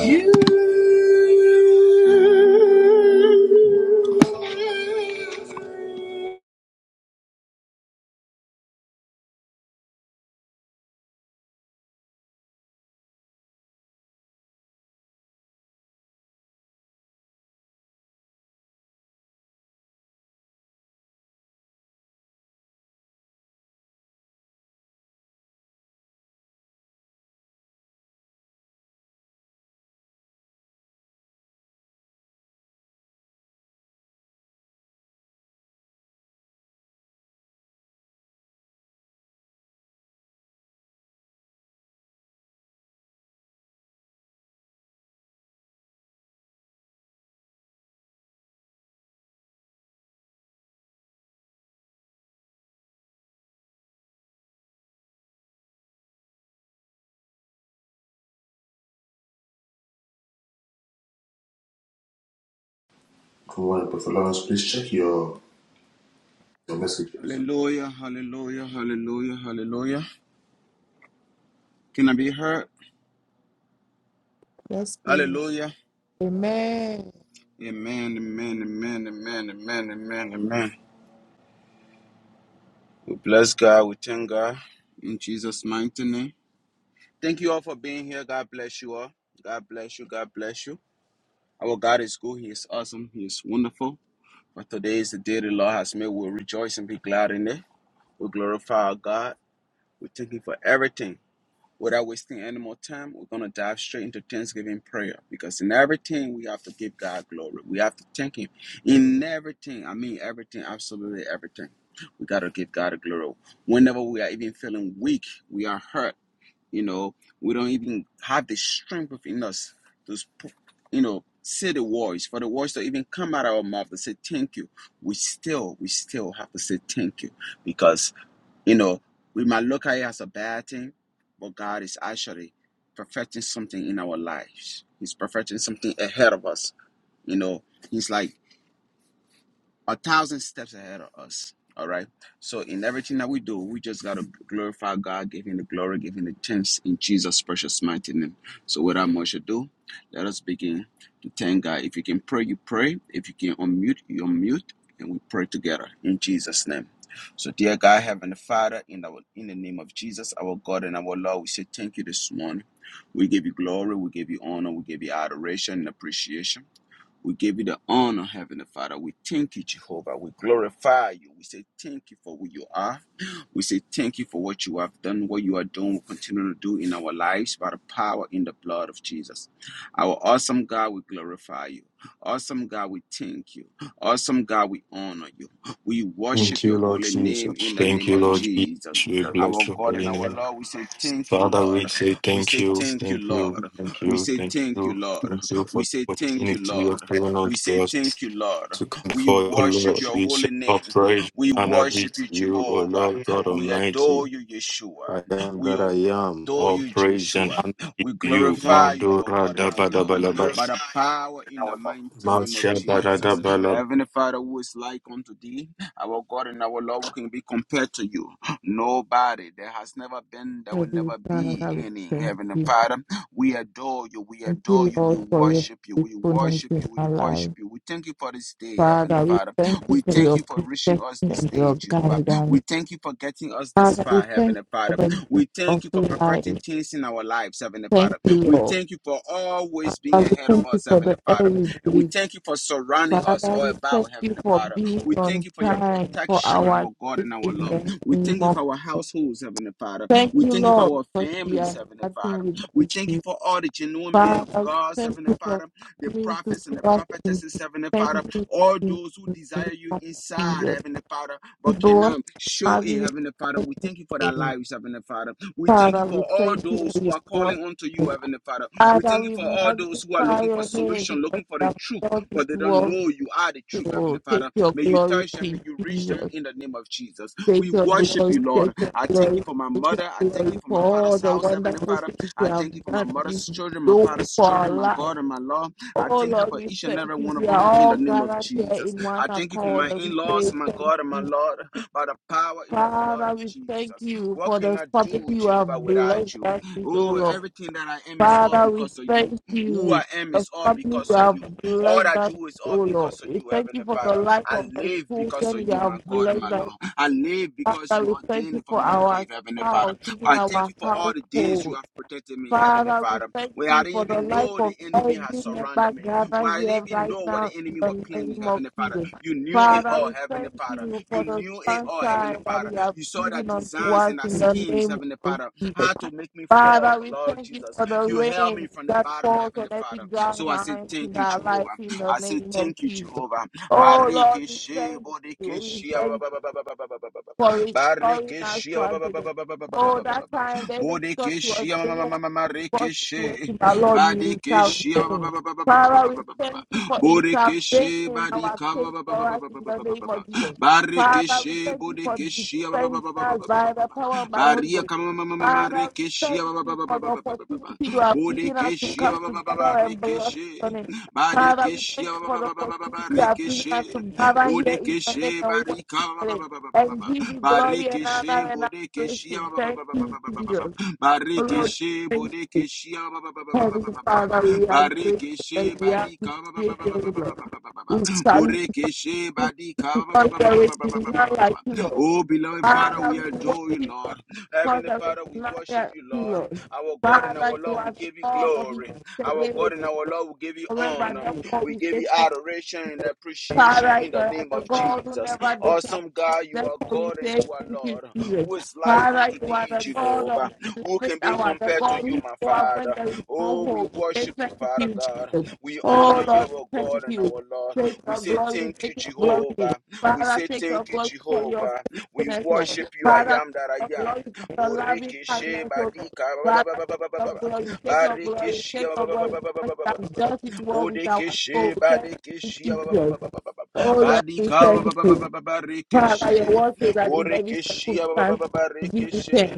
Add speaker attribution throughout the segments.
Speaker 1: You
Speaker 2: Alright, Brother Lawrence, please check your, your messages.
Speaker 1: Hallelujah, hallelujah, hallelujah, hallelujah. Can I be heard?
Speaker 3: Yes, please.
Speaker 1: Hallelujah.
Speaker 3: Amen.
Speaker 1: Amen, amen, amen, amen, amen, amen, amen. We bless God, we thank God in Jesus' mighty name. Thank you all for being here. God bless you all. God bless you, God bless you. Our God is good, He is awesome, He is wonderful. But today is the day the Lord has made. We'll rejoice and be glad in it. We glorify our God. We thank Him for everything. Without wasting any more time, we're going to dive straight into Thanksgiving prayer because in everything we have to give God glory. We have to thank Him in everything. I mean, everything, absolutely everything. We got to give God a glory. Whenever we are even feeling weak, we are hurt, you know, we don't even have the strength within us to, you know, say the words for the words to even come out of our mouth to say thank you. We still, we still have to say thank you because you know, we might look at it as a bad thing, but God is actually perfecting something in our lives. He's perfecting something ahead of us. You know, He's like, a thousand steps ahead of us. All right. So in everything that we do, we just gotta glorify God, give him the glory, give him the thanks in Jesus' precious mighty name. So without much ado, let us begin to thank God. If you can pray, you pray. If you can unmute, you unmute, and we pray together in Jesus' name. So dear God, Heavenly Father, in our in the name of Jesus, our God and our Lord, we say thank you this morning. We give you glory, we give you honor, we give you adoration and appreciation. We give you the honor, Heavenly Father. We thank you, Jehovah. We glorify you. We say thank you for who you are. We say thank you for what you have done, what you are doing, will continue to do in our lives by the power in the blood of Jesus. Our awesome God, we glorify you. Awesome God, we thank you. Awesome God, we honor you. We
Speaker 4: Thank
Speaker 1: worship
Speaker 4: you,
Speaker 1: your
Speaker 4: Lord
Speaker 1: holy
Speaker 4: Jesus.
Speaker 1: name in the
Speaker 4: Thank
Speaker 1: name
Speaker 4: you,
Speaker 1: of
Speaker 4: Lord Jesus.
Speaker 1: Jesus.
Speaker 4: We bless
Speaker 1: Our
Speaker 4: your
Speaker 1: God and
Speaker 4: holy
Speaker 1: our
Speaker 4: name.
Speaker 1: Lord, we say thank you,
Speaker 4: Father, we
Speaker 1: Lord.
Speaker 4: say
Speaker 1: We
Speaker 4: thank
Speaker 1: say
Speaker 4: you,
Speaker 1: thank you,
Speaker 4: thank you,
Speaker 1: Lord.
Speaker 4: thank
Speaker 1: We
Speaker 4: you,
Speaker 1: say
Speaker 4: thank
Speaker 1: thank you,
Speaker 4: you,
Speaker 1: Lord.
Speaker 4: thank you for
Speaker 1: We
Speaker 4: the
Speaker 1: say thank you,
Speaker 4: opportunity you
Speaker 1: Lord.
Speaker 4: have given
Speaker 1: We
Speaker 4: unto
Speaker 1: say
Speaker 4: us
Speaker 1: thank you, Lord.
Speaker 4: to come
Speaker 1: We
Speaker 4: before you, O
Speaker 1: worship
Speaker 4: Lord.
Speaker 1: your
Speaker 4: We say
Speaker 1: holy
Speaker 4: our
Speaker 1: name.
Speaker 4: praise
Speaker 1: We
Speaker 4: and honor be
Speaker 1: worship
Speaker 4: to
Speaker 1: you,
Speaker 4: you, O
Speaker 1: Jehovah.
Speaker 4: Lord God
Speaker 1: We adore
Speaker 4: Almighty.
Speaker 1: you, Yeshua.
Speaker 4: I am
Speaker 1: We
Speaker 4: that I
Speaker 1: obey.
Speaker 4: am.
Speaker 1: Adore
Speaker 4: All
Speaker 1: you,
Speaker 4: praise and
Speaker 1: Yeshua.
Speaker 4: honor be
Speaker 1: We
Speaker 4: to you.
Speaker 1: glorify you, our
Speaker 4: Madura
Speaker 1: God and
Speaker 4: da ba
Speaker 1: our
Speaker 4: da ba
Speaker 1: Lord,
Speaker 4: la ba.
Speaker 1: by the power in the mighty name of
Speaker 4: Masha da da da
Speaker 1: Jesus.
Speaker 4: ba la ba
Speaker 1: Heavenly Father, who is like unto thee, our God and our Lord, who can be compared to you? Nobody. There has never been, there will
Speaker 3: Heavenly
Speaker 1: never be
Speaker 3: Father, we
Speaker 1: any.
Speaker 3: thank
Speaker 1: Heavenly
Speaker 3: you.
Speaker 1: Father, we adore you. We
Speaker 3: Thank
Speaker 1: adore
Speaker 3: you,
Speaker 1: you. We
Speaker 3: Lord, for your
Speaker 1: worship you. We
Speaker 3: faithfulness
Speaker 1: worship
Speaker 3: in
Speaker 1: you. We
Speaker 3: our
Speaker 1: worship
Speaker 3: life.
Speaker 1: you. We thank you for this day, Heavenly
Speaker 3: Father, we
Speaker 1: Father.
Speaker 3: thank you
Speaker 1: We
Speaker 3: for
Speaker 1: thank
Speaker 3: your
Speaker 1: you for reaching
Speaker 3: protection
Speaker 1: us this
Speaker 3: and
Speaker 1: day,
Speaker 3: your
Speaker 1: Jehovah.
Speaker 3: guidance.
Speaker 1: We thank you for getting us this
Speaker 3: Father,
Speaker 1: far,
Speaker 3: we thank
Speaker 1: Heavenly
Speaker 3: you for
Speaker 1: Father.
Speaker 3: the gift
Speaker 1: We
Speaker 3: of
Speaker 1: thank you for perfecting
Speaker 3: life.
Speaker 1: things in our lives, Heavenly
Speaker 3: Thank
Speaker 1: Father.
Speaker 3: you,
Speaker 1: We
Speaker 3: Lord.
Speaker 1: thank you for always being
Speaker 3: Father, we
Speaker 1: ahead of
Speaker 3: thank you
Speaker 1: us,
Speaker 3: for
Speaker 1: Heavenly
Speaker 3: the air
Speaker 1: Father.
Speaker 3: we
Speaker 1: And we
Speaker 3: breathe.
Speaker 1: thank you for surrounding us
Speaker 3: Father,
Speaker 1: all
Speaker 3: we thank
Speaker 1: about,
Speaker 3: you
Speaker 1: Heavenly
Speaker 3: for
Speaker 1: Father.
Speaker 3: being
Speaker 1: We
Speaker 3: on
Speaker 1: thank you for your
Speaker 3: time for
Speaker 1: protection, our
Speaker 3: our
Speaker 1: God
Speaker 3: sake
Speaker 1: and our
Speaker 3: in
Speaker 1: love.
Speaker 3: the
Speaker 1: We
Speaker 3: name
Speaker 1: thank you
Speaker 3: of.
Speaker 1: for our households, Heavenly Father.
Speaker 3: Thank
Speaker 1: We
Speaker 3: you,
Speaker 1: thank you for
Speaker 3: Lord,
Speaker 1: our
Speaker 3: because we
Speaker 1: families,
Speaker 3: are
Speaker 1: Heavenly
Speaker 3: nothing
Speaker 1: Father. We
Speaker 3: without
Speaker 1: thank you
Speaker 3: you.
Speaker 1: for all the genuine men of
Speaker 3: Father,
Speaker 1: God,
Speaker 3: thank
Speaker 1: Heavenly
Speaker 3: you for
Speaker 1: Father, the
Speaker 3: coming to
Speaker 1: prophets and the
Speaker 3: us and
Speaker 1: prophetesses, Heavenly Father,
Speaker 3: defending
Speaker 1: all
Speaker 3: in
Speaker 1: those who
Speaker 3: the
Speaker 1: desire
Speaker 3: name
Speaker 1: you
Speaker 3: of
Speaker 1: inside,
Speaker 3: Jesus.
Speaker 1: Heavenly Father,
Speaker 3: We
Speaker 1: but
Speaker 3: bless
Speaker 1: cannot show it,
Speaker 3: you,
Speaker 1: Heavenly Father. We thank you for their
Speaker 3: name.
Speaker 1: lives, Heavenly Father. We thank
Speaker 3: Father,
Speaker 1: you
Speaker 3: we
Speaker 1: for all
Speaker 3: thank you
Speaker 1: those
Speaker 3: we
Speaker 1: who are
Speaker 3: bless
Speaker 1: calling unto you,
Speaker 3: you.
Speaker 1: Heavenly Father. We
Speaker 3: Father,
Speaker 1: thank you
Speaker 3: we
Speaker 1: for all those who are
Speaker 3: magnify
Speaker 1: looking for
Speaker 3: your name
Speaker 1: solution,
Speaker 3: because
Speaker 1: looking for
Speaker 3: you
Speaker 1: the
Speaker 3: have
Speaker 1: truth,
Speaker 3: brought this
Speaker 1: but they don't
Speaker 3: world
Speaker 1: know you are the truth, Heavenly
Speaker 3: to take
Speaker 1: Father.
Speaker 3: your
Speaker 1: May you
Speaker 3: glory
Speaker 1: touch them, may
Speaker 3: to
Speaker 1: you reach them
Speaker 3: Jesus.
Speaker 1: in the name of Jesus.
Speaker 3: Take
Speaker 1: We
Speaker 3: your
Speaker 1: worship
Speaker 3: glory,
Speaker 1: you,
Speaker 3: take
Speaker 1: Lord.
Speaker 3: your
Speaker 1: I thank you
Speaker 3: glory,
Speaker 1: for my
Speaker 3: take your
Speaker 1: mother. I thank
Speaker 3: glory
Speaker 1: you for
Speaker 3: for
Speaker 1: my
Speaker 3: all
Speaker 1: father's
Speaker 3: the
Speaker 1: house, Heavenly
Speaker 3: wonderful
Speaker 1: Father.
Speaker 3: things you
Speaker 1: I
Speaker 3: have
Speaker 1: thank you for my
Speaker 3: done in
Speaker 1: mother's
Speaker 3: this
Speaker 1: children, my
Speaker 3: world
Speaker 1: father's
Speaker 3: for our
Speaker 1: children, my
Speaker 3: life.
Speaker 1: God and my Lord. I
Speaker 3: Oh
Speaker 1: thank you
Speaker 3: Lord,
Speaker 1: for
Speaker 3: we
Speaker 1: each and
Speaker 3: thank
Speaker 1: every
Speaker 3: you.
Speaker 1: one of
Speaker 3: We are
Speaker 1: them in
Speaker 3: all
Speaker 1: the name of
Speaker 3: gathered here
Speaker 1: Jesus.
Speaker 3: in one
Speaker 1: I thank you for
Speaker 3: accord
Speaker 1: my
Speaker 3: and
Speaker 1: in
Speaker 3: we
Speaker 1: laws,
Speaker 3: say
Speaker 1: my
Speaker 3: thank
Speaker 1: God and my
Speaker 3: you.
Speaker 1: Lord, by the power in the blood
Speaker 3: Father,
Speaker 1: of
Speaker 3: we thank
Speaker 1: Jesus.
Speaker 3: you
Speaker 1: What
Speaker 3: for
Speaker 1: can
Speaker 3: the
Speaker 1: I
Speaker 3: family
Speaker 1: do,
Speaker 3: you
Speaker 1: Jehovah,
Speaker 3: have blessed
Speaker 1: without you?
Speaker 3: us with, oh
Speaker 1: Oh,
Speaker 3: Lord.
Speaker 1: everything that I am is all
Speaker 3: Father, we
Speaker 1: because of you.
Speaker 3: thank
Speaker 1: Who I
Speaker 3: you.
Speaker 1: am
Speaker 3: for The
Speaker 1: is all
Speaker 3: family
Speaker 1: because
Speaker 3: you
Speaker 1: of
Speaker 3: have
Speaker 1: you. All
Speaker 3: blessed
Speaker 1: I
Speaker 3: us with,
Speaker 1: do is all
Speaker 3: oh Lord.
Speaker 1: because of
Speaker 3: We
Speaker 1: you,
Speaker 3: thank you
Speaker 1: Heavenly
Speaker 3: for the
Speaker 1: Father.
Speaker 3: life
Speaker 1: I
Speaker 3: of the
Speaker 1: live because
Speaker 3: children
Speaker 1: of
Speaker 3: you
Speaker 1: you,
Speaker 3: have
Speaker 1: my God and my
Speaker 3: blessed us.
Speaker 1: Lord. I live because
Speaker 3: Father,
Speaker 1: you
Speaker 3: we thank
Speaker 1: ordained
Speaker 3: you
Speaker 1: for
Speaker 3: for
Speaker 1: me to
Speaker 3: our
Speaker 1: live, Heavenly Father.
Speaker 3: spouse, even
Speaker 1: I thank
Speaker 3: our
Speaker 1: you for all the days
Speaker 3: household.
Speaker 1: you have protected me, Heavenly
Speaker 3: Father, we
Speaker 1: Father,
Speaker 3: thank
Speaker 1: where I
Speaker 3: you
Speaker 1: didn't
Speaker 3: for the
Speaker 1: even
Speaker 3: life
Speaker 1: know
Speaker 3: of
Speaker 1: the enemy had
Speaker 3: every member
Speaker 1: surrounded me, where
Speaker 3: gathered
Speaker 1: I
Speaker 3: here
Speaker 1: didn't even
Speaker 3: right
Speaker 1: know what
Speaker 3: now
Speaker 1: the
Speaker 3: in
Speaker 1: enemy
Speaker 3: the
Speaker 1: was planning,
Speaker 3: name of
Speaker 1: Heavenly Father.
Speaker 3: Jesus.
Speaker 1: You knew it
Speaker 3: Father,
Speaker 1: all,
Speaker 3: we
Speaker 1: Heavenly
Speaker 3: thank
Speaker 1: Father.
Speaker 3: you for
Speaker 1: You
Speaker 3: the
Speaker 1: knew it all, Heavenly
Speaker 3: sunshine that
Speaker 1: Father.
Speaker 3: you have
Speaker 1: You saw the
Speaker 3: given unto
Speaker 1: designs
Speaker 3: us
Speaker 1: and the
Speaker 3: in the
Speaker 1: schemes,
Speaker 3: name
Speaker 1: Heavenly
Speaker 3: of
Speaker 1: Father,
Speaker 3: Jesus.
Speaker 1: how to make me fall,
Speaker 3: Father,
Speaker 1: but
Speaker 3: we
Speaker 1: Lord
Speaker 3: thank you
Speaker 1: Jesus.
Speaker 3: for the
Speaker 1: You held me
Speaker 3: rain
Speaker 1: from the
Speaker 3: that
Speaker 1: bottom,
Speaker 3: falls on
Speaker 1: Heavenly
Speaker 3: every
Speaker 1: Father.
Speaker 3: dry
Speaker 1: So I say,
Speaker 3: line
Speaker 1: Thank
Speaker 3: in
Speaker 1: you,
Speaker 3: our life
Speaker 1: Jehovah.
Speaker 3: in the
Speaker 1: I say,
Speaker 3: name of
Speaker 1: Thank you,
Speaker 3: Jesus.
Speaker 1: Jehovah.
Speaker 3: Oh Lord,
Speaker 1: Bariki
Speaker 3: we
Speaker 1: she,
Speaker 3: thank you.
Speaker 1: bodiki
Speaker 3: We
Speaker 1: she,
Speaker 3: thank
Speaker 1: ba- ba- ba- ba- ba- ba- ba- ba- ba- ba- ba- ba.
Speaker 3: for restoring us
Speaker 1: Barikishia
Speaker 3: to
Speaker 1: ba-
Speaker 3: us
Speaker 1: ba- ba- ba-
Speaker 3: again.
Speaker 1: ba- ba- ba- ba- ba-
Speaker 3: Oh,
Speaker 1: ba- ba-
Speaker 3: that
Speaker 1: ba- ba-
Speaker 3: time the enemy thought it was
Speaker 1: Bodikishia ma- ma- ma-
Speaker 3: anyone
Speaker 1: ma- ma-
Speaker 3: possible situation,
Speaker 1: rikishi.
Speaker 3: but Lord, you
Speaker 1: Badikishia ba- ba-
Speaker 3: intervene.
Speaker 1: ba- ba- ba- ba- ba- ba-
Speaker 3: Father,
Speaker 1: ba-
Speaker 3: we
Speaker 1: ba- ba- ba- ba.
Speaker 3: thank you for intervening
Speaker 1: Bodikishi
Speaker 3: in our
Speaker 1: badika ba-
Speaker 3: case
Speaker 1: ba-
Speaker 3: for
Speaker 1: ba- ba- ba-
Speaker 3: us
Speaker 1: ba- ba-
Speaker 3: in
Speaker 1: ba-
Speaker 3: the
Speaker 1: ba- ba- ba-
Speaker 3: name
Speaker 1: ba.
Speaker 3: of Jesus. Father, we
Speaker 1: Barikishi
Speaker 3: thank you for
Speaker 1: bodikishia ba- ba- ba-
Speaker 3: defending
Speaker 1: ba- ba- ba-
Speaker 3: us
Speaker 1: ba- ba- ba-
Speaker 3: by
Speaker 1: ba-
Speaker 3: the
Speaker 1: ba.
Speaker 3: power and by the Holy
Speaker 1: Baria
Speaker 3: Ghost.
Speaker 1: kama ma- ma- ma- ma-
Speaker 3: Father, we thank
Speaker 1: rikishia ba- ba-
Speaker 3: you
Speaker 1: ba- ba-
Speaker 3: for the
Speaker 1: ba- ba- ba- ba- ba- ba-
Speaker 3: opportunity
Speaker 1: ba.
Speaker 3: you have given us to
Speaker 1: Bodikishia
Speaker 3: come
Speaker 1: ba- ba- ba- ba-
Speaker 3: together
Speaker 1: ba-
Speaker 3: and bless
Speaker 1: rikishi.
Speaker 3: your name. Father, we
Speaker 1: Badikishia
Speaker 3: thank you
Speaker 1: ba-
Speaker 3: for
Speaker 1: ba-
Speaker 3: the
Speaker 1: ba- ba- ba- ba- ba-
Speaker 3: opportunity
Speaker 1: ba-
Speaker 3: you have given us
Speaker 1: rikishi.
Speaker 3: to gather here in your name
Speaker 1: Bodekeshi
Speaker 3: and worship
Speaker 1: barika
Speaker 3: your name and give you glory and honor
Speaker 1: Barikeshe
Speaker 3: and
Speaker 1: Bodekeshia
Speaker 3: adoration.
Speaker 1: ba- ba-
Speaker 3: Thank
Speaker 1: ba-
Speaker 3: you, Jesus. Oh, Lord,
Speaker 1: Barikeshe
Speaker 3: thank you.
Speaker 1: Bodekeshia
Speaker 3: Heavenly Father, we are grateful and
Speaker 1: Barikeshe
Speaker 3: we
Speaker 1: Badika ba-
Speaker 3: appreciate you, Lord. We salute
Speaker 1: Borekeshe
Speaker 3: you
Speaker 1: Badika
Speaker 3: because there is none like you, Lord.
Speaker 1: Oh beloved Father,
Speaker 3: Father,
Speaker 1: we
Speaker 3: we
Speaker 1: adore
Speaker 3: worship
Speaker 1: you,
Speaker 3: you
Speaker 1: Lord.
Speaker 3: because
Speaker 1: Heavenly
Speaker 3: there
Speaker 1: Father,
Speaker 3: is
Speaker 1: we
Speaker 3: none
Speaker 1: worship
Speaker 3: like
Speaker 1: you,
Speaker 3: you,
Speaker 1: Lord.
Speaker 3: Lord.
Speaker 1: Our God and
Speaker 3: Father,
Speaker 1: our
Speaker 3: you
Speaker 1: Lord,
Speaker 3: are
Speaker 1: we
Speaker 3: the
Speaker 1: give you
Speaker 3: God of
Speaker 1: glory. Our
Speaker 3: yesterday,
Speaker 1: God and our Lord, we give you
Speaker 3: forever.
Speaker 1: honor.
Speaker 3: Therefore,
Speaker 1: We
Speaker 3: we
Speaker 1: give
Speaker 3: say
Speaker 1: you
Speaker 3: thank you.
Speaker 1: adoration and appreciation
Speaker 3: Father,
Speaker 1: in
Speaker 3: you
Speaker 1: the
Speaker 3: are
Speaker 1: name
Speaker 3: the
Speaker 1: of
Speaker 3: God who
Speaker 1: Jesus.
Speaker 3: never disappoints.
Speaker 1: Awesome God, you are
Speaker 3: Therefore, we
Speaker 1: God and
Speaker 3: say
Speaker 1: you are
Speaker 3: thank you,
Speaker 1: Lord.
Speaker 3: Jesus.
Speaker 1: Who is like
Speaker 3: Father,
Speaker 1: unto
Speaker 3: you are
Speaker 1: thee,
Speaker 3: the God of
Speaker 1: Jehovah?
Speaker 3: the
Speaker 1: Who
Speaker 3: 11th
Speaker 1: can be
Speaker 3: hour, the
Speaker 1: compared to
Speaker 3: God
Speaker 1: you,
Speaker 3: who
Speaker 1: my
Speaker 3: show up when
Speaker 1: Father?
Speaker 3: there is no
Speaker 1: Oh, we
Speaker 3: hope. We Say
Speaker 1: worship you,
Speaker 3: thank
Speaker 1: Father
Speaker 3: you,
Speaker 1: God.
Speaker 3: Jesus.
Speaker 1: We honor
Speaker 3: Oh,
Speaker 1: you,
Speaker 3: Lord, we
Speaker 1: our
Speaker 3: thank
Speaker 1: God and
Speaker 3: you.
Speaker 1: our Lord.
Speaker 3: Take
Speaker 1: We
Speaker 3: your
Speaker 1: say
Speaker 3: glory,
Speaker 1: thank you,
Speaker 3: take your glory.
Speaker 1: Jehovah. We
Speaker 3: Father,
Speaker 1: say
Speaker 3: take your
Speaker 1: thank you,
Speaker 3: glory for your
Speaker 1: Jehovah. We
Speaker 3: faithfulness, Lord.
Speaker 1: worship you, I
Speaker 3: Father,
Speaker 1: am
Speaker 3: take
Speaker 1: that I
Speaker 3: your glory
Speaker 1: am.
Speaker 3: for your loving
Speaker 1: Boreke she
Speaker 3: kindness, oh Lord.
Speaker 1: badika ba- ba- ba-
Speaker 3: Father,
Speaker 1: ba- ba-
Speaker 3: take
Speaker 1: ba- ba-
Speaker 3: your
Speaker 1: ba-
Speaker 3: glory,
Speaker 1: ba.
Speaker 3: take your
Speaker 1: Bareke
Speaker 3: glory,
Speaker 1: she
Speaker 3: take
Speaker 1: ba-
Speaker 3: your
Speaker 1: ba- ba-
Speaker 3: glory,
Speaker 1: ba- ba- ba-
Speaker 3: because
Speaker 1: ba- ba-
Speaker 3: you
Speaker 1: ba- ba-
Speaker 3: have
Speaker 1: ba-
Speaker 3: dealt it
Speaker 1: ba.
Speaker 3: well with our
Speaker 1: Bodeke
Speaker 3: soul.
Speaker 1: she
Speaker 3: Thank
Speaker 1: badeke she ba-
Speaker 3: you,
Speaker 1: ba- ba-
Speaker 3: Jesus.
Speaker 1: ba- ba- ba- ba- ba- ba.
Speaker 3: Oh Lord, we
Speaker 1: Badika ba- ba-
Speaker 3: thank
Speaker 1: ba-
Speaker 3: you.
Speaker 1: ba- ba- ba-
Speaker 3: Father, your
Speaker 1: rekeshe.
Speaker 3: word says that in every
Speaker 1: Borekeshi ba- ba- ba-
Speaker 3: circumstance,
Speaker 1: ba- ba-
Speaker 3: we give you
Speaker 1: rekeshe.
Speaker 3: thanks.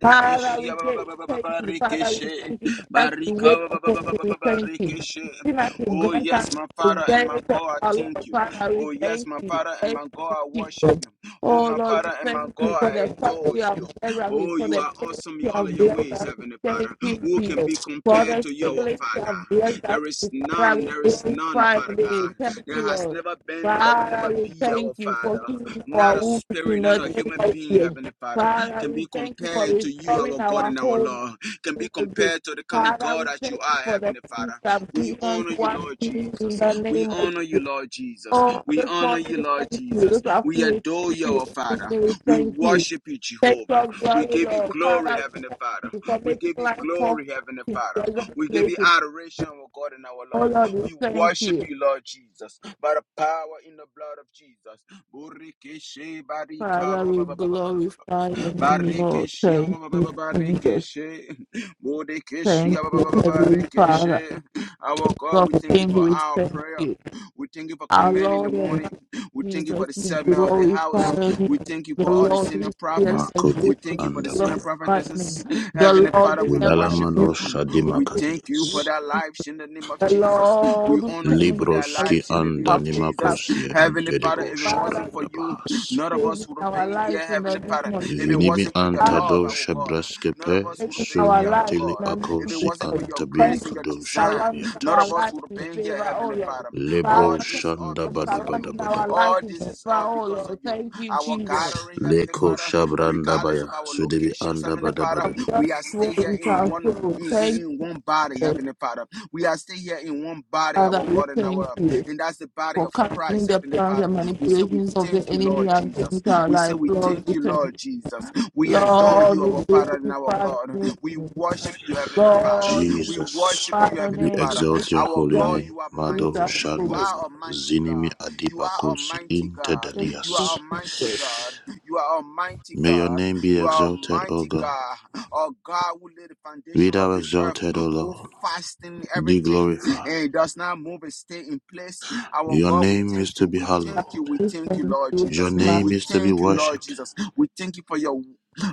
Speaker 3: Father, we
Speaker 1: ba- ba- ba-
Speaker 3: get
Speaker 1: ba- ba- ba-
Speaker 3: thank
Speaker 1: ba-
Speaker 3: you. Father, we
Speaker 1: rekeshe.
Speaker 3: thank you. As we
Speaker 1: Barika
Speaker 3: wait
Speaker 1: ba- ba- ba-
Speaker 3: upon
Speaker 1: ba- ba-
Speaker 3: you,
Speaker 1: ba-
Speaker 3: we
Speaker 1: ba- ba-
Speaker 3: thank you. Even as you
Speaker 1: Oh,
Speaker 3: grant
Speaker 1: yes,
Speaker 3: us
Speaker 1: my
Speaker 3: the
Speaker 1: Father and my
Speaker 3: desires of
Speaker 1: God, I
Speaker 3: our
Speaker 1: thank
Speaker 3: Lord,
Speaker 1: you.
Speaker 3: Father, we
Speaker 1: Oh, yes,
Speaker 3: thank
Speaker 1: my
Speaker 3: you.
Speaker 1: Father and
Speaker 3: Thank
Speaker 1: my
Speaker 3: you,
Speaker 1: God, I worship
Speaker 3: Jesus.
Speaker 1: you. Oh,
Speaker 3: Oh
Speaker 1: my
Speaker 3: Lord, we
Speaker 1: Father and
Speaker 3: thank
Speaker 1: my God,
Speaker 3: you for
Speaker 1: I
Speaker 3: the fact
Speaker 1: adore
Speaker 3: you have
Speaker 1: you.
Speaker 3: blessed us with,
Speaker 1: Oh,
Speaker 3: for
Speaker 1: you
Speaker 3: the
Speaker 1: are
Speaker 3: faith
Speaker 1: awesome in
Speaker 3: you
Speaker 1: all
Speaker 3: have
Speaker 1: of your
Speaker 3: blessed
Speaker 1: ways,
Speaker 3: us with.
Speaker 1: Heavenly
Speaker 3: Thank
Speaker 1: Father.
Speaker 3: you,
Speaker 1: Who can be
Speaker 3: Jesus. For
Speaker 1: compared
Speaker 3: the
Speaker 1: to you, our
Speaker 3: siblings you have
Speaker 1: Father?
Speaker 3: blessed us
Speaker 1: There is
Speaker 3: with,
Speaker 1: none,
Speaker 3: Father,
Speaker 1: there
Speaker 3: we
Speaker 1: is none,
Speaker 3: glorify
Speaker 1: Father
Speaker 3: you.
Speaker 1: God.
Speaker 3: Thank
Speaker 1: There
Speaker 3: you,
Speaker 1: has
Speaker 3: Lord.
Speaker 1: never been, there will never
Speaker 3: Father, we
Speaker 1: be
Speaker 3: thank
Speaker 1: our
Speaker 3: you for
Speaker 1: Father.
Speaker 3: healing our
Speaker 1: Not a
Speaker 3: wounds in
Speaker 1: spirit, not
Speaker 3: the
Speaker 1: a
Speaker 3: name
Speaker 1: human
Speaker 3: of
Speaker 1: being,
Speaker 3: Jesus.
Speaker 1: Heavenly Father,
Speaker 3: Father,
Speaker 1: can
Speaker 3: we
Speaker 1: be
Speaker 3: thank you for
Speaker 1: compared to you,
Speaker 3: restoring
Speaker 1: our God
Speaker 3: our
Speaker 1: and our
Speaker 3: home
Speaker 1: Lord, can be
Speaker 3: to my day.
Speaker 1: compared to the kind of
Speaker 3: Father,
Speaker 1: God
Speaker 3: we
Speaker 1: that you
Speaker 3: thank you
Speaker 1: are,
Speaker 3: for the
Speaker 1: Heavenly
Speaker 3: peace
Speaker 1: Father.
Speaker 3: that
Speaker 1: We
Speaker 3: brings us
Speaker 1: honor you,
Speaker 3: one
Speaker 1: Lord
Speaker 3: even in
Speaker 1: Jesus.
Speaker 3: the
Speaker 1: We
Speaker 3: name of
Speaker 1: honor you,
Speaker 3: Jesus.
Speaker 1: Lord Jesus.
Speaker 3: Oh,
Speaker 1: We
Speaker 3: this
Speaker 1: honor
Speaker 3: morning
Speaker 1: you,
Speaker 3: we
Speaker 1: Lord
Speaker 3: thank you.
Speaker 1: Jesus.
Speaker 3: This
Speaker 1: We
Speaker 3: afternoon we
Speaker 1: adore
Speaker 3: thank
Speaker 1: you, our
Speaker 3: you. This
Speaker 1: Father.
Speaker 3: day we
Speaker 1: We
Speaker 3: thank you.
Speaker 1: worship you,
Speaker 3: Take
Speaker 1: Jehovah.
Speaker 3: your
Speaker 1: We
Speaker 3: glory,
Speaker 1: give you
Speaker 3: Lord.
Speaker 1: glory,
Speaker 3: Father, we
Speaker 1: Heavenly
Speaker 3: thank
Speaker 1: Father.
Speaker 3: you for
Speaker 1: We
Speaker 3: making
Speaker 1: give you
Speaker 3: life possible
Speaker 1: glory, Heavenly
Speaker 3: in
Speaker 1: Father.
Speaker 3: pleasant
Speaker 1: We give you
Speaker 3: places.
Speaker 1: adoration, our God and our
Speaker 3: Oh,
Speaker 1: Lord.
Speaker 3: Lord, we
Speaker 1: We
Speaker 3: thank
Speaker 1: worship
Speaker 3: you.
Speaker 1: you, Lord Jesus, by the power in the blood of Jesus. Burikeshe barika
Speaker 3: Father,
Speaker 1: ba-
Speaker 3: we
Speaker 1: ba- ba- ba- ba-
Speaker 3: glorify your name, Lord.
Speaker 1: barikeshe
Speaker 3: Thank you, Jesus.
Speaker 1: barikeshe burikeshe
Speaker 3: Thank you, Heavenly Father.
Speaker 1: barikeshe. Our God,
Speaker 3: God,
Speaker 1: we thank you
Speaker 3: thank
Speaker 1: for
Speaker 3: you. We
Speaker 1: our
Speaker 3: thank
Speaker 1: prayer.
Speaker 3: you.
Speaker 1: We thank you for
Speaker 3: Our
Speaker 1: command in the
Speaker 3: Lord and
Speaker 1: morning.
Speaker 3: Master
Speaker 1: We thank you for
Speaker 3: Jesus
Speaker 1: the
Speaker 3: be
Speaker 1: settlement of the house.
Speaker 3: glorified.
Speaker 1: We thank you
Speaker 3: The
Speaker 1: for all the
Speaker 3: Lord
Speaker 1: senior
Speaker 3: is fierce
Speaker 1: prophets.
Speaker 3: and
Speaker 2: Makodip
Speaker 1: We
Speaker 3: good
Speaker 1: thank
Speaker 3: and
Speaker 1: you
Speaker 3: is
Speaker 1: for the senior
Speaker 2: andabaya.
Speaker 1: prophetesses.
Speaker 3: The
Speaker 1: Heavenly
Speaker 3: Lord
Speaker 1: Father,
Speaker 3: is
Speaker 1: we
Speaker 3: never
Speaker 1: worship
Speaker 3: good.
Speaker 2: Ilalamano
Speaker 1: you. We thank you for
Speaker 2: shadimakatias.
Speaker 1: their lives in the name of
Speaker 3: The
Speaker 1: Jesus. We
Speaker 3: Lord is
Speaker 1: honor you
Speaker 3: coming
Speaker 1: for their
Speaker 3: out
Speaker 2: Libroski
Speaker 1: lives
Speaker 3: in
Speaker 1: in the name
Speaker 3: our
Speaker 1: of
Speaker 3: favor.
Speaker 1: Jesus.
Speaker 2: andanimakosien
Speaker 1: Heavenly Father, if
Speaker 2: dedebo
Speaker 1: it wasn't
Speaker 3: Father,
Speaker 1: for you,
Speaker 2: shabrandabahas.
Speaker 1: none of
Speaker 3: save
Speaker 1: us would have
Speaker 3: our
Speaker 1: been
Speaker 3: life
Speaker 1: here,
Speaker 3: in the
Speaker 1: Heavenly
Speaker 3: name
Speaker 1: Father.
Speaker 3: of
Speaker 1: If it
Speaker 3: Jesus.
Speaker 2: Vinimi
Speaker 1: wasn't for your
Speaker 3: Father,
Speaker 1: love,
Speaker 2: antado
Speaker 1: our God, none of
Speaker 2: shabraskepe
Speaker 1: us would
Speaker 3: taking
Speaker 1: have been
Speaker 3: our
Speaker 1: here,
Speaker 2: sum
Speaker 1: our
Speaker 3: life
Speaker 2: tili
Speaker 3: in
Speaker 1: God.
Speaker 3: the
Speaker 1: If it
Speaker 2: akosi
Speaker 1: wasn't for your
Speaker 2: antabi
Speaker 1: grace
Speaker 3: Thank
Speaker 1: and
Speaker 3: you
Speaker 1: your
Speaker 3: for
Speaker 2: kadosha
Speaker 1: design,
Speaker 3: surrounding
Speaker 1: none
Speaker 3: our
Speaker 1: of
Speaker 2: dibiatas.
Speaker 1: us
Speaker 3: life
Speaker 1: would have
Speaker 3: with
Speaker 1: been here,
Speaker 3: favor, oh
Speaker 1: Heavenly
Speaker 3: Lord.
Speaker 1: Father. All
Speaker 2: Lebro
Speaker 3: Father, thank
Speaker 1: this, all
Speaker 3: you
Speaker 2: shanda
Speaker 3: for
Speaker 1: because of you.
Speaker 3: surrounding our
Speaker 2: badabadabadaba.
Speaker 3: life
Speaker 1: All
Speaker 3: with
Speaker 1: this
Speaker 3: favor,
Speaker 1: is all
Speaker 3: oh
Speaker 1: because of
Speaker 3: Lord.
Speaker 1: you.
Speaker 3: Thank you,
Speaker 1: Our
Speaker 3: Jesus.
Speaker 1: gathering, Heavenly
Speaker 2: Leko
Speaker 1: Father, regardless of
Speaker 2: shabrandabaya
Speaker 1: our
Speaker 2: sudibi
Speaker 1: locations, Heavenly
Speaker 3: God
Speaker 1: Father,
Speaker 3: of
Speaker 2: andabadabadaba.
Speaker 3: just
Speaker 1: we are
Speaker 3: war
Speaker 1: still here
Speaker 3: with
Speaker 1: in
Speaker 3: our
Speaker 1: one.
Speaker 3: soul.
Speaker 1: In, in
Speaker 3: Thank
Speaker 1: in one body,
Speaker 3: you,
Speaker 1: Heavenly Father. We are still here in one body,
Speaker 3: Father.
Speaker 1: our
Speaker 3: We
Speaker 1: God and our
Speaker 3: thank
Speaker 1: um,
Speaker 3: you
Speaker 1: and that's the body
Speaker 3: for
Speaker 1: of
Speaker 3: canceling
Speaker 1: Christ,
Speaker 3: the
Speaker 1: Heavenly
Speaker 3: plans
Speaker 1: Father.
Speaker 3: and
Speaker 1: We say we
Speaker 3: manipulations of the
Speaker 1: thank you,
Speaker 3: enemy
Speaker 1: Lord
Speaker 3: and
Speaker 1: Jesus.
Speaker 3: against our
Speaker 1: We say
Speaker 3: life,
Speaker 1: we
Speaker 3: Lord.
Speaker 1: thank
Speaker 3: We
Speaker 1: you,
Speaker 3: thank
Speaker 1: Lord
Speaker 3: you.
Speaker 1: Jesus. We adore
Speaker 3: Lord,
Speaker 1: you,
Speaker 3: we
Speaker 1: our Father and our
Speaker 3: glorify
Speaker 1: God.
Speaker 3: your
Speaker 1: We
Speaker 3: name.
Speaker 1: worship you, Heavenly Father.
Speaker 3: Lord, we
Speaker 1: We
Speaker 2: Jesus,
Speaker 1: worship you,
Speaker 3: magnify your
Speaker 1: Heavenly
Speaker 2: we
Speaker 3: name
Speaker 1: Father.
Speaker 3: because
Speaker 2: exalt your
Speaker 1: Our
Speaker 3: you
Speaker 2: holy
Speaker 3: are
Speaker 1: God,
Speaker 3: just
Speaker 2: name.
Speaker 1: you are
Speaker 3: with
Speaker 2: Mado
Speaker 1: mighty. You are
Speaker 3: us.
Speaker 2: Shandaba,
Speaker 1: Almighty
Speaker 2: Zinimi
Speaker 1: God. You are
Speaker 2: Adibakosi,
Speaker 1: Almighty God. You are
Speaker 2: Intedelias.
Speaker 1: Almighty God. You are Almighty
Speaker 2: May your
Speaker 1: God.
Speaker 2: name be
Speaker 1: You are
Speaker 2: exalted, O
Speaker 1: Almighty
Speaker 2: God.
Speaker 1: God. Oh God, who laid the
Speaker 2: Be
Speaker 1: foundation of
Speaker 2: thou
Speaker 1: this earth
Speaker 2: exalted, O
Speaker 1: with
Speaker 2: Lord.
Speaker 1: fasting,
Speaker 2: Be
Speaker 1: everything, and
Speaker 2: glorified.
Speaker 1: it does not move and stay in place. Our
Speaker 2: Your
Speaker 1: God, we
Speaker 2: name is
Speaker 1: thank you.
Speaker 2: to be
Speaker 1: We
Speaker 2: hallowed.
Speaker 1: thank you. We
Speaker 3: We
Speaker 1: thank you,
Speaker 3: thank
Speaker 1: Lord
Speaker 3: you,
Speaker 2: Your
Speaker 1: Jesus.
Speaker 3: Master.
Speaker 2: name
Speaker 1: We
Speaker 2: is to be
Speaker 1: thank you, Lord
Speaker 2: worshipped.
Speaker 1: Jesus. We thank you for your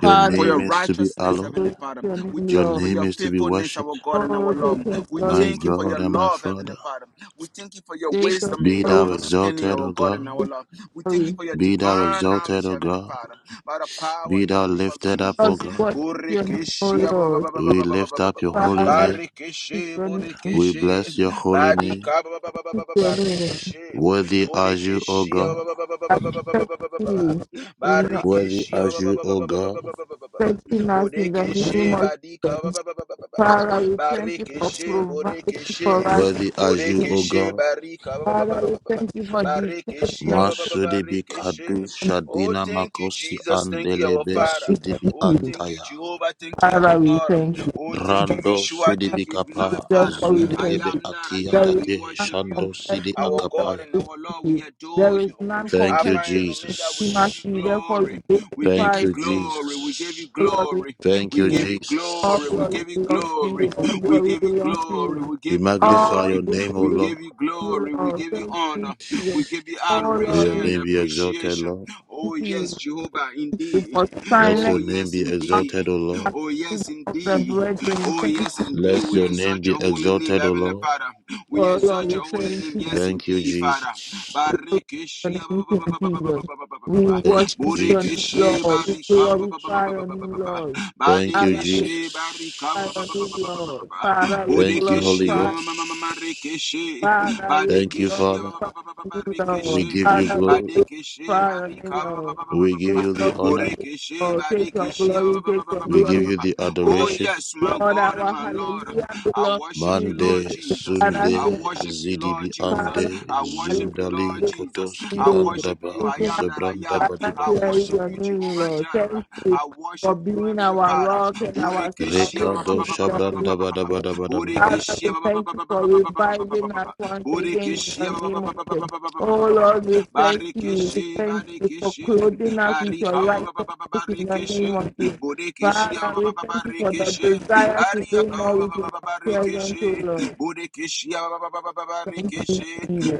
Speaker 2: Your
Speaker 1: for
Speaker 2: name
Speaker 1: your
Speaker 3: we
Speaker 2: is to be
Speaker 1: righteousness,
Speaker 2: hallowed.
Speaker 1: Heavenly
Speaker 3: praise
Speaker 1: Father.
Speaker 3: your name,
Speaker 1: We
Speaker 2: Your
Speaker 1: thank you for
Speaker 3: Lord.
Speaker 2: name
Speaker 1: your
Speaker 2: is to be
Speaker 1: faithfulness, our
Speaker 2: worshipped.
Speaker 1: God and
Speaker 3: Oh,
Speaker 1: our Lord.
Speaker 3: take your
Speaker 1: We
Speaker 3: glory,
Speaker 2: My
Speaker 1: thank you
Speaker 3: take
Speaker 1: for
Speaker 2: God
Speaker 1: your
Speaker 2: and my
Speaker 1: love, Heavenly
Speaker 2: Father,
Speaker 1: Father. We thank you for your
Speaker 3: take your
Speaker 1: wisdom and
Speaker 2: be
Speaker 1: your
Speaker 3: glory,
Speaker 2: thou
Speaker 1: understanding,
Speaker 2: exalted,
Speaker 1: our
Speaker 2: O
Speaker 1: God
Speaker 2: God.
Speaker 1: and our Lord. We thank you
Speaker 3: glory.
Speaker 1: for your
Speaker 2: Be thou
Speaker 1: divine
Speaker 2: exalted,
Speaker 1: knowledge,
Speaker 2: O
Speaker 1: Heavenly
Speaker 2: God.
Speaker 1: Father, by the power
Speaker 2: Be
Speaker 1: in
Speaker 2: thou
Speaker 1: the name of
Speaker 2: lifted up, O
Speaker 3: Lord,
Speaker 1: Jesus.
Speaker 3: we
Speaker 2: God.
Speaker 3: worship your name, oh
Speaker 1: Borekeshe, ah, ba- ba-
Speaker 3: Lord.
Speaker 1: ba- ba- ba-
Speaker 2: We
Speaker 1: ba- ba- ba- ba-
Speaker 2: lift
Speaker 1: ba-
Speaker 2: up
Speaker 1: ba-
Speaker 2: your
Speaker 1: ba-
Speaker 2: holy
Speaker 3: Father, we
Speaker 2: name.
Speaker 3: speak
Speaker 1: Barekeshe,
Speaker 3: your name,
Speaker 2: We
Speaker 1: Borekeshe,
Speaker 2: bless your holy name.
Speaker 1: Badika, ba- ba- ba- ba- ba-
Speaker 3: speak
Speaker 1: ba- ba-
Speaker 3: your name.
Speaker 1: Barekeshe,
Speaker 2: Worthy are you, O
Speaker 1: Borekeshe, ah,
Speaker 2: God.
Speaker 1: ba- ba- ba- ba- ba- ba- ba- ba- ba-
Speaker 3: Affect
Speaker 1: ba-
Speaker 3: you in your
Speaker 2: Worthy
Speaker 1: Barikishia
Speaker 2: are
Speaker 1: ba- ba-
Speaker 2: you,
Speaker 1: ba- ba- ba-
Speaker 2: O
Speaker 1: ba- ba- ba-
Speaker 2: God.
Speaker 1: ba- ba- ba- ba- ba.
Speaker 3: affecting us in the name
Speaker 1: Borekeshe
Speaker 3: of
Speaker 1: badika ba-
Speaker 3: Jesus.
Speaker 1: ba- ba- ba- ba- ba- ba- ba.
Speaker 3: Father, we thank you for
Speaker 1: Barikeshe
Speaker 3: providing
Speaker 1: borekeshe
Speaker 3: for us.
Speaker 2: Worthy are you, O
Speaker 1: borekeshe
Speaker 2: God.
Speaker 1: barika ba- ba- ba- ba-
Speaker 3: Father,
Speaker 1: ba-
Speaker 3: we
Speaker 1: ba- ba- ba.
Speaker 3: thank you for this.
Speaker 1: Barikeshia
Speaker 3: Father,
Speaker 1: ba- ba- ba- ba-
Speaker 2: Masudibi
Speaker 1: barikeshe.
Speaker 2: kadu
Speaker 1: Oh,
Speaker 2: shadina
Speaker 1: thank you,
Speaker 2: makosi
Speaker 1: Jesus. Thank you, our
Speaker 2: andelebe
Speaker 1: Father.
Speaker 3: we thank
Speaker 2: sudibi
Speaker 1: Oh,
Speaker 3: you.
Speaker 1: thank you,
Speaker 2: antaya.
Speaker 1: Jehovah. Thank you, our
Speaker 3: Father, we
Speaker 1: God.
Speaker 3: thank you.
Speaker 1: Oh, thank you,
Speaker 2: Rando
Speaker 1: Yeshua.
Speaker 2: sidibi
Speaker 1: Thank you, beloved
Speaker 2: kapa
Speaker 1: Father.
Speaker 3: Therefore, we
Speaker 1: I
Speaker 3: thank you.
Speaker 2: zundelebe
Speaker 1: am that I
Speaker 2: atia
Speaker 1: am.
Speaker 3: There is
Speaker 1: We
Speaker 2: tate
Speaker 3: none
Speaker 1: worship you.
Speaker 2: shando
Speaker 3: compared
Speaker 2: sidi
Speaker 3: to you,
Speaker 1: Our God
Speaker 2: akapaya.
Speaker 1: and
Speaker 3: precious
Speaker 1: our Lord, we
Speaker 3: Jesus. There
Speaker 1: adore
Speaker 3: is
Speaker 1: you.
Speaker 3: none
Speaker 2: Thank you,
Speaker 3: compared
Speaker 1: Alpha
Speaker 3: to
Speaker 1: and Omega, we
Speaker 3: your
Speaker 1: give you
Speaker 2: Jesus.
Speaker 3: mercy. Therefore, we
Speaker 1: glory. We give
Speaker 2: Thank
Speaker 1: you
Speaker 3: glorify
Speaker 2: you,
Speaker 1: glory. We give
Speaker 2: Jesus.
Speaker 1: you
Speaker 3: all glory
Speaker 1: glory.
Speaker 3: to
Speaker 2: Thank
Speaker 1: We
Speaker 2: you,
Speaker 1: give you
Speaker 3: All
Speaker 1: glory.
Speaker 2: Jesus.
Speaker 1: We
Speaker 3: glory
Speaker 1: give you
Speaker 3: belongs to
Speaker 1: glory.
Speaker 3: you. All
Speaker 1: We
Speaker 3: glory
Speaker 1: give you
Speaker 3: belongs to
Speaker 1: glory.
Speaker 3: you.
Speaker 1: We
Speaker 2: We
Speaker 1: give you
Speaker 2: magnify
Speaker 3: All
Speaker 1: glory.
Speaker 2: your
Speaker 3: glory
Speaker 2: name,
Speaker 3: belongs
Speaker 2: O
Speaker 1: We
Speaker 2: Lord.
Speaker 1: give
Speaker 3: to
Speaker 1: you
Speaker 3: you,
Speaker 1: glory. We
Speaker 3: Lord.
Speaker 1: give you
Speaker 3: Thank you,
Speaker 1: honor.
Speaker 3: Jesus.
Speaker 1: We give you
Speaker 3: Oh,
Speaker 2: May
Speaker 3: Lord,
Speaker 1: adoration
Speaker 2: your
Speaker 3: we
Speaker 1: and
Speaker 2: name be exalted,
Speaker 1: appreciation.
Speaker 2: Lord.
Speaker 3: thank
Speaker 1: Oh,
Speaker 3: you
Speaker 1: yes, Jehovah, indeed.
Speaker 3: for
Speaker 2: Let
Speaker 1: Oh,
Speaker 2: your
Speaker 3: silent
Speaker 2: name
Speaker 1: yes,
Speaker 2: be
Speaker 1: indeed.
Speaker 2: exalted, O Lord.
Speaker 3: of
Speaker 1: Oh, yes,
Speaker 3: the
Speaker 1: indeed.
Speaker 3: brethren.
Speaker 1: Oh,
Speaker 3: Thank you,
Speaker 1: yes, indeed.
Speaker 2: Let
Speaker 1: We
Speaker 2: your name
Speaker 1: exalt
Speaker 2: be
Speaker 1: your holy name,
Speaker 2: exalted, O
Speaker 1: Heavenly
Speaker 2: Lord.
Speaker 1: Father. We
Speaker 3: oh, Lord.
Speaker 1: exalt
Speaker 3: We
Speaker 1: your holy
Speaker 3: thank
Speaker 1: name.
Speaker 3: you.
Speaker 1: Yes,
Speaker 2: Thank you,
Speaker 1: indeed, Father.
Speaker 2: Jesus.
Speaker 1: Barikishia
Speaker 3: and thank
Speaker 1: ba- ba- ba- ba- ba- ba-
Speaker 3: Jesus.
Speaker 1: ba- ba- ba- ba- ba- ba- ba-
Speaker 3: We
Speaker 1: ba.
Speaker 2: Thank you,
Speaker 3: worship your name,
Speaker 1: Burikishi
Speaker 3: Lord. We
Speaker 1: barika
Speaker 2: Jesus.
Speaker 1: ba- ba- ba- ba- ba-
Speaker 3: glorify
Speaker 1: ba- ba-
Speaker 3: your
Speaker 1: ba-
Speaker 3: new
Speaker 1: ba- ba- ba.
Speaker 3: Lord.
Speaker 2: Thank you,
Speaker 3: Father, we
Speaker 1: Badikishi barika ba-
Speaker 3: glorify
Speaker 1: ba-
Speaker 3: your
Speaker 1: ba- ba- ba-
Speaker 3: new
Speaker 1: ba- ba- ba-
Speaker 2: Jesus.
Speaker 1: ba-
Speaker 3: Lord.
Speaker 1: ba.
Speaker 3: Father, we
Speaker 2: Thank you, Holy
Speaker 1: Budikishia
Speaker 3: glorify.
Speaker 1: ma-
Speaker 2: Ghost.
Speaker 1: ma- ma- ma- ma- rikishi.
Speaker 3: Father, we
Speaker 2: Thank you,
Speaker 1: Badikishia
Speaker 2: Father.
Speaker 1: ba- ba-
Speaker 3: glorify
Speaker 1: ba- ba- ba-
Speaker 3: your
Speaker 1: ba-
Speaker 3: new
Speaker 2: We
Speaker 3: Lord.
Speaker 1: rikishi.
Speaker 2: give you
Speaker 3: Father, we
Speaker 2: glory.
Speaker 1: Badikishi
Speaker 3: glorify your new
Speaker 1: barika ba- ba-
Speaker 3: Lord.
Speaker 1: ba- ba- ba-
Speaker 2: We
Speaker 1: ba- ba-
Speaker 2: give
Speaker 3: Take
Speaker 2: you the
Speaker 3: your
Speaker 2: honor.
Speaker 3: glory,
Speaker 1: Burikishi
Speaker 3: Lord. Take your
Speaker 1: barikishia
Speaker 3: glory, take your
Speaker 2: We give
Speaker 3: glory,
Speaker 2: you
Speaker 3: take
Speaker 2: the
Speaker 3: your
Speaker 1: Oh,
Speaker 3: glory.
Speaker 2: adoration.
Speaker 1: yes, my
Speaker 3: Lord,
Speaker 1: God and
Speaker 3: our
Speaker 1: my Lord.
Speaker 3: hallelujah
Speaker 1: I
Speaker 3: belongs
Speaker 1: worship
Speaker 3: to
Speaker 1: you,
Speaker 3: you.
Speaker 1: Lord
Speaker 2: Mande
Speaker 1: Jesus. I
Speaker 3: Father,
Speaker 2: Sunde
Speaker 1: worship you,
Speaker 2: Zidibi
Speaker 1: Lord Jesus.
Speaker 3: Father,
Speaker 2: Ande
Speaker 1: I worship you, Lord
Speaker 2: Zundali
Speaker 3: hallelujah.
Speaker 1: Jesus.
Speaker 2: Kotoski
Speaker 1: I worship
Speaker 2: Andaba
Speaker 1: you.
Speaker 3: We
Speaker 1: I
Speaker 3: give
Speaker 1: am
Speaker 3: our
Speaker 1: that I am.
Speaker 2: Zabrandaba
Speaker 3: brother
Speaker 1: I
Speaker 3: here is
Speaker 2: Dibayas
Speaker 1: worship
Speaker 3: your
Speaker 1: you,
Speaker 3: name,
Speaker 1: Jehovah
Speaker 3: Lord. Thank
Speaker 1: Jireh.
Speaker 3: you
Speaker 1: I
Speaker 3: for
Speaker 1: worship you,
Speaker 3: being
Speaker 1: Heavenly
Speaker 3: our
Speaker 1: Father.
Speaker 3: rock and our
Speaker 1: Borekeshia
Speaker 3: salvation.
Speaker 1: ba- ba-
Speaker 2: Rekado
Speaker 1: ba- ba- ba- ba- ba- ba-
Speaker 3: Lord.
Speaker 1: ba-
Speaker 2: Shabrandaba
Speaker 1: ba- ba- ba-
Speaker 2: Daba
Speaker 1: ba.
Speaker 2: Daba Daba Daba
Speaker 3: Father,
Speaker 1: Borekeshia
Speaker 3: we
Speaker 1: ba- ba-
Speaker 3: thank
Speaker 1: ba-
Speaker 3: you
Speaker 1: ba- ba-
Speaker 3: for
Speaker 1: ba- ba- ba- ba- ba- ba- ba- ba-
Speaker 3: reviving
Speaker 1: ba-
Speaker 3: us
Speaker 1: ba.
Speaker 3: once again in
Speaker 1: Borekeshia
Speaker 3: the
Speaker 1: ba- ba-
Speaker 3: name
Speaker 1: ba-
Speaker 3: of
Speaker 1: ba- ba-
Speaker 3: Jesus.
Speaker 1: ba- ba- ba- ba- ba- ba-
Speaker 3: Oh
Speaker 1: ba- ba- ba.
Speaker 3: Lord, we thank you. We
Speaker 1: Barekeshe,
Speaker 3: thank you for
Speaker 1: barekeshe,
Speaker 3: clothing us with your
Speaker 1: barika ba- ba- ba- ba- ba-
Speaker 3: righteousness in the
Speaker 1: barekeshe.
Speaker 3: name of Jesus.
Speaker 1: Borekeshia
Speaker 3: Father,
Speaker 1: ba-
Speaker 3: we
Speaker 1: ba- ba- ba-
Speaker 3: thank you for the
Speaker 1: barekeshe.
Speaker 3: desire to do
Speaker 1: Bariaka
Speaker 3: more
Speaker 1: ba- ba-
Speaker 3: with your
Speaker 1: ba- ba- ba-
Speaker 3: presence, oh
Speaker 1: barekeshe.
Speaker 3: Lord.
Speaker 1: Borekeshia ba- ba- ba- ba- ba-
Speaker 3: Thank you,
Speaker 1: barekeshe.
Speaker 3: Jesus.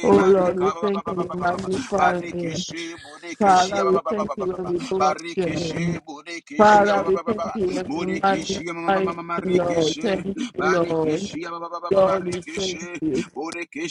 Speaker 3: Oh Lord,
Speaker 1: barika
Speaker 3: we
Speaker 1: ba-
Speaker 3: thank
Speaker 1: ba-
Speaker 3: you,
Speaker 1: ba- ba- ba-
Speaker 3: we
Speaker 1: ba- ba- ba.
Speaker 3: magnify your name.
Speaker 1: Barikishe
Speaker 3: Father, we thank you when we bless your name. Father, we thank you when we magnify your name, Lord. Thank you, Lord. Lord, we thank you.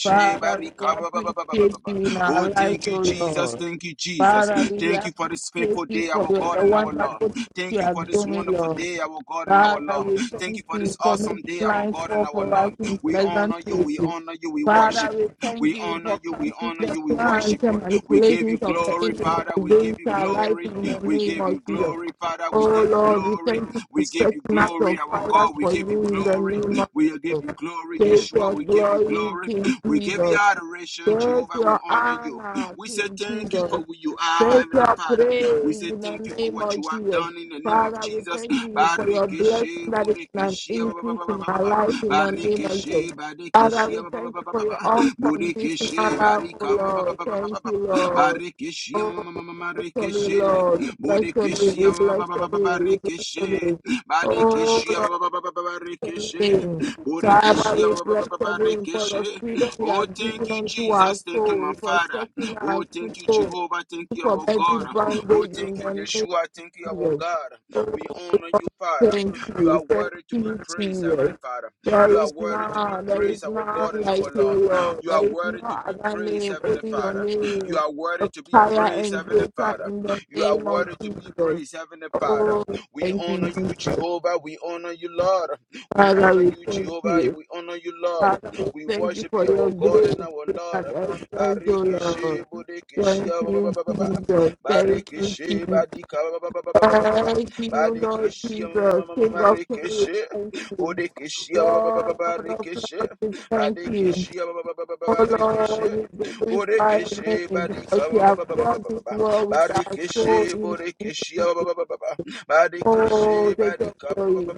Speaker 3: Father, we
Speaker 1: barika
Speaker 3: appreciate you in
Speaker 1: Oh,
Speaker 3: our
Speaker 1: thank
Speaker 3: lives,
Speaker 1: you,
Speaker 3: oh
Speaker 1: Jesus.
Speaker 3: Lord.
Speaker 1: Thank you, Jesus.
Speaker 3: Father, we
Speaker 1: Thank you for this
Speaker 3: appreciate
Speaker 1: faithful
Speaker 3: you
Speaker 1: day,
Speaker 3: for
Speaker 1: our God
Speaker 3: the
Speaker 1: and our Lord.
Speaker 3: wonderful things you
Speaker 1: Thank you
Speaker 3: are
Speaker 1: for this
Speaker 3: doing,
Speaker 1: wonderful
Speaker 3: Lord.
Speaker 1: day, our God and our
Speaker 3: Father,
Speaker 1: Lord.
Speaker 3: we
Speaker 1: Thank
Speaker 3: thank
Speaker 1: you for this
Speaker 3: you for
Speaker 1: awesome
Speaker 3: making
Speaker 1: day, our
Speaker 3: lines
Speaker 1: God and
Speaker 3: fall
Speaker 1: our
Speaker 3: for us
Speaker 1: Lord.
Speaker 3: in
Speaker 1: We
Speaker 3: pleasant
Speaker 1: honor you, we
Speaker 3: places.
Speaker 1: honor you, we worship
Speaker 3: Father, we
Speaker 1: you.
Speaker 3: thank
Speaker 1: We
Speaker 3: you
Speaker 1: honor
Speaker 3: for
Speaker 1: you, we
Speaker 3: counting
Speaker 1: honor
Speaker 3: the
Speaker 1: you, we
Speaker 3: plans
Speaker 1: worship you.
Speaker 3: and
Speaker 1: We give you
Speaker 3: manipulations of the
Speaker 1: glory,
Speaker 3: enemy
Speaker 1: Father, we give
Speaker 3: against
Speaker 1: you
Speaker 3: our life
Speaker 1: glory.
Speaker 3: in the
Speaker 1: We
Speaker 3: name
Speaker 1: give
Speaker 3: of
Speaker 1: you
Speaker 3: Jesus.
Speaker 1: glory, Father, we
Speaker 3: Oh
Speaker 1: give you
Speaker 3: Lord, we
Speaker 1: glory.
Speaker 3: thank you for
Speaker 1: We give you
Speaker 3: setting us on
Speaker 1: glory, our
Speaker 3: fire
Speaker 1: God, we
Speaker 3: for
Speaker 1: give you
Speaker 3: you in the
Speaker 1: glory.
Speaker 3: name of
Speaker 1: We give you glory, Yeshua,
Speaker 3: Jesus.
Speaker 1: we give you
Speaker 3: Glory
Speaker 1: glory.
Speaker 3: to
Speaker 1: We give you
Speaker 3: Jesus.
Speaker 1: adoration,
Speaker 3: Take
Speaker 1: Jehovah, we
Speaker 3: your
Speaker 1: honor you.
Speaker 3: honor,
Speaker 1: We say
Speaker 3: King
Speaker 1: thank you for
Speaker 3: Jesus.
Speaker 1: who you are,
Speaker 3: Take
Speaker 1: Heavenly
Speaker 3: your
Speaker 1: Father. We
Speaker 3: praise
Speaker 1: say
Speaker 3: in
Speaker 1: thank
Speaker 3: the
Speaker 1: you for
Speaker 3: name
Speaker 1: what
Speaker 3: of
Speaker 1: you have
Speaker 3: Jesus.
Speaker 1: done in the name of
Speaker 3: Father, we
Speaker 1: Jesus.
Speaker 3: thank you for your blessing
Speaker 1: Barikishe,
Speaker 3: that is an
Speaker 1: bodikishe, ba, ba, ba,
Speaker 3: increase
Speaker 1: ba, ba,
Speaker 3: in
Speaker 1: ba, ba,
Speaker 3: our
Speaker 1: ba.
Speaker 3: life in the name of
Speaker 1: Barikishi,
Speaker 3: Jesus. Father,
Speaker 1: Barikishi,
Speaker 3: we
Speaker 1: ba- ba- ba-
Speaker 3: thank
Speaker 1: ba-
Speaker 3: you
Speaker 1: ba-
Speaker 3: for
Speaker 1: ba-
Speaker 3: your
Speaker 1: ba.
Speaker 3: unconditional
Speaker 1: Burikishi,
Speaker 3: love, for
Speaker 1: Barika, ba- ba- ba-
Speaker 3: your
Speaker 1: ba- ba- ba-
Speaker 3: thank
Speaker 1: ba- ba.
Speaker 3: you, Lord.
Speaker 1: Barikishi,
Speaker 3: Oh,
Speaker 1: ma- ma- ma- ma- ma-
Speaker 3: bless your name,
Speaker 1: Rikishi.
Speaker 3: Lord. Bless your name.
Speaker 1: Burikishi,
Speaker 3: We
Speaker 1: ba-
Speaker 3: bless
Speaker 1: ba- ba-
Speaker 3: your
Speaker 1: ba- ba- ba-
Speaker 3: name. We bless your
Speaker 1: Rikishi.
Speaker 3: name. Oh,
Speaker 1: Barikishi,
Speaker 3: Lord,
Speaker 1: ba- ba- ba- ba- ba- ba- ba- Rikishi.
Speaker 3: name.
Speaker 1: Burikishi,
Speaker 3: Father, we
Speaker 1: ba- ba- ba-
Speaker 3: bless
Speaker 1: ba- ba-
Speaker 3: your
Speaker 1: ba-
Speaker 3: name for the
Speaker 1: Rikishi.
Speaker 3: freedom you
Speaker 1: Oh,
Speaker 3: have
Speaker 1: thank
Speaker 3: given
Speaker 1: you,
Speaker 3: unto our
Speaker 1: Jesus. Thank you, my
Speaker 3: souls, for
Speaker 1: Father.
Speaker 3: setting
Speaker 1: Oh,
Speaker 3: us to
Speaker 1: thank you,
Speaker 3: go
Speaker 1: Jehovah. Thank you,
Speaker 3: for
Speaker 1: our
Speaker 3: every
Speaker 1: God. Oh,
Speaker 3: bondage in
Speaker 1: thank you,
Speaker 3: the name
Speaker 1: Yeshua. Thank you,
Speaker 3: of
Speaker 1: our
Speaker 3: Jesus.
Speaker 1: God.
Speaker 3: Oh,
Speaker 1: We honor
Speaker 3: Lord,
Speaker 1: you,
Speaker 3: thank you,
Speaker 1: Father.
Speaker 3: thank
Speaker 1: You are worthy to be
Speaker 3: you,
Speaker 1: praised, Heavenly
Speaker 3: Jesus.
Speaker 1: Father. You
Speaker 3: There
Speaker 1: are
Speaker 3: is
Speaker 1: worthy to be
Speaker 3: none, there is
Speaker 1: praised, our God
Speaker 3: none
Speaker 1: and
Speaker 3: like
Speaker 1: our
Speaker 3: you,
Speaker 1: Lord.
Speaker 3: Lord.
Speaker 1: You
Speaker 3: There
Speaker 1: are
Speaker 3: is no
Speaker 1: worthy to be
Speaker 3: other
Speaker 1: praised,
Speaker 3: name,
Speaker 1: Heavenly
Speaker 3: only your
Speaker 1: Father. You
Speaker 3: name,
Speaker 1: are worthy
Speaker 3: of
Speaker 1: to be
Speaker 3: higher
Speaker 1: praised,
Speaker 3: and
Speaker 1: Heavenly
Speaker 3: greater
Speaker 1: Father.
Speaker 3: in the
Speaker 1: You are
Speaker 3: name of
Speaker 1: worthy to be
Speaker 3: Jesus.
Speaker 1: praised, Heavenly Father.
Speaker 3: Oh,
Speaker 1: We
Speaker 3: thank you,
Speaker 1: honor you,
Speaker 3: Jesus.
Speaker 1: Jehovah. We honor you, Lord. We
Speaker 3: Father,
Speaker 1: honor
Speaker 3: we
Speaker 1: you,
Speaker 3: thank
Speaker 1: Jehovah.
Speaker 3: you.
Speaker 1: We honor you, Lord.
Speaker 3: Father, we
Speaker 1: We
Speaker 3: thank you
Speaker 1: worship
Speaker 3: for
Speaker 1: you,
Speaker 3: your
Speaker 1: our God
Speaker 3: grace
Speaker 1: and our Lord.
Speaker 3: and thank you,
Speaker 1: Barikishe,
Speaker 3: Lord.
Speaker 1: bodikishe,
Speaker 3: Thank
Speaker 1: ba- ba-
Speaker 3: you,
Speaker 1: ba- ba- ba- ba.
Speaker 3: Jesus. Thank you,
Speaker 1: Barikishe,
Speaker 3: Jesus.
Speaker 1: badika, ba- ba- ba- ba- ba- ba- ba- ba- ba.
Speaker 3: Thank you, Lord
Speaker 1: Barikishe, ma- ma-
Speaker 3: Jesus.
Speaker 1: ma- ma-
Speaker 3: King
Speaker 1: ma-
Speaker 3: of kings,
Speaker 1: marikishe.
Speaker 3: thank you.
Speaker 1: Bodekeshia
Speaker 3: Lord of lords,
Speaker 1: Barikeshe
Speaker 3: we thank you.
Speaker 1: Badekeshia
Speaker 3: Oh
Speaker 1: Barikeshe
Speaker 3: Lord, we glorify your
Speaker 1: Bodekeshe
Speaker 3: name
Speaker 1: Badika
Speaker 3: because you have brought this world with our soul
Speaker 1: Barikeshe
Speaker 3: in you.
Speaker 1: Bodekeshia
Speaker 3: Oh,
Speaker 1: Badekeshe
Speaker 3: take your
Speaker 1: Badika
Speaker 3: glory.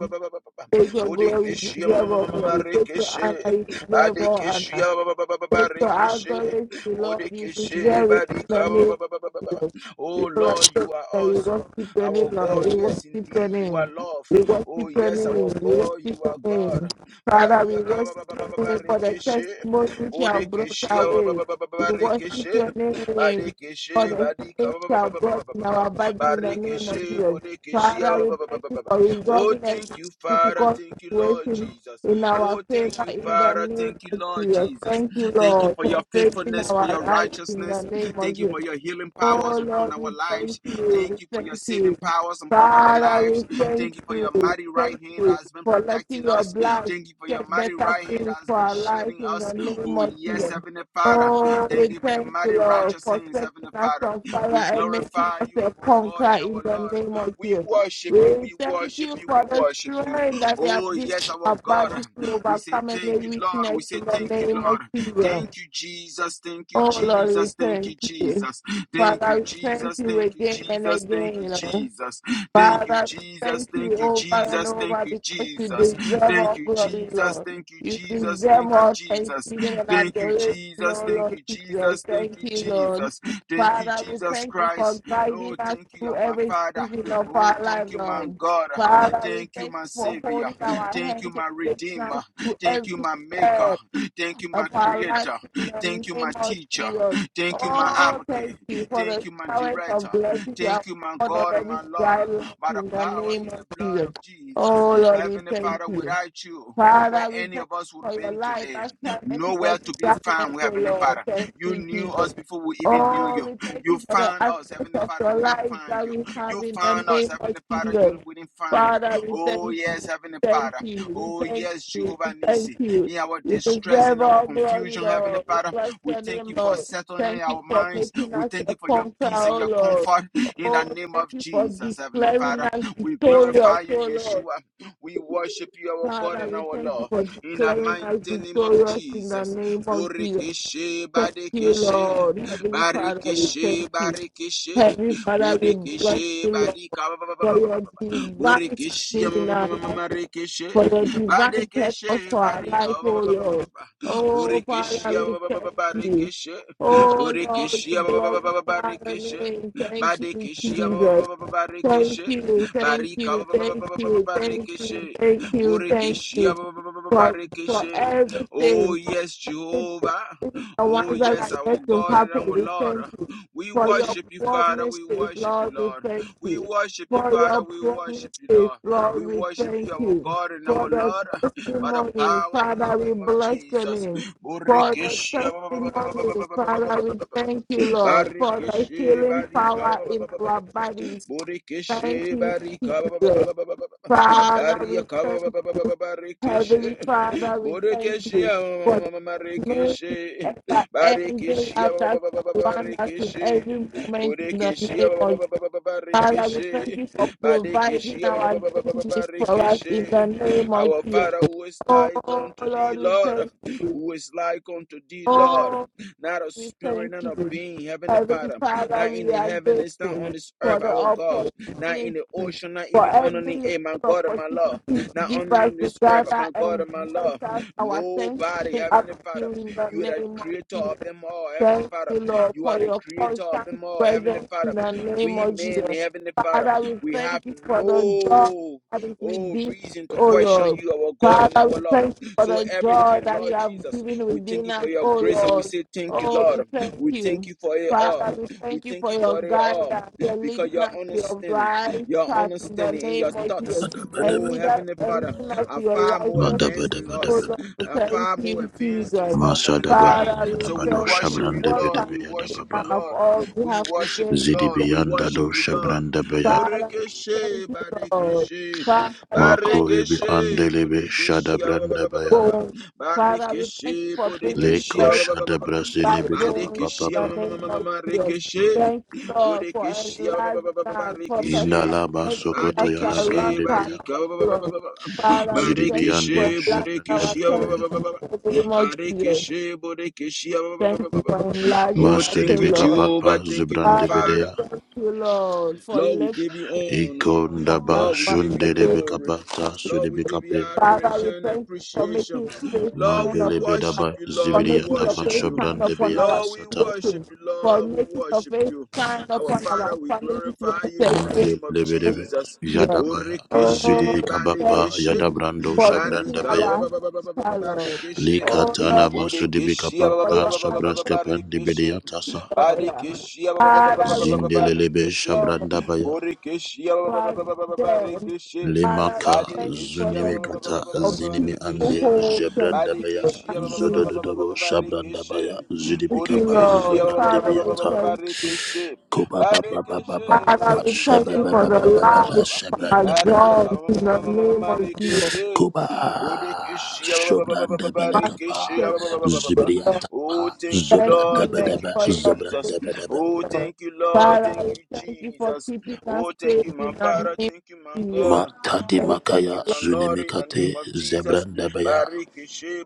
Speaker 3: Take your glory, you
Speaker 1: Bodekeshia
Speaker 3: deserve all glory. Take your honor,
Speaker 1: Marikeshe
Speaker 3: you deserve all honor.
Speaker 1: Badekeshia
Speaker 3: So I
Speaker 1: Barikeshe
Speaker 3: acknowledge the Lord you be
Speaker 1: Bodekeshe
Speaker 3: very familiar.
Speaker 1: Badika
Speaker 3: with us.
Speaker 1: Oh
Speaker 3: People are
Speaker 1: Lord,
Speaker 3: saying
Speaker 1: you are
Speaker 3: that you
Speaker 1: awesome.
Speaker 3: worship your name,
Speaker 1: Our
Speaker 3: Lord.
Speaker 1: God,
Speaker 3: We
Speaker 1: yes,
Speaker 3: worship your
Speaker 1: indeed, you are
Speaker 3: name.
Speaker 1: love.
Speaker 3: We worship
Speaker 1: Oh,
Speaker 3: your
Speaker 1: yes,
Speaker 3: name.
Speaker 1: our
Speaker 3: We worship
Speaker 1: God, you
Speaker 3: your
Speaker 1: are
Speaker 3: name.
Speaker 1: God.
Speaker 3: Father, we
Speaker 1: Bariyaka ba-
Speaker 3: worship
Speaker 1: ba- ba- ba-
Speaker 3: your
Speaker 1: ba-
Speaker 3: name for the
Speaker 1: Barikeshe,
Speaker 3: testimony which you have brought
Speaker 1: Bodekeshe,
Speaker 3: our
Speaker 1: ba- ba-
Speaker 3: way.
Speaker 1: ba- ba- ba-
Speaker 3: We
Speaker 1: ba-
Speaker 3: worship
Speaker 1: Barikeshe,
Speaker 3: your name for
Speaker 1: Badekeshe,
Speaker 3: the
Speaker 1: Badika,
Speaker 3: things
Speaker 1: ba-
Speaker 3: you
Speaker 1: ba- ba- ba-
Speaker 3: have
Speaker 1: ba- ba-
Speaker 3: brought
Speaker 1: ba-
Speaker 3: in
Speaker 1: ba- ba-
Speaker 3: our body in the name of
Speaker 1: Barikeshe,
Speaker 3: Jesus.
Speaker 1: Bodekeshe,
Speaker 3: Father,
Speaker 1: ba-
Speaker 3: we
Speaker 1: ba- ba- ba-
Speaker 3: thank
Speaker 1: ba-
Speaker 3: you
Speaker 1: ba- ba.
Speaker 3: for
Speaker 1: Oh,
Speaker 3: resolving every
Speaker 1: thank you, Father.
Speaker 3: difficult
Speaker 1: Thank you, Lord
Speaker 3: situation
Speaker 1: Jesus.
Speaker 3: in our
Speaker 1: Oh, thank
Speaker 3: favor
Speaker 1: you,
Speaker 3: in the
Speaker 1: Father.
Speaker 3: name
Speaker 1: Thank you,
Speaker 3: of
Speaker 1: Lord
Speaker 3: Jesus.
Speaker 1: Jesus.
Speaker 3: Thank you,
Speaker 1: Thank you
Speaker 3: Lord,
Speaker 1: for
Speaker 3: for
Speaker 1: your
Speaker 3: saving
Speaker 1: faithfulness, for
Speaker 3: our
Speaker 1: your
Speaker 3: lives in the
Speaker 1: righteousness.
Speaker 3: name of
Speaker 1: Thank you
Speaker 3: Jesus.
Speaker 1: for your healing
Speaker 3: Oh
Speaker 1: powers upon
Speaker 3: Lord,
Speaker 1: our
Speaker 3: we thank
Speaker 1: lives.
Speaker 3: you. We
Speaker 1: Thank you for your
Speaker 3: thank you.
Speaker 1: saving powers upon our
Speaker 3: Father,
Speaker 1: lives.
Speaker 3: we thank
Speaker 1: Thank you for
Speaker 3: you.
Speaker 1: your mighty
Speaker 3: Thank
Speaker 1: right hand
Speaker 3: you
Speaker 1: that has been
Speaker 3: for letting
Speaker 1: protecting
Speaker 3: your
Speaker 1: us.
Speaker 3: blood
Speaker 1: Thank you for your
Speaker 3: get
Speaker 1: mighty
Speaker 3: better
Speaker 1: right hand that
Speaker 3: things
Speaker 1: has
Speaker 3: for
Speaker 1: been
Speaker 3: our life
Speaker 1: shielding
Speaker 3: in
Speaker 1: us.
Speaker 3: the name
Speaker 1: Oh,
Speaker 3: of
Speaker 1: yes,
Speaker 3: Jesus.
Speaker 1: Heavenly Father.
Speaker 3: Oh, we
Speaker 1: Thank you for your
Speaker 3: thank
Speaker 1: mighty
Speaker 3: you, Lord,
Speaker 1: righteous
Speaker 3: for
Speaker 1: hands,
Speaker 3: setting
Speaker 1: Heavenly
Speaker 3: us
Speaker 1: Father.
Speaker 3: on
Speaker 1: We
Speaker 3: fire and making
Speaker 1: glorify
Speaker 3: us
Speaker 1: you,
Speaker 3: a
Speaker 1: our God
Speaker 3: conqueror
Speaker 1: and
Speaker 3: in
Speaker 1: our
Speaker 3: the name
Speaker 1: Lord.
Speaker 3: of
Speaker 1: We
Speaker 3: Jesus.
Speaker 1: worship you,
Speaker 3: We
Speaker 1: we
Speaker 3: thank
Speaker 1: worship
Speaker 3: you
Speaker 1: you, we
Speaker 3: for the
Speaker 1: worship you.
Speaker 3: strength that we have
Speaker 1: Oh,
Speaker 3: given
Speaker 1: yes, our
Speaker 3: our
Speaker 1: God.
Speaker 3: bodies to
Speaker 1: We say
Speaker 3: overcome
Speaker 1: thank
Speaker 3: any
Speaker 1: you, Lord.
Speaker 3: weakness
Speaker 1: We
Speaker 3: in
Speaker 1: say
Speaker 3: the
Speaker 1: thank you,
Speaker 3: name of
Speaker 1: Lord.
Speaker 3: Jesus.
Speaker 1: Thank you, Jesus. Thank you,
Speaker 3: Oh Lord, we
Speaker 1: Jesus. Thank you,
Speaker 3: thank you.
Speaker 1: Jesus. Thank
Speaker 3: Father,
Speaker 1: you,
Speaker 3: we thank
Speaker 1: Jesus.
Speaker 3: you
Speaker 1: Thank you,
Speaker 3: again and
Speaker 1: Jesus. Thank
Speaker 3: again.
Speaker 1: you,
Speaker 3: Lord.
Speaker 1: Jesus. Thank you,
Speaker 3: Father, we
Speaker 1: Jesus.
Speaker 3: thank you
Speaker 1: Thank you,
Speaker 3: over and
Speaker 1: Jesus. Thank
Speaker 3: over
Speaker 1: you,
Speaker 3: because you
Speaker 1: Jesus.
Speaker 3: deserve
Speaker 1: Thank
Speaker 3: all
Speaker 1: you,
Speaker 3: glory,
Speaker 1: Jesus.
Speaker 3: Lord.
Speaker 1: Thank you,
Speaker 3: You
Speaker 1: Jesus.
Speaker 3: deserve
Speaker 1: Thank you,
Speaker 3: all
Speaker 1: Jesus.
Speaker 3: thanksgiving and
Speaker 1: Thank you,
Speaker 3: adoration,
Speaker 1: Jesus.
Speaker 3: oh
Speaker 1: Thank
Speaker 3: Lord
Speaker 1: you,
Speaker 3: Jesus.
Speaker 1: Jesus. Thank
Speaker 3: Thank
Speaker 1: you,
Speaker 3: you, Lord.
Speaker 1: Jesus. Thank you,
Speaker 3: Father, we
Speaker 1: Jesus
Speaker 3: thank you for
Speaker 1: Christ.
Speaker 3: guiding
Speaker 1: Oh,
Speaker 3: us
Speaker 1: thank you,
Speaker 3: through
Speaker 1: my
Speaker 3: every
Speaker 1: Father.
Speaker 3: season of
Speaker 1: Oh,
Speaker 3: our life,
Speaker 1: thank you, my
Speaker 3: Lord.
Speaker 1: God.
Speaker 3: Father, we
Speaker 1: Thank you,
Speaker 3: thank
Speaker 1: my
Speaker 3: you for
Speaker 1: Savior.
Speaker 3: holding our
Speaker 1: Thank you,
Speaker 3: hands and
Speaker 1: my
Speaker 3: taking us
Speaker 1: Redeemer.
Speaker 3: through
Speaker 1: Thank you,
Speaker 3: every
Speaker 1: my Maker.
Speaker 3: step
Speaker 1: Thank you,
Speaker 3: of
Speaker 1: my
Speaker 3: our life
Speaker 1: Creator.
Speaker 3: in the
Speaker 1: Thank you,
Speaker 3: name
Speaker 1: my
Speaker 3: of
Speaker 1: Teacher.
Speaker 3: Jesus.
Speaker 1: Thank you, my
Speaker 3: Oh, thank
Speaker 1: Advocate.
Speaker 3: you for
Speaker 1: Thank
Speaker 3: the
Speaker 1: you, my
Speaker 3: challenge of
Speaker 1: Director.
Speaker 3: blessings you have
Speaker 1: Thank you, my
Speaker 3: poured on
Speaker 1: God and
Speaker 3: every
Speaker 1: my
Speaker 3: dry
Speaker 1: Lord
Speaker 3: land
Speaker 1: by the
Speaker 3: in the
Speaker 1: power
Speaker 3: name
Speaker 1: in the
Speaker 3: of
Speaker 1: blood
Speaker 3: Jesus.
Speaker 1: of Jesus.
Speaker 3: Oh, Lord, we
Speaker 1: Heavenly
Speaker 3: thank
Speaker 1: Father,
Speaker 3: you.
Speaker 1: without you, where
Speaker 3: Father, we
Speaker 1: any
Speaker 3: thank
Speaker 1: of us would
Speaker 3: you
Speaker 1: have
Speaker 3: for your
Speaker 1: been
Speaker 3: life.
Speaker 1: today,
Speaker 3: As promised in
Speaker 1: nowhere
Speaker 3: every
Speaker 1: to be
Speaker 3: sacrament,
Speaker 1: found,
Speaker 3: O
Speaker 1: Heavenly
Speaker 3: Lord.
Speaker 1: Father.
Speaker 3: Thank
Speaker 1: You
Speaker 3: you,
Speaker 1: knew
Speaker 3: Jesus.
Speaker 1: us before we even knew
Speaker 3: Oh,
Speaker 1: you.
Speaker 3: we thank
Speaker 1: You
Speaker 3: you for the
Speaker 1: found us,
Speaker 3: aspect
Speaker 1: Heavenly
Speaker 3: of
Speaker 1: Father,
Speaker 3: your
Speaker 1: we didn't
Speaker 3: life
Speaker 1: find
Speaker 3: that
Speaker 1: you.
Speaker 3: we have
Speaker 1: You
Speaker 3: in the
Speaker 1: found us,
Speaker 3: name of
Speaker 1: Heavenly Father, you
Speaker 3: Jesus.
Speaker 1: we didn't find you.
Speaker 3: Father, we
Speaker 1: Oh,
Speaker 3: thank
Speaker 1: yes,
Speaker 3: you.
Speaker 1: Heavenly
Speaker 3: Thank
Speaker 1: Father.
Speaker 3: you.
Speaker 1: Oh,
Speaker 3: We thank
Speaker 1: yes,
Speaker 3: you.
Speaker 1: Jehovah
Speaker 3: We thank
Speaker 1: Nissi.
Speaker 3: you.
Speaker 1: In our
Speaker 3: You
Speaker 1: distress, in
Speaker 3: deserve
Speaker 1: our
Speaker 3: all glory,
Speaker 1: confusion, Heavenly
Speaker 3: Lord. We
Speaker 1: Father,
Speaker 3: bless
Speaker 1: we
Speaker 3: your
Speaker 1: thank
Speaker 3: name,
Speaker 1: you for
Speaker 3: Lord.
Speaker 1: settling
Speaker 3: Thank you
Speaker 1: our
Speaker 3: for
Speaker 1: minds.
Speaker 3: making
Speaker 1: We
Speaker 3: us
Speaker 1: thank
Speaker 3: a
Speaker 1: you for your
Speaker 3: conqueror,
Speaker 1: peace and
Speaker 3: oh
Speaker 1: your
Speaker 3: Lord.
Speaker 1: comfort. In the
Speaker 3: Oh,
Speaker 1: name
Speaker 3: thank
Speaker 1: of
Speaker 3: you for
Speaker 1: Jesus, Heavenly
Speaker 3: declaring
Speaker 1: Father,
Speaker 3: us
Speaker 1: we
Speaker 3: victorious,
Speaker 1: glorify you,
Speaker 3: O Lord.
Speaker 1: Yeshua. We worship you, our God
Speaker 3: Father,
Speaker 1: and
Speaker 3: we
Speaker 1: our
Speaker 3: thank you
Speaker 1: Lord.
Speaker 3: for
Speaker 1: In the
Speaker 3: declaring us
Speaker 1: mighty name of
Speaker 3: victorious in the
Speaker 1: Jesus.
Speaker 3: name of Jesus.
Speaker 1: Borikeshe,
Speaker 3: Thank you,
Speaker 1: Badekeshe,
Speaker 3: Lord. Heavenly Father, we thank
Speaker 1: Barikeshe,
Speaker 3: you.
Speaker 1: Barikeshe,
Speaker 3: Heavenly Father, we bless
Speaker 1: Bodekeshe,
Speaker 3: you, Lord,
Speaker 1: Badika,
Speaker 3: for your divine
Speaker 1: Borikeshe,
Speaker 3: timing in our life,
Speaker 1: Marikeshe,
Speaker 3: for your divine purpose
Speaker 1: Badekeshe,
Speaker 3: for our
Speaker 1: Badika,
Speaker 3: life, oh Lord. Oh, Father,
Speaker 1: Borikeshe,
Speaker 3: we thank you.
Speaker 1: Barikeshe,
Speaker 3: Oh, Lord, we
Speaker 1: Borikeshe,
Speaker 3: glorify your
Speaker 1: Barikeshe,
Speaker 3: name. Thank you,
Speaker 1: Badekeshe
Speaker 3: Jesus. Thank
Speaker 1: Barikeshe
Speaker 3: you, thank
Speaker 1: Barika
Speaker 3: you, thank you, thank you,
Speaker 1: Barikeshe
Speaker 3: thank you, thank you
Speaker 1: Borekeshe
Speaker 3: for for
Speaker 1: Barikeshe Oh
Speaker 3: everything. For
Speaker 1: yes,
Speaker 3: it-
Speaker 1: Jehovah.
Speaker 3: it- the
Speaker 1: Oh
Speaker 3: ones that are
Speaker 1: yes, our
Speaker 3: yet to
Speaker 1: God and
Speaker 3: happen,
Speaker 1: our
Speaker 3: we
Speaker 1: Lord.
Speaker 3: thank you.
Speaker 1: We
Speaker 3: For your
Speaker 1: worship you, Father. We
Speaker 3: promises,
Speaker 1: worship you,
Speaker 3: Lord, we
Speaker 1: Lord.
Speaker 3: thank
Speaker 1: We
Speaker 3: you.
Speaker 1: worship you,
Speaker 3: For your
Speaker 1: Father. We worship you,
Speaker 3: promises,
Speaker 1: Lord.
Speaker 3: Lord,
Speaker 1: We
Speaker 3: we
Speaker 1: worship you,
Speaker 3: thank
Speaker 1: our
Speaker 3: you.
Speaker 1: God and
Speaker 3: For
Speaker 1: our
Speaker 3: the
Speaker 1: Lord, by the
Speaker 3: testimony,
Speaker 1: power in the
Speaker 3: Father, we
Speaker 1: name of
Speaker 3: bless the
Speaker 1: Jesus.
Speaker 3: name. For the
Speaker 1: Borekeshe
Speaker 3: testimony, Father, we thank you, Lord, for the
Speaker 1: Barikishi
Speaker 3: healing
Speaker 1: barika ba-
Speaker 3: power
Speaker 1: ba- ba- ba-
Speaker 3: in
Speaker 1: ba- ba-
Speaker 3: our
Speaker 1: ba-
Speaker 3: bodies. Thank
Speaker 1: Burikishi
Speaker 3: you,
Speaker 1: barika ba- ba- ba- ba-
Speaker 3: Jesus.
Speaker 1: ba- ba- ba- ba- ba-
Speaker 3: Father, we
Speaker 1: Barika ba-
Speaker 3: thank
Speaker 1: ba- ba- ba- ba-
Speaker 3: you.
Speaker 1: ba- Barikishi
Speaker 3: Heavenly Father, we thank you
Speaker 1: Borekeshia
Speaker 3: for the mercy
Speaker 1: Marekeshe
Speaker 3: and the
Speaker 1: Barekeshia
Speaker 3: after of us in
Speaker 1: Barekeshe
Speaker 3: every moment in the
Speaker 1: Borekeshia
Speaker 3: name of Jesus. Father, we thank
Speaker 1: Barekeshe
Speaker 3: you for providing
Speaker 1: Barekeshia
Speaker 3: our daily needs for us in the
Speaker 1: Barekeshe
Speaker 3: name
Speaker 1: Our
Speaker 3: of Jesus.
Speaker 1: Father who is
Speaker 3: Oh
Speaker 1: like unto thee,
Speaker 3: Lord, we
Speaker 1: Lord,
Speaker 3: thank you.
Speaker 1: who is like unto thee, Lord,
Speaker 3: Oh.
Speaker 1: not a
Speaker 3: We
Speaker 1: spirit,
Speaker 3: thank
Speaker 1: not a
Speaker 3: you.
Speaker 1: being, Heavenly
Speaker 3: Heavenly
Speaker 1: Father,
Speaker 3: Father,
Speaker 1: not in
Speaker 3: we
Speaker 1: the
Speaker 3: are
Speaker 1: heavens, not
Speaker 3: grateful
Speaker 1: on this
Speaker 3: for
Speaker 1: earth,
Speaker 3: the
Speaker 1: our God, not
Speaker 3: opportunity,
Speaker 1: in the ocean, not
Speaker 3: for
Speaker 1: even on
Speaker 3: every
Speaker 1: the
Speaker 3: little
Speaker 1: air, my God and my
Speaker 3: opportunity
Speaker 1: Lord
Speaker 3: to
Speaker 1: not
Speaker 3: give
Speaker 1: on
Speaker 3: us to
Speaker 1: this earth,
Speaker 3: gather
Speaker 1: my God
Speaker 3: and
Speaker 1: and my
Speaker 3: voice
Speaker 1: Lord.
Speaker 3: out our
Speaker 1: Nobody,
Speaker 3: thanksgiving up
Speaker 1: Heavenly
Speaker 3: to
Speaker 1: Father.
Speaker 3: you in the
Speaker 1: You are the
Speaker 3: name of
Speaker 1: creator
Speaker 3: Jesus.
Speaker 1: of them all, Heavenly
Speaker 3: Thank
Speaker 1: Father.
Speaker 3: you, Lord,
Speaker 1: You
Speaker 3: for
Speaker 1: are the
Speaker 3: your
Speaker 1: creator of
Speaker 3: constant
Speaker 1: them all, Heavenly
Speaker 3: presence in
Speaker 1: Father.
Speaker 3: the name
Speaker 1: We
Speaker 3: of
Speaker 1: men,
Speaker 3: Jesus.
Speaker 1: Heavenly Father,
Speaker 3: Father, we
Speaker 1: we have
Speaker 3: thank you for the joy
Speaker 1: no
Speaker 3: that is
Speaker 1: oh,
Speaker 3: within us,
Speaker 1: reason to
Speaker 3: oh
Speaker 1: question
Speaker 3: Lord.
Speaker 1: you, our God and
Speaker 3: Father,
Speaker 1: our
Speaker 3: we
Speaker 1: Lord.
Speaker 3: thank you for
Speaker 1: So
Speaker 3: the joy
Speaker 1: everything,
Speaker 3: that you
Speaker 1: Lord
Speaker 3: have
Speaker 1: Jesus,
Speaker 3: given
Speaker 1: we thank
Speaker 3: within
Speaker 1: you for
Speaker 3: us,
Speaker 1: your
Speaker 3: oh
Speaker 1: grace and we
Speaker 3: Lord.
Speaker 1: say thank you,
Speaker 3: Oh,
Speaker 1: Lord.
Speaker 3: we thank
Speaker 1: We thank
Speaker 3: you.
Speaker 1: you for it all.
Speaker 3: Father, we
Speaker 1: We
Speaker 3: thank you
Speaker 1: thank
Speaker 3: for
Speaker 1: you
Speaker 3: your
Speaker 1: for it all
Speaker 3: guidance. You're
Speaker 1: because
Speaker 3: leading
Speaker 1: your
Speaker 3: us to your
Speaker 1: understanding,
Speaker 3: right
Speaker 1: your
Speaker 3: path in the
Speaker 1: understanding and
Speaker 3: name
Speaker 1: your
Speaker 3: of Jesus.
Speaker 1: thoughts,
Speaker 3: And
Speaker 1: oh
Speaker 3: lead us
Speaker 1: Heavenly Father,
Speaker 3: and leading us
Speaker 1: are
Speaker 3: to your
Speaker 1: far more
Speaker 3: righteous.
Speaker 2: Madaba
Speaker 1: advanced than
Speaker 2: Daba
Speaker 3: Oh
Speaker 1: us
Speaker 2: Daba
Speaker 3: Lord,
Speaker 1: uh,
Speaker 3: thank
Speaker 1: far more
Speaker 3: you,
Speaker 1: advanced than
Speaker 3: Jesus.
Speaker 1: us, Heavenly
Speaker 2: Masadaba
Speaker 1: Father.
Speaker 3: Father, we
Speaker 1: So
Speaker 2: Daba
Speaker 1: we
Speaker 2: Do
Speaker 3: thank you.
Speaker 1: worship you,
Speaker 2: Shabrande
Speaker 3: What
Speaker 1: Lord.
Speaker 3: can
Speaker 1: We
Speaker 3: we
Speaker 2: Bedebeya
Speaker 1: worship you,
Speaker 2: Dababa
Speaker 3: have?
Speaker 1: Lord.
Speaker 3: All we
Speaker 1: We
Speaker 3: have to
Speaker 1: worship
Speaker 3: say
Speaker 1: you, Lord.
Speaker 2: Zidibi
Speaker 1: We
Speaker 2: Anda
Speaker 1: worship
Speaker 2: Do
Speaker 1: you,
Speaker 3: is,
Speaker 1: Lord.
Speaker 2: Shabrandabeya
Speaker 3: Father, we thank
Speaker 1: Borekeshe,
Speaker 3: you, Lord.
Speaker 1: Badekeshe,
Speaker 3: Father, we
Speaker 2: Mako
Speaker 3: thank
Speaker 2: Libi
Speaker 1: Barekeshe,
Speaker 2: Andelebe
Speaker 1: Bodekeshe, ah, ba, ba, ba, ba, ba,
Speaker 3: you,
Speaker 1: ba,
Speaker 2: Shadabrandabeya
Speaker 1: ba.
Speaker 3: Lord. Father, we thank you
Speaker 1: Barekeshe,
Speaker 3: for bringing
Speaker 1: Bodekeshe,
Speaker 2: Leko
Speaker 1: ah,
Speaker 3: flesh to
Speaker 2: Shadabrasini
Speaker 3: dry
Speaker 2: Bika
Speaker 3: bones
Speaker 2: Papa
Speaker 3: in
Speaker 1: Badekeshe, ah,
Speaker 3: the
Speaker 2: Papa
Speaker 3: name of Jesus. Thank you, Lord, for
Speaker 1: Bodekeshe, ah,
Speaker 3: enlightening, us, for perfecting
Speaker 2: Indalaba
Speaker 3: everything
Speaker 2: Sokoto
Speaker 3: that surrounds
Speaker 1: Badekeshe,
Speaker 3: us,
Speaker 2: Yadabrandebeya
Speaker 3: Lord.
Speaker 1: Badika,
Speaker 3: Father, we thank you for
Speaker 2: Zidibiyande
Speaker 1: Barikishe,
Speaker 3: enlarging
Speaker 2: Zebrande
Speaker 3: our
Speaker 1: Bodekishia,
Speaker 3: attention
Speaker 2: Bedebaya
Speaker 3: to the name of Jesus.
Speaker 1: Barikishe,
Speaker 3: Thank you for
Speaker 1: Bodekishia.
Speaker 3: enlarging
Speaker 1: Oh,
Speaker 3: us,
Speaker 2: Master
Speaker 3: O
Speaker 2: de
Speaker 1: thank you,
Speaker 3: Lord.
Speaker 1: Jehovah.
Speaker 2: Bikapapa
Speaker 1: Thank you, my
Speaker 2: Zebrande
Speaker 3: Father, we
Speaker 1: Father.
Speaker 2: Bedea
Speaker 3: thank you, Lord, for
Speaker 1: Lord, we
Speaker 3: lifting
Speaker 1: give you all.
Speaker 3: on
Speaker 2: Ikondaba
Speaker 3: us
Speaker 1: Lord, we give
Speaker 3: once
Speaker 1: you
Speaker 2: Shunde de
Speaker 3: again.
Speaker 1: glory.
Speaker 2: Bikapata
Speaker 1: Lord, we give you
Speaker 2: Sudibikape
Speaker 3: Father,
Speaker 1: adoration
Speaker 3: we
Speaker 1: and
Speaker 3: thank you for making
Speaker 1: appreciation.
Speaker 3: your face
Speaker 1: Lord,
Speaker 3: shine
Speaker 1: we
Speaker 2: Mandele
Speaker 3: upon us,
Speaker 1: worship
Speaker 2: Bedaba
Speaker 1: you.
Speaker 3: for
Speaker 1: Lord, we
Speaker 3: making your
Speaker 2: Zibiriyataba
Speaker 1: worship
Speaker 3: face
Speaker 1: you.
Speaker 3: shine
Speaker 2: Shabrande
Speaker 3: upon
Speaker 2: Beyata
Speaker 3: our
Speaker 1: Lord, we
Speaker 2: Sata
Speaker 1: worship
Speaker 3: situation,
Speaker 1: you.
Speaker 3: for
Speaker 1: Lord, we
Speaker 3: making your
Speaker 1: worship
Speaker 3: face
Speaker 1: you.
Speaker 3: shine
Speaker 1: Our
Speaker 3: upon our
Speaker 1: Father, we
Speaker 3: families
Speaker 1: glorify
Speaker 3: once
Speaker 1: you in the
Speaker 3: again.
Speaker 2: Mandele
Speaker 1: name of
Speaker 3: Thank
Speaker 2: Bedebe
Speaker 1: Jesus.
Speaker 3: you.
Speaker 2: Yadabaya
Speaker 3: Oh,
Speaker 1: Borikeshe,
Speaker 3: thank
Speaker 2: Zidibikabapa
Speaker 1: badekeshe,
Speaker 3: you
Speaker 2: Yadabrando
Speaker 3: for being
Speaker 2: Shabrande
Speaker 1: barika,
Speaker 2: Beya
Speaker 1: ba-
Speaker 3: our
Speaker 1: ba- ba- ba- ba- ba- ba- ba-
Speaker 3: helper, Lord.
Speaker 1: barikeshe,
Speaker 3: Oh,
Speaker 2: Likatana
Speaker 3: Lord,
Speaker 1: bodekeshe, ba-
Speaker 3: for
Speaker 1: ba- ba-
Speaker 2: Masudibikapata
Speaker 3: your
Speaker 1: ba- ba- ba- ba-
Speaker 3: answer,
Speaker 1: ba-
Speaker 2: Shabraskapan
Speaker 1: barikeshe,
Speaker 2: Dibidiyatasa
Speaker 3: Lord.
Speaker 1: badekeshi, ba- ba- ba- ba- ba-
Speaker 3: Father,
Speaker 1: ba-
Speaker 3: we
Speaker 1: ba- ba-
Speaker 3: thank
Speaker 2: Zindelelebe
Speaker 1: barikeshe.
Speaker 3: you. Lord.
Speaker 2: Shabrandabaya
Speaker 1: Borekeshe, ba- ba- ba- ba-
Speaker 3: Lord,
Speaker 1: ba- ba- ba- ba-
Speaker 3: dead.
Speaker 1: rekeshe.
Speaker 3: Father,
Speaker 2: Lemaka
Speaker 3: thank you
Speaker 1: Badekeshe,
Speaker 3: for
Speaker 1: ba-
Speaker 3: the
Speaker 1: ba-
Speaker 3: gift
Speaker 1: ba- ba-
Speaker 2: Zunimikata
Speaker 3: of
Speaker 2: Zinimi
Speaker 3: people
Speaker 2: Ande
Speaker 3: hope and
Speaker 2: Jebranda Baya
Speaker 3: people that you know.
Speaker 2: Zodododobo Shabranda Baya
Speaker 3: Thank you,
Speaker 2: Zudibikapa
Speaker 1: Borekeshe
Speaker 3: Lord.
Speaker 1: ba- ba- ba- ba-
Speaker 3: Father,
Speaker 1: ba-
Speaker 3: we
Speaker 1: ba- ba- ba-
Speaker 2: Zobrandibiata
Speaker 3: thank you.
Speaker 1: Barekeshe
Speaker 2: Koba Baba Baba
Speaker 1: Barekeshe
Speaker 3: Father,
Speaker 2: Baba
Speaker 3: we thank
Speaker 1: Borekeshe ba-
Speaker 3: you
Speaker 2: Shababa
Speaker 3: for
Speaker 1: ba-
Speaker 2: Baba
Speaker 3: the
Speaker 1: ba- ba- ba- ba-
Speaker 2: Baba
Speaker 1: ba-
Speaker 3: life
Speaker 1: ba- ba-
Speaker 3: of
Speaker 1: ba.
Speaker 3: our
Speaker 2: Shabranda Bada
Speaker 1: Maria
Speaker 3: John
Speaker 1: kama
Speaker 3: in
Speaker 1: mama
Speaker 3: the
Speaker 1: Barikeshia, mama
Speaker 3: name of Jesus.
Speaker 1: Marekeshe
Speaker 2: Koba
Speaker 1: Borekeshe ba- ba- ba- ba- ba- ba- ba-
Speaker 2: Shobranda
Speaker 3: Father,
Speaker 1: Barekeshe
Speaker 2: Belakapa
Speaker 1: ba- ba- ba- ba- ba- ba- ba.
Speaker 2: Zibriata
Speaker 1: Oh
Speaker 2: Pa
Speaker 1: thank you
Speaker 3: Thank you,
Speaker 2: Zobranda
Speaker 1: Lord thank
Speaker 3: Lord,
Speaker 1: you
Speaker 2: Badaba
Speaker 3: for your
Speaker 1: Jesus
Speaker 3: peace,
Speaker 2: Zobranda Badaba
Speaker 1: Oh
Speaker 3: Lord.
Speaker 1: thank you Lord
Speaker 3: Father,
Speaker 1: thank
Speaker 3: we
Speaker 1: you
Speaker 3: thank you for
Speaker 1: Jesus
Speaker 3: keeping us
Speaker 1: Oh thank
Speaker 3: safe
Speaker 1: you my
Speaker 3: in the
Speaker 1: Father
Speaker 3: name
Speaker 1: thank you
Speaker 3: of
Speaker 1: my
Speaker 3: Jesus.
Speaker 1: God
Speaker 2: Matadi
Speaker 3: Thank you,
Speaker 1: Oh thank you
Speaker 2: Makaya
Speaker 1: my Lord in the name
Speaker 2: Zunimikate
Speaker 1: of Jesus
Speaker 2: Zebranda Baya
Speaker 1: Barikeshe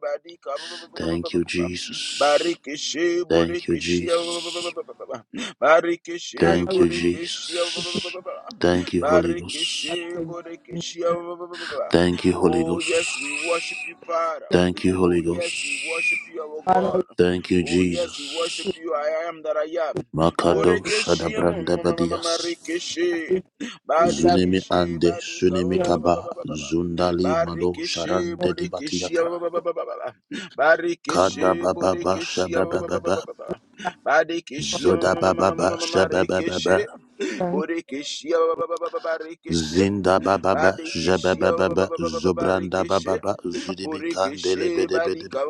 Speaker 2: Thank you
Speaker 1: Barika
Speaker 2: Jesus
Speaker 1: Barikishi
Speaker 2: Thank you,
Speaker 1: Burikishi
Speaker 2: Jesus.
Speaker 1: Barikishi
Speaker 3: Father,
Speaker 2: Thank
Speaker 3: we
Speaker 2: you,
Speaker 1: Burikishi
Speaker 2: Jesus. Thank you, Holy Ghost.
Speaker 3: thank
Speaker 1: Barikishi
Speaker 3: you.
Speaker 1: Burikishi
Speaker 2: Thank you, Holy
Speaker 1: Oh
Speaker 2: Ghost.
Speaker 1: yes we worship you Father
Speaker 2: Thank you, Holy
Speaker 1: Oh
Speaker 2: Ghost.
Speaker 1: yes we worship you our
Speaker 3: Father, we
Speaker 1: God
Speaker 2: Thank you,
Speaker 1: Oh yes we worship
Speaker 3: thank
Speaker 2: Jesus.
Speaker 1: you I am that I am
Speaker 2: Makadosh
Speaker 1: Burikishi
Speaker 2: adabranda Badias.
Speaker 3: you.
Speaker 1: Marikishi
Speaker 3: Father, we thank
Speaker 2: Zunemi
Speaker 1: Barikishi
Speaker 2: Ande
Speaker 1: Barika
Speaker 2: Sunemi Kaba Zundali Mado
Speaker 1: Barikishi
Speaker 2: Sharande
Speaker 1: Burikishi
Speaker 2: Dibatiata. Kada
Speaker 1: Barikishe,
Speaker 2: Baba
Speaker 1: Bodikishia,
Speaker 2: Shababa
Speaker 1: Badikishia,
Speaker 2: Zoda Baba
Speaker 1: Marikishe,
Speaker 2: Shababa
Speaker 3: thanks
Speaker 1: Bodikishia, Barikishe,
Speaker 2: Zinda bababa,
Speaker 1: Badikishia,
Speaker 2: jabababa, zobranda
Speaker 1: Barikishe.
Speaker 2: bababa, zudibi kandele
Speaker 1: Borekeshe
Speaker 2: bedebedebe.
Speaker 1: badika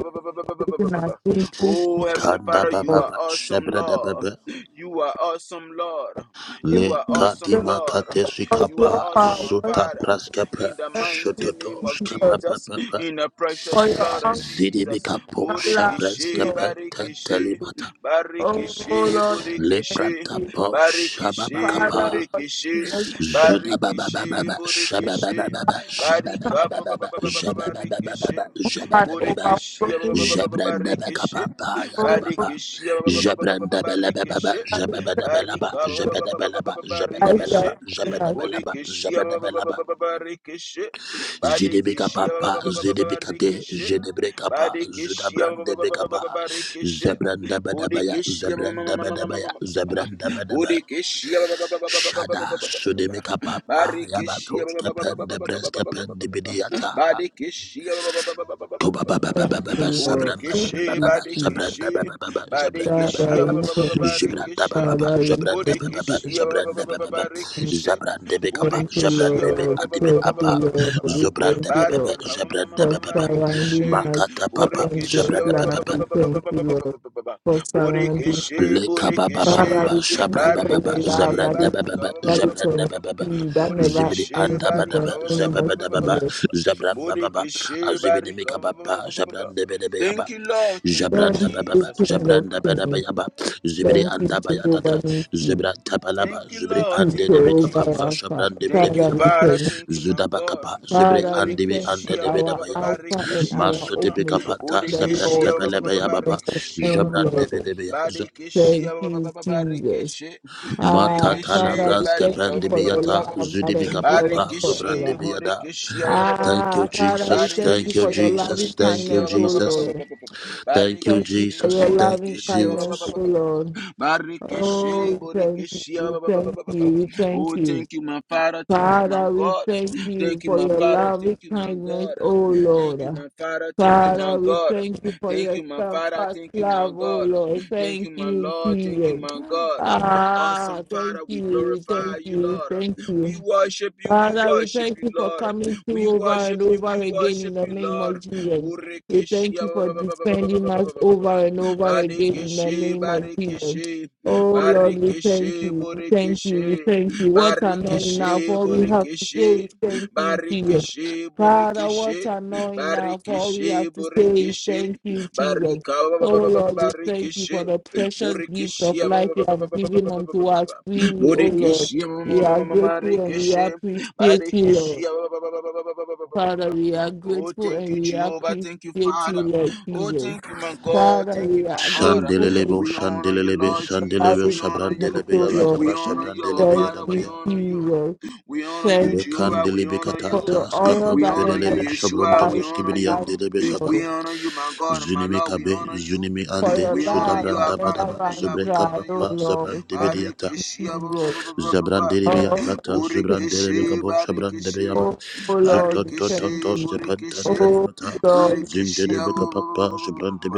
Speaker 3: be to our King Christ
Speaker 1: Oh,
Speaker 3: now.
Speaker 1: Heavenly
Speaker 2: Kanda
Speaker 1: Father, you
Speaker 3: Thank
Speaker 1: are
Speaker 2: bababa,
Speaker 1: awesome,
Speaker 2: shabrada
Speaker 1: Lord.
Speaker 2: baba,
Speaker 1: You are awesome, Lord.
Speaker 2: le
Speaker 1: You are
Speaker 3: you
Speaker 1: awesome,
Speaker 2: kadima
Speaker 1: Lord.
Speaker 2: kateshi
Speaker 3: For
Speaker 1: You
Speaker 2: kapa,
Speaker 1: are
Speaker 3: your
Speaker 1: awesome,
Speaker 3: power,
Speaker 1: uh,
Speaker 3: thank
Speaker 2: suta
Speaker 1: Father.
Speaker 2: praskapa,
Speaker 1: In the
Speaker 3: you
Speaker 1: mighty
Speaker 2: shototo
Speaker 1: name of
Speaker 2: skapa
Speaker 3: for
Speaker 1: Jesus,
Speaker 2: papa, pa
Speaker 1: in the
Speaker 3: for
Speaker 1: precious
Speaker 3: your
Speaker 1: blood of
Speaker 3: arms
Speaker 2: zidibi
Speaker 1: Jesus.
Speaker 2: kapo,
Speaker 3: and love,
Speaker 2: shabras
Speaker 1: Borekeshe,
Speaker 2: kapa,
Speaker 3: Lord.
Speaker 1: Barikeshe,
Speaker 2: tantalimata,
Speaker 3: Oh
Speaker 1: Barikeshe,
Speaker 3: Lord,
Speaker 2: le
Speaker 3: thank
Speaker 1: Borekeshe,
Speaker 2: pranta
Speaker 3: you.
Speaker 2: po, shababa
Speaker 1: Barikeshe,
Speaker 2: kapa.
Speaker 3: Father, Lord,
Speaker 1: Borekeshe,
Speaker 3: Jesus, set
Speaker 1: Barikeshe,
Speaker 2: Judababababa,
Speaker 1: Borekeshe,
Speaker 2: shababababa,
Speaker 1: Barika ba- ba- ba-
Speaker 2: shababababa,
Speaker 1: ba- ba- ba- ba- barikishe.
Speaker 2: shababababa,
Speaker 3: us
Speaker 2: shababababa,
Speaker 1: Burikishe
Speaker 3: overflowing
Speaker 1: ba- ba- ba-
Speaker 3: with
Speaker 1: ba- ba- ba- barikishe.
Speaker 2: jabrandabakapapa,
Speaker 3: all of
Speaker 2: yadababa,
Speaker 1: Barikishe ba- ba-
Speaker 3: you
Speaker 1: ba- ba- ba- ba- ba-
Speaker 2: jabrandabelebebebe,
Speaker 1: barikishe.
Speaker 2: jabababeleba,
Speaker 1: Barika ba- ba- ba- ba- ba- ba- ba-
Speaker 2: jabababeleba,
Speaker 1: ba-
Speaker 3: guys
Speaker 1: barikishe.
Speaker 2: jabababeleba,
Speaker 3: that us.
Speaker 2: jabababeleba,
Speaker 1: Burikishe ba- ba- ba- ba-
Speaker 2: jabababeleba,
Speaker 1: ba- ba- ba- ba-
Speaker 2: zidibikapapa,
Speaker 1: ba- ba- ba- ba- ba-
Speaker 2: zidibikate,
Speaker 1: barikishe.
Speaker 2: zidibrekapa,
Speaker 1: Badikishia
Speaker 2: zudabrandebekapa,
Speaker 1: Barikishe
Speaker 2: zebrandabadabaya,
Speaker 1: Bodikishia
Speaker 2: zebrandabadabaya, zebrandabadabaya,
Speaker 1: Bodikishia
Speaker 2: Shada Sudimika Papa
Speaker 1: Barikishia
Speaker 2: Yabatos Kepen de Breskepen de Bidiata
Speaker 1: Badikishia
Speaker 2: Kuba Baba Baba
Speaker 3: Thank
Speaker 2: Baba
Speaker 3: you, Lord.
Speaker 2: Sabranda
Speaker 3: Thank
Speaker 2: Baba
Speaker 1: Borikishi
Speaker 3: you,
Speaker 2: Baba
Speaker 3: Jesus.
Speaker 2: Sabranda
Speaker 1: Badikishi
Speaker 2: Baba Baba Sabranda Baba
Speaker 3: Father,
Speaker 1: Badikishia
Speaker 2: Baba
Speaker 3: we thank you.
Speaker 2: Zibranda
Speaker 1: Barikishe
Speaker 2: Baba Baba
Speaker 3: Father, we
Speaker 2: Zabranda
Speaker 3: thank
Speaker 2: Baba Baba
Speaker 3: you.
Speaker 1: Borekeshia
Speaker 2: Zabranda Baba Baba
Speaker 3: We
Speaker 1: Barikeshe
Speaker 2: Zabrande Bekapa
Speaker 3: thank you,
Speaker 1: Borekeshia
Speaker 2: Zabrande Be
Speaker 3: Lord.
Speaker 2: Adibe
Speaker 3: Thank you,
Speaker 2: Apa
Speaker 3: Lord. We thank
Speaker 2: Zobranda
Speaker 3: you,
Speaker 2: Baba Baba
Speaker 3: Lord.
Speaker 1: Baria
Speaker 2: Zabranda
Speaker 3: for
Speaker 2: Baba Baba
Speaker 3: surrounding
Speaker 1: Kamarikeshe
Speaker 3: us,
Speaker 2: Makata
Speaker 3: your
Speaker 2: Papa
Speaker 3: endless
Speaker 1: Borekeshia
Speaker 2: Zabranda
Speaker 3: love.
Speaker 2: Baba
Speaker 3: We thank you, Lord, for surrounding. us.
Speaker 1: Borekeshe
Speaker 2: Leka ba ba ba ba
Speaker 3: Father,
Speaker 1: Borekeshe
Speaker 2: ba
Speaker 3: we thank
Speaker 2: shabra
Speaker 3: you
Speaker 2: ba
Speaker 3: for
Speaker 2: ba ba
Speaker 3: your love
Speaker 1: Barikeshe
Speaker 3: that
Speaker 2: zabranda
Speaker 3: is
Speaker 2: ba ba
Speaker 1: Barika
Speaker 2: ba
Speaker 3: that is
Speaker 2: zabranda ba ba ba
Speaker 3: unseen, that never
Speaker 2: zibidi
Speaker 1: Borekeshe
Speaker 3: ends
Speaker 2: anda ba
Speaker 3: in
Speaker 2: da
Speaker 1: Barika
Speaker 3: the
Speaker 2: ba
Speaker 3: name
Speaker 2: zaba
Speaker 3: of
Speaker 2: ba da ba ba
Speaker 3: Jesus.
Speaker 2: zabran ba ba
Speaker 1: Borekeshe
Speaker 2: azibidi
Speaker 1: Barika
Speaker 2: mika ba zabranda ba da
Speaker 1: Thank you Lord thank you
Speaker 2: zabranda
Speaker 3: Thank
Speaker 2: ba ba
Speaker 3: you,
Speaker 1: Jesus
Speaker 3: King of
Speaker 2: zabranda ba da
Speaker 3: Kings.
Speaker 2: zibidi
Speaker 3: Thank you,
Speaker 2: anda ba ya
Speaker 3: Jehovah Nissi.
Speaker 2: zibra ta ba
Speaker 1: Thank you,
Speaker 2: zibidi
Speaker 3: Thank
Speaker 1: Lord.
Speaker 3: you,
Speaker 2: ande
Speaker 1: Thank
Speaker 2: de
Speaker 1: you,
Speaker 2: mika ba
Speaker 3: Jehovah
Speaker 2: ba
Speaker 1: Jesus.
Speaker 3: Alpha,
Speaker 2: zabranda ba da
Speaker 1: Thank
Speaker 2: ba
Speaker 1: you,
Speaker 3: Father, we
Speaker 1: Father.
Speaker 3: thank you.
Speaker 1: Thank you, my God.
Speaker 2: zibidi
Speaker 3: Father, we
Speaker 2: ande bi
Speaker 3: thank
Speaker 2: ande
Speaker 3: you,
Speaker 1: Bodekeshia
Speaker 2: de ba
Speaker 1: ba-
Speaker 2: da
Speaker 1: ba-
Speaker 3: our
Speaker 1: ba-
Speaker 2: ba
Speaker 1: ba-
Speaker 3: Alpha and
Speaker 1: barekeshia ma-
Speaker 3: our
Speaker 1: ma- ma-
Speaker 2: pika
Speaker 1: ma.
Speaker 3: Omega,
Speaker 2: ba ta
Speaker 3: the Lord
Speaker 2: zabranda
Speaker 1: Bodekeshia
Speaker 2: ba
Speaker 3: who
Speaker 1: ba-
Speaker 2: la
Speaker 1: ba- ba-
Speaker 3: is
Speaker 1: ba-
Speaker 3: the first
Speaker 1: barekeshia ba-
Speaker 3: and
Speaker 1: ba- ba-
Speaker 3: the
Speaker 1: ba-
Speaker 2: zabranda
Speaker 3: end,
Speaker 2: ba
Speaker 3: Lord.
Speaker 2: da
Speaker 3: Thank
Speaker 1: Badekeshia ba- ba-
Speaker 3: you,
Speaker 1: ba- ba-
Speaker 3: Jesus.
Speaker 1: barekeshe.
Speaker 3: Ah,
Speaker 2: Matatala
Speaker 3: Father,
Speaker 1: Bodekeshe
Speaker 3: we
Speaker 2: braske
Speaker 3: thank you
Speaker 1: badika ba- ba-
Speaker 3: for
Speaker 1: ba-
Speaker 3: your
Speaker 1: ba- ba- ba-
Speaker 2: pandibiyata
Speaker 1: ba- ba-
Speaker 3: love that
Speaker 1: ba.
Speaker 2: zudibika
Speaker 3: endures
Speaker 2: papa
Speaker 1: Barekeshe
Speaker 3: forever.
Speaker 2: zobrandibiyada.
Speaker 1: bodekeshia ba- ba- ba- ba- ba-
Speaker 2: Thank
Speaker 1: ba-
Speaker 2: you,
Speaker 3: Ah,
Speaker 1: ba.
Speaker 3: Father, we
Speaker 2: Jesus.
Speaker 3: thank you
Speaker 2: Thank you,
Speaker 3: for your
Speaker 1: Barekeshe
Speaker 3: loving
Speaker 2: Jesus. Thank
Speaker 1: bodekeshia
Speaker 2: you,
Speaker 3: kindness,
Speaker 1: ba- ba- ba-
Speaker 3: O
Speaker 1: ba- ba- ba-
Speaker 2: Jesus.
Speaker 1: ba-
Speaker 3: Lord.
Speaker 1: ba- ba.
Speaker 2: Thank you,
Speaker 3: Thank you
Speaker 1: Barekeshe
Speaker 3: for
Speaker 2: Jesus.
Speaker 3: your
Speaker 2: Thank
Speaker 3: loving
Speaker 2: you,
Speaker 1: bodekeshia ba-
Speaker 3: kindness,
Speaker 1: ba- ba- ba-
Speaker 2: Jesus.
Speaker 3: O
Speaker 1: ba- ba- ba- ba.
Speaker 3: Lord. Oh,
Speaker 1: Barikishe,
Speaker 3: we thank you,
Speaker 1: Borikishe,
Speaker 3: we thank you, we thank
Speaker 1: Oh,
Speaker 3: you.
Speaker 1: thank you, my Father. Thank you, my
Speaker 3: Father, we
Speaker 1: God.
Speaker 3: thank you
Speaker 1: Thank you,
Speaker 3: for
Speaker 1: my
Speaker 3: your
Speaker 1: Father.
Speaker 3: loving
Speaker 1: Thank you, my
Speaker 3: kindness,
Speaker 1: God.
Speaker 3: O
Speaker 1: Thank you,
Speaker 3: Lord.
Speaker 1: my Father. Thank you, my
Speaker 3: Father, we
Speaker 1: God.
Speaker 3: thank you for
Speaker 1: Thank
Speaker 3: your
Speaker 1: you, my Father.
Speaker 3: steadfast
Speaker 1: Thank you, my
Speaker 3: love, oh
Speaker 1: God.
Speaker 3: Lord.
Speaker 1: Thank
Speaker 3: Thank
Speaker 1: you, my
Speaker 3: you,
Speaker 1: Lord. Thank you,
Speaker 3: Jesus.
Speaker 1: my God.
Speaker 3: Ah,
Speaker 1: Awesome
Speaker 3: thank
Speaker 1: Father, we
Speaker 3: you,
Speaker 1: glorify
Speaker 3: thank
Speaker 1: you,
Speaker 3: you,
Speaker 1: Lord.
Speaker 3: thank you.
Speaker 1: We worship you. We
Speaker 3: Father, we
Speaker 1: worship
Speaker 3: thank
Speaker 1: you,
Speaker 3: you for
Speaker 1: Lord.
Speaker 3: coming
Speaker 1: We
Speaker 3: through over and
Speaker 1: worship you.
Speaker 3: over
Speaker 1: We
Speaker 3: again in
Speaker 1: worship
Speaker 3: the
Speaker 1: you,
Speaker 3: name of
Speaker 1: Lord.
Speaker 3: Jesus. We thank
Speaker 1: Borikishia.
Speaker 3: you for defending us over and over again in the
Speaker 1: Barikishe,
Speaker 3: name of Jesus.
Speaker 1: Barikishe,
Speaker 3: Oh Lord, we thank
Speaker 1: Barikishe,
Speaker 3: you. We thank you. We
Speaker 1: Borikishe,
Speaker 3: thank you. What anointing now?
Speaker 1: Barikishe,
Speaker 3: All we have to say
Speaker 1: Borikishe,
Speaker 3: is thank you, Jesus.
Speaker 1: Barikishe,
Speaker 3: Father,
Speaker 1: Borikishe,
Speaker 3: what anointing now? All we have
Speaker 1: Barikishe,
Speaker 3: to say is
Speaker 1: Borikishe,
Speaker 3: thank you, Jesus.
Speaker 1: Barika,
Speaker 3: Oh Lord, we thank you for
Speaker 1: Barikishe,
Speaker 3: the precious gift of
Speaker 1: Borikishe,
Speaker 3: life you have given unto us freely, oh Lord.
Speaker 1: Borikishe,
Speaker 3: We are grateful and we
Speaker 1: Marikishe,
Speaker 3: appreciate you, Lord.
Speaker 1: Barikishe.
Speaker 3: Father, we are
Speaker 1: Oh,
Speaker 3: grateful
Speaker 1: thank
Speaker 3: and
Speaker 1: you,
Speaker 3: we
Speaker 1: Jehovah. Thank you,
Speaker 3: appreciate you,
Speaker 1: Father.
Speaker 3: Lord
Speaker 1: Oh,
Speaker 3: Jesus.
Speaker 1: thank you, my God.
Speaker 3: Father,
Speaker 1: Thank you,
Speaker 3: we
Speaker 1: my
Speaker 3: are
Speaker 1: God.
Speaker 3: grateful and
Speaker 2: Shandelelebo,
Speaker 1: We honor you,
Speaker 2: shandelelebe,
Speaker 1: Lord Jesus.
Speaker 2: shandelebe,
Speaker 1: We
Speaker 3: surrounded
Speaker 1: honor
Speaker 3: by
Speaker 1: you.
Speaker 2: shabrandelebe,
Speaker 3: you,
Speaker 1: We
Speaker 2: yadaba,
Speaker 3: Lord.
Speaker 1: honor you, our
Speaker 2: shabrandelebe,
Speaker 3: Thank
Speaker 1: Father. We
Speaker 3: you,
Speaker 2: yadabaya.
Speaker 1: honor you.
Speaker 3: Jesus.
Speaker 1: We honor you,
Speaker 3: Thank you
Speaker 1: Jehovah. We
Speaker 2: Lekandelebe
Speaker 1: honor
Speaker 2: kata,
Speaker 3: for
Speaker 1: you.
Speaker 3: your honor
Speaker 2: taskapam,
Speaker 1: We
Speaker 3: that
Speaker 1: honor
Speaker 3: never
Speaker 1: you,
Speaker 2: pedelebe,
Speaker 3: runs
Speaker 1: Yeshua. We
Speaker 2: shabrondobo,
Speaker 3: dry,
Speaker 1: honor you.
Speaker 2: skibidiyandelebe, zaba.
Speaker 1: We
Speaker 3: Lord.
Speaker 1: honor you, my God and my
Speaker 2: Zunimi
Speaker 1: Lord. We
Speaker 2: kabe,
Speaker 1: honor you.
Speaker 2: zunimi
Speaker 3: For
Speaker 2: ande,
Speaker 3: your
Speaker 1: We honor
Speaker 3: love
Speaker 1: you,
Speaker 3: that
Speaker 1: Alpha and
Speaker 3: never
Speaker 2: sudabrandabadaba,
Speaker 1: Omega.
Speaker 3: runs
Speaker 1: We
Speaker 3: dry,
Speaker 1: honor
Speaker 3: oh
Speaker 2: zubrekapapa,
Speaker 1: you.
Speaker 3: Lord. Thank
Speaker 2: zabrandibidiyata.
Speaker 3: you,
Speaker 1: Barikishi, ba- ba- ba-
Speaker 3: Jesus.
Speaker 1: ba- ba- ba- ba- ba.
Speaker 2: Zabrandelebea
Speaker 3: Oh,
Speaker 2: tata,
Speaker 3: we thank you.
Speaker 2: Zubrandelebe
Speaker 1: Borikishi,
Speaker 2: kabo, Shabrandebeaba,
Speaker 1: Barikishi,
Speaker 3: oh Lord,
Speaker 2: Zoton
Speaker 3: we thank
Speaker 1: Barikishi,
Speaker 2: totos,
Speaker 3: you.
Speaker 2: Kepantan
Speaker 1: Borikishi.
Speaker 3: Oh
Speaker 2: tadibata,
Speaker 3: Lord,
Speaker 1: Bodekeshia
Speaker 2: Zindelebe kapapa,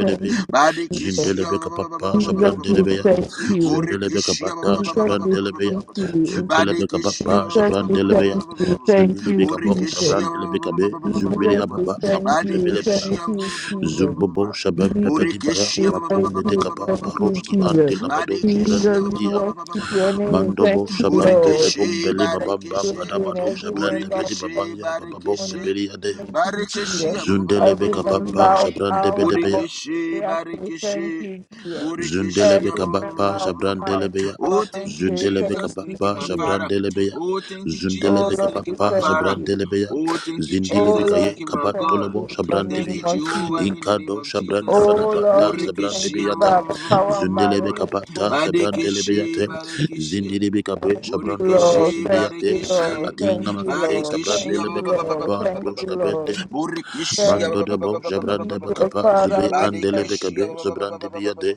Speaker 3: we thank you.
Speaker 1: Badekeshia
Speaker 2: Zindelebe kapapa,
Speaker 3: Jesus, we
Speaker 2: Shabrandelebea,
Speaker 3: thank you.
Speaker 2: Zindelebe
Speaker 1: Bodekeshia
Speaker 2: kapata,
Speaker 3: Jesus, we
Speaker 2: Shabrandelebea,
Speaker 3: thank you.
Speaker 2: Zindelebe
Speaker 1: Badekeshia
Speaker 2: kapapa,
Speaker 3: Jesus, we
Speaker 2: Shabrandelebea,
Speaker 3: thank you. Thank
Speaker 2: Zindelebe
Speaker 3: you,
Speaker 2: kabo,
Speaker 3: Jesus.
Speaker 1: Bodekeshia Badekeshia Bodekeshia
Speaker 2: Shabrandelebe kabe,
Speaker 3: Jesus, we
Speaker 2: Zumbileababa,
Speaker 3: thank you.
Speaker 2: Makundebelebea,
Speaker 3: Thank you, Jesus.
Speaker 2: Zumbobo, Shabambebedibaya,
Speaker 1: Badekeshia
Speaker 3: Jesus, thank
Speaker 2: Makunde
Speaker 3: you.
Speaker 2: dekapa,
Speaker 3: Thank you,
Speaker 2: Baroski,
Speaker 3: Jesus.
Speaker 2: Andelabado,
Speaker 3: Jesus, we
Speaker 2: Shabrandebadia,
Speaker 3: worship your name.
Speaker 2: Mandobo
Speaker 3: Thank you,
Speaker 2: shabam bebe
Speaker 3: Lord. We
Speaker 2: bom
Speaker 1: Bodekeshia
Speaker 2: beli
Speaker 3: thank
Speaker 2: babam bam
Speaker 3: you
Speaker 1: Badekeshia
Speaker 3: again,
Speaker 2: badabado shabran
Speaker 3: every
Speaker 2: shabrande
Speaker 3: member
Speaker 2: bedi
Speaker 1: Borekeshe,
Speaker 2: babaya bababom
Speaker 3: morning.
Speaker 1: Barekeshe,
Speaker 2: bebeli
Speaker 3: to
Speaker 2: ade
Speaker 3: Thank you,
Speaker 1: Barekeshe,
Speaker 3: Jesus.
Speaker 1: ba- ba- ba- ba-
Speaker 3: I
Speaker 2: zundele
Speaker 1: ba- ba- ba- ba-
Speaker 2: beka
Speaker 1: ba- ba-
Speaker 2: papa
Speaker 3: remember
Speaker 1: ba- ba.
Speaker 3: of
Speaker 2: shabrande
Speaker 3: our of
Speaker 1: Borekeshe,
Speaker 3: prayer. Say
Speaker 1: Barekeshe,
Speaker 3: thank you, dear.
Speaker 1: Borekeshe.
Speaker 2: Zundelebe
Speaker 1: ba-
Speaker 3: Every
Speaker 1: ba- ba-
Speaker 3: member
Speaker 2: kabapa
Speaker 1: ba- ba-
Speaker 3: of
Speaker 1: ba- ba-
Speaker 3: one
Speaker 1: ba-
Speaker 2: shabrandelebe
Speaker 1: ba.
Speaker 2: ya.
Speaker 1: Oh,
Speaker 3: empowerment.
Speaker 1: thank you,
Speaker 3: Say
Speaker 2: Zundelebe
Speaker 3: thank
Speaker 1: Jesus.
Speaker 3: you,
Speaker 1: Thank you,
Speaker 2: kabapa
Speaker 1: my
Speaker 3: dear.
Speaker 1: Father.
Speaker 2: shabrandelebe ya.
Speaker 1: Oh, thank you,
Speaker 3: Oh
Speaker 2: Zundelebe
Speaker 1: Jesus.
Speaker 3: Lord,
Speaker 1: Thank you,
Speaker 3: we
Speaker 1: my
Speaker 2: kabapa
Speaker 3: thank
Speaker 1: Father.
Speaker 3: you.
Speaker 2: shabrandelebe ya.
Speaker 1: Oh, thank you,
Speaker 3: Oh
Speaker 2: Zindelebe
Speaker 1: Jesus.
Speaker 3: Lord,
Speaker 1: Thank
Speaker 2: kaye
Speaker 1: you,
Speaker 3: we
Speaker 1: my
Speaker 3: thank
Speaker 1: God.
Speaker 3: you
Speaker 2: kabantolebo
Speaker 3: in the
Speaker 1: Thank
Speaker 2: shabrandebe
Speaker 3: name
Speaker 1: you,
Speaker 3: of
Speaker 1: Jehovah,
Speaker 3: you.
Speaker 1: in the name
Speaker 2: Inkado
Speaker 1: of Jesus.
Speaker 2: shabrandebe
Speaker 3: Oh
Speaker 2: kabanda
Speaker 3: Lord, we thank
Speaker 1: Borekeshe,
Speaker 2: shabrandebe
Speaker 3: you
Speaker 1: ba-
Speaker 2: ya ta.
Speaker 3: by
Speaker 1: ba-
Speaker 3: the
Speaker 1: ba- ba-
Speaker 3: power
Speaker 1: ba- ba-
Speaker 3: and
Speaker 1: ba- ba-
Speaker 3: by the
Speaker 2: Zundelebe
Speaker 1: ba- ba.
Speaker 2: kabata
Speaker 3: Holy Ghost.
Speaker 2: shabrandelebe ya
Speaker 1: Barekeshe,
Speaker 2: te.
Speaker 3: Thank
Speaker 1: Barekeshe.
Speaker 2: Zindelebe kabe
Speaker 3: you,
Speaker 2: shabrandolobo
Speaker 3: Lord.
Speaker 1: Burikishi,
Speaker 2: sibiri
Speaker 3: Thank
Speaker 2: ya
Speaker 3: you,
Speaker 2: te.
Speaker 1: Barikishi,
Speaker 3: Lord. Thank
Speaker 2: Adinga
Speaker 3: you,
Speaker 2: makade
Speaker 3: Lord.
Speaker 1: Barikishi,
Speaker 3: Thank you,
Speaker 1: Burikishi,
Speaker 2: shabrandelebe
Speaker 3: Lord.
Speaker 2: kabapa na
Speaker 3: Thank you,
Speaker 2: brosh
Speaker 3: Lord.
Speaker 2: kabende.
Speaker 1: Barikishi,
Speaker 3: Thank
Speaker 2: Mando de bo
Speaker 3: you,
Speaker 2: jabrande
Speaker 3: Jesus.
Speaker 2: bekapa
Speaker 3: Father.
Speaker 2: zubi
Speaker 3: We
Speaker 2: andele
Speaker 3: thank
Speaker 2: bekabe zubrandi biyade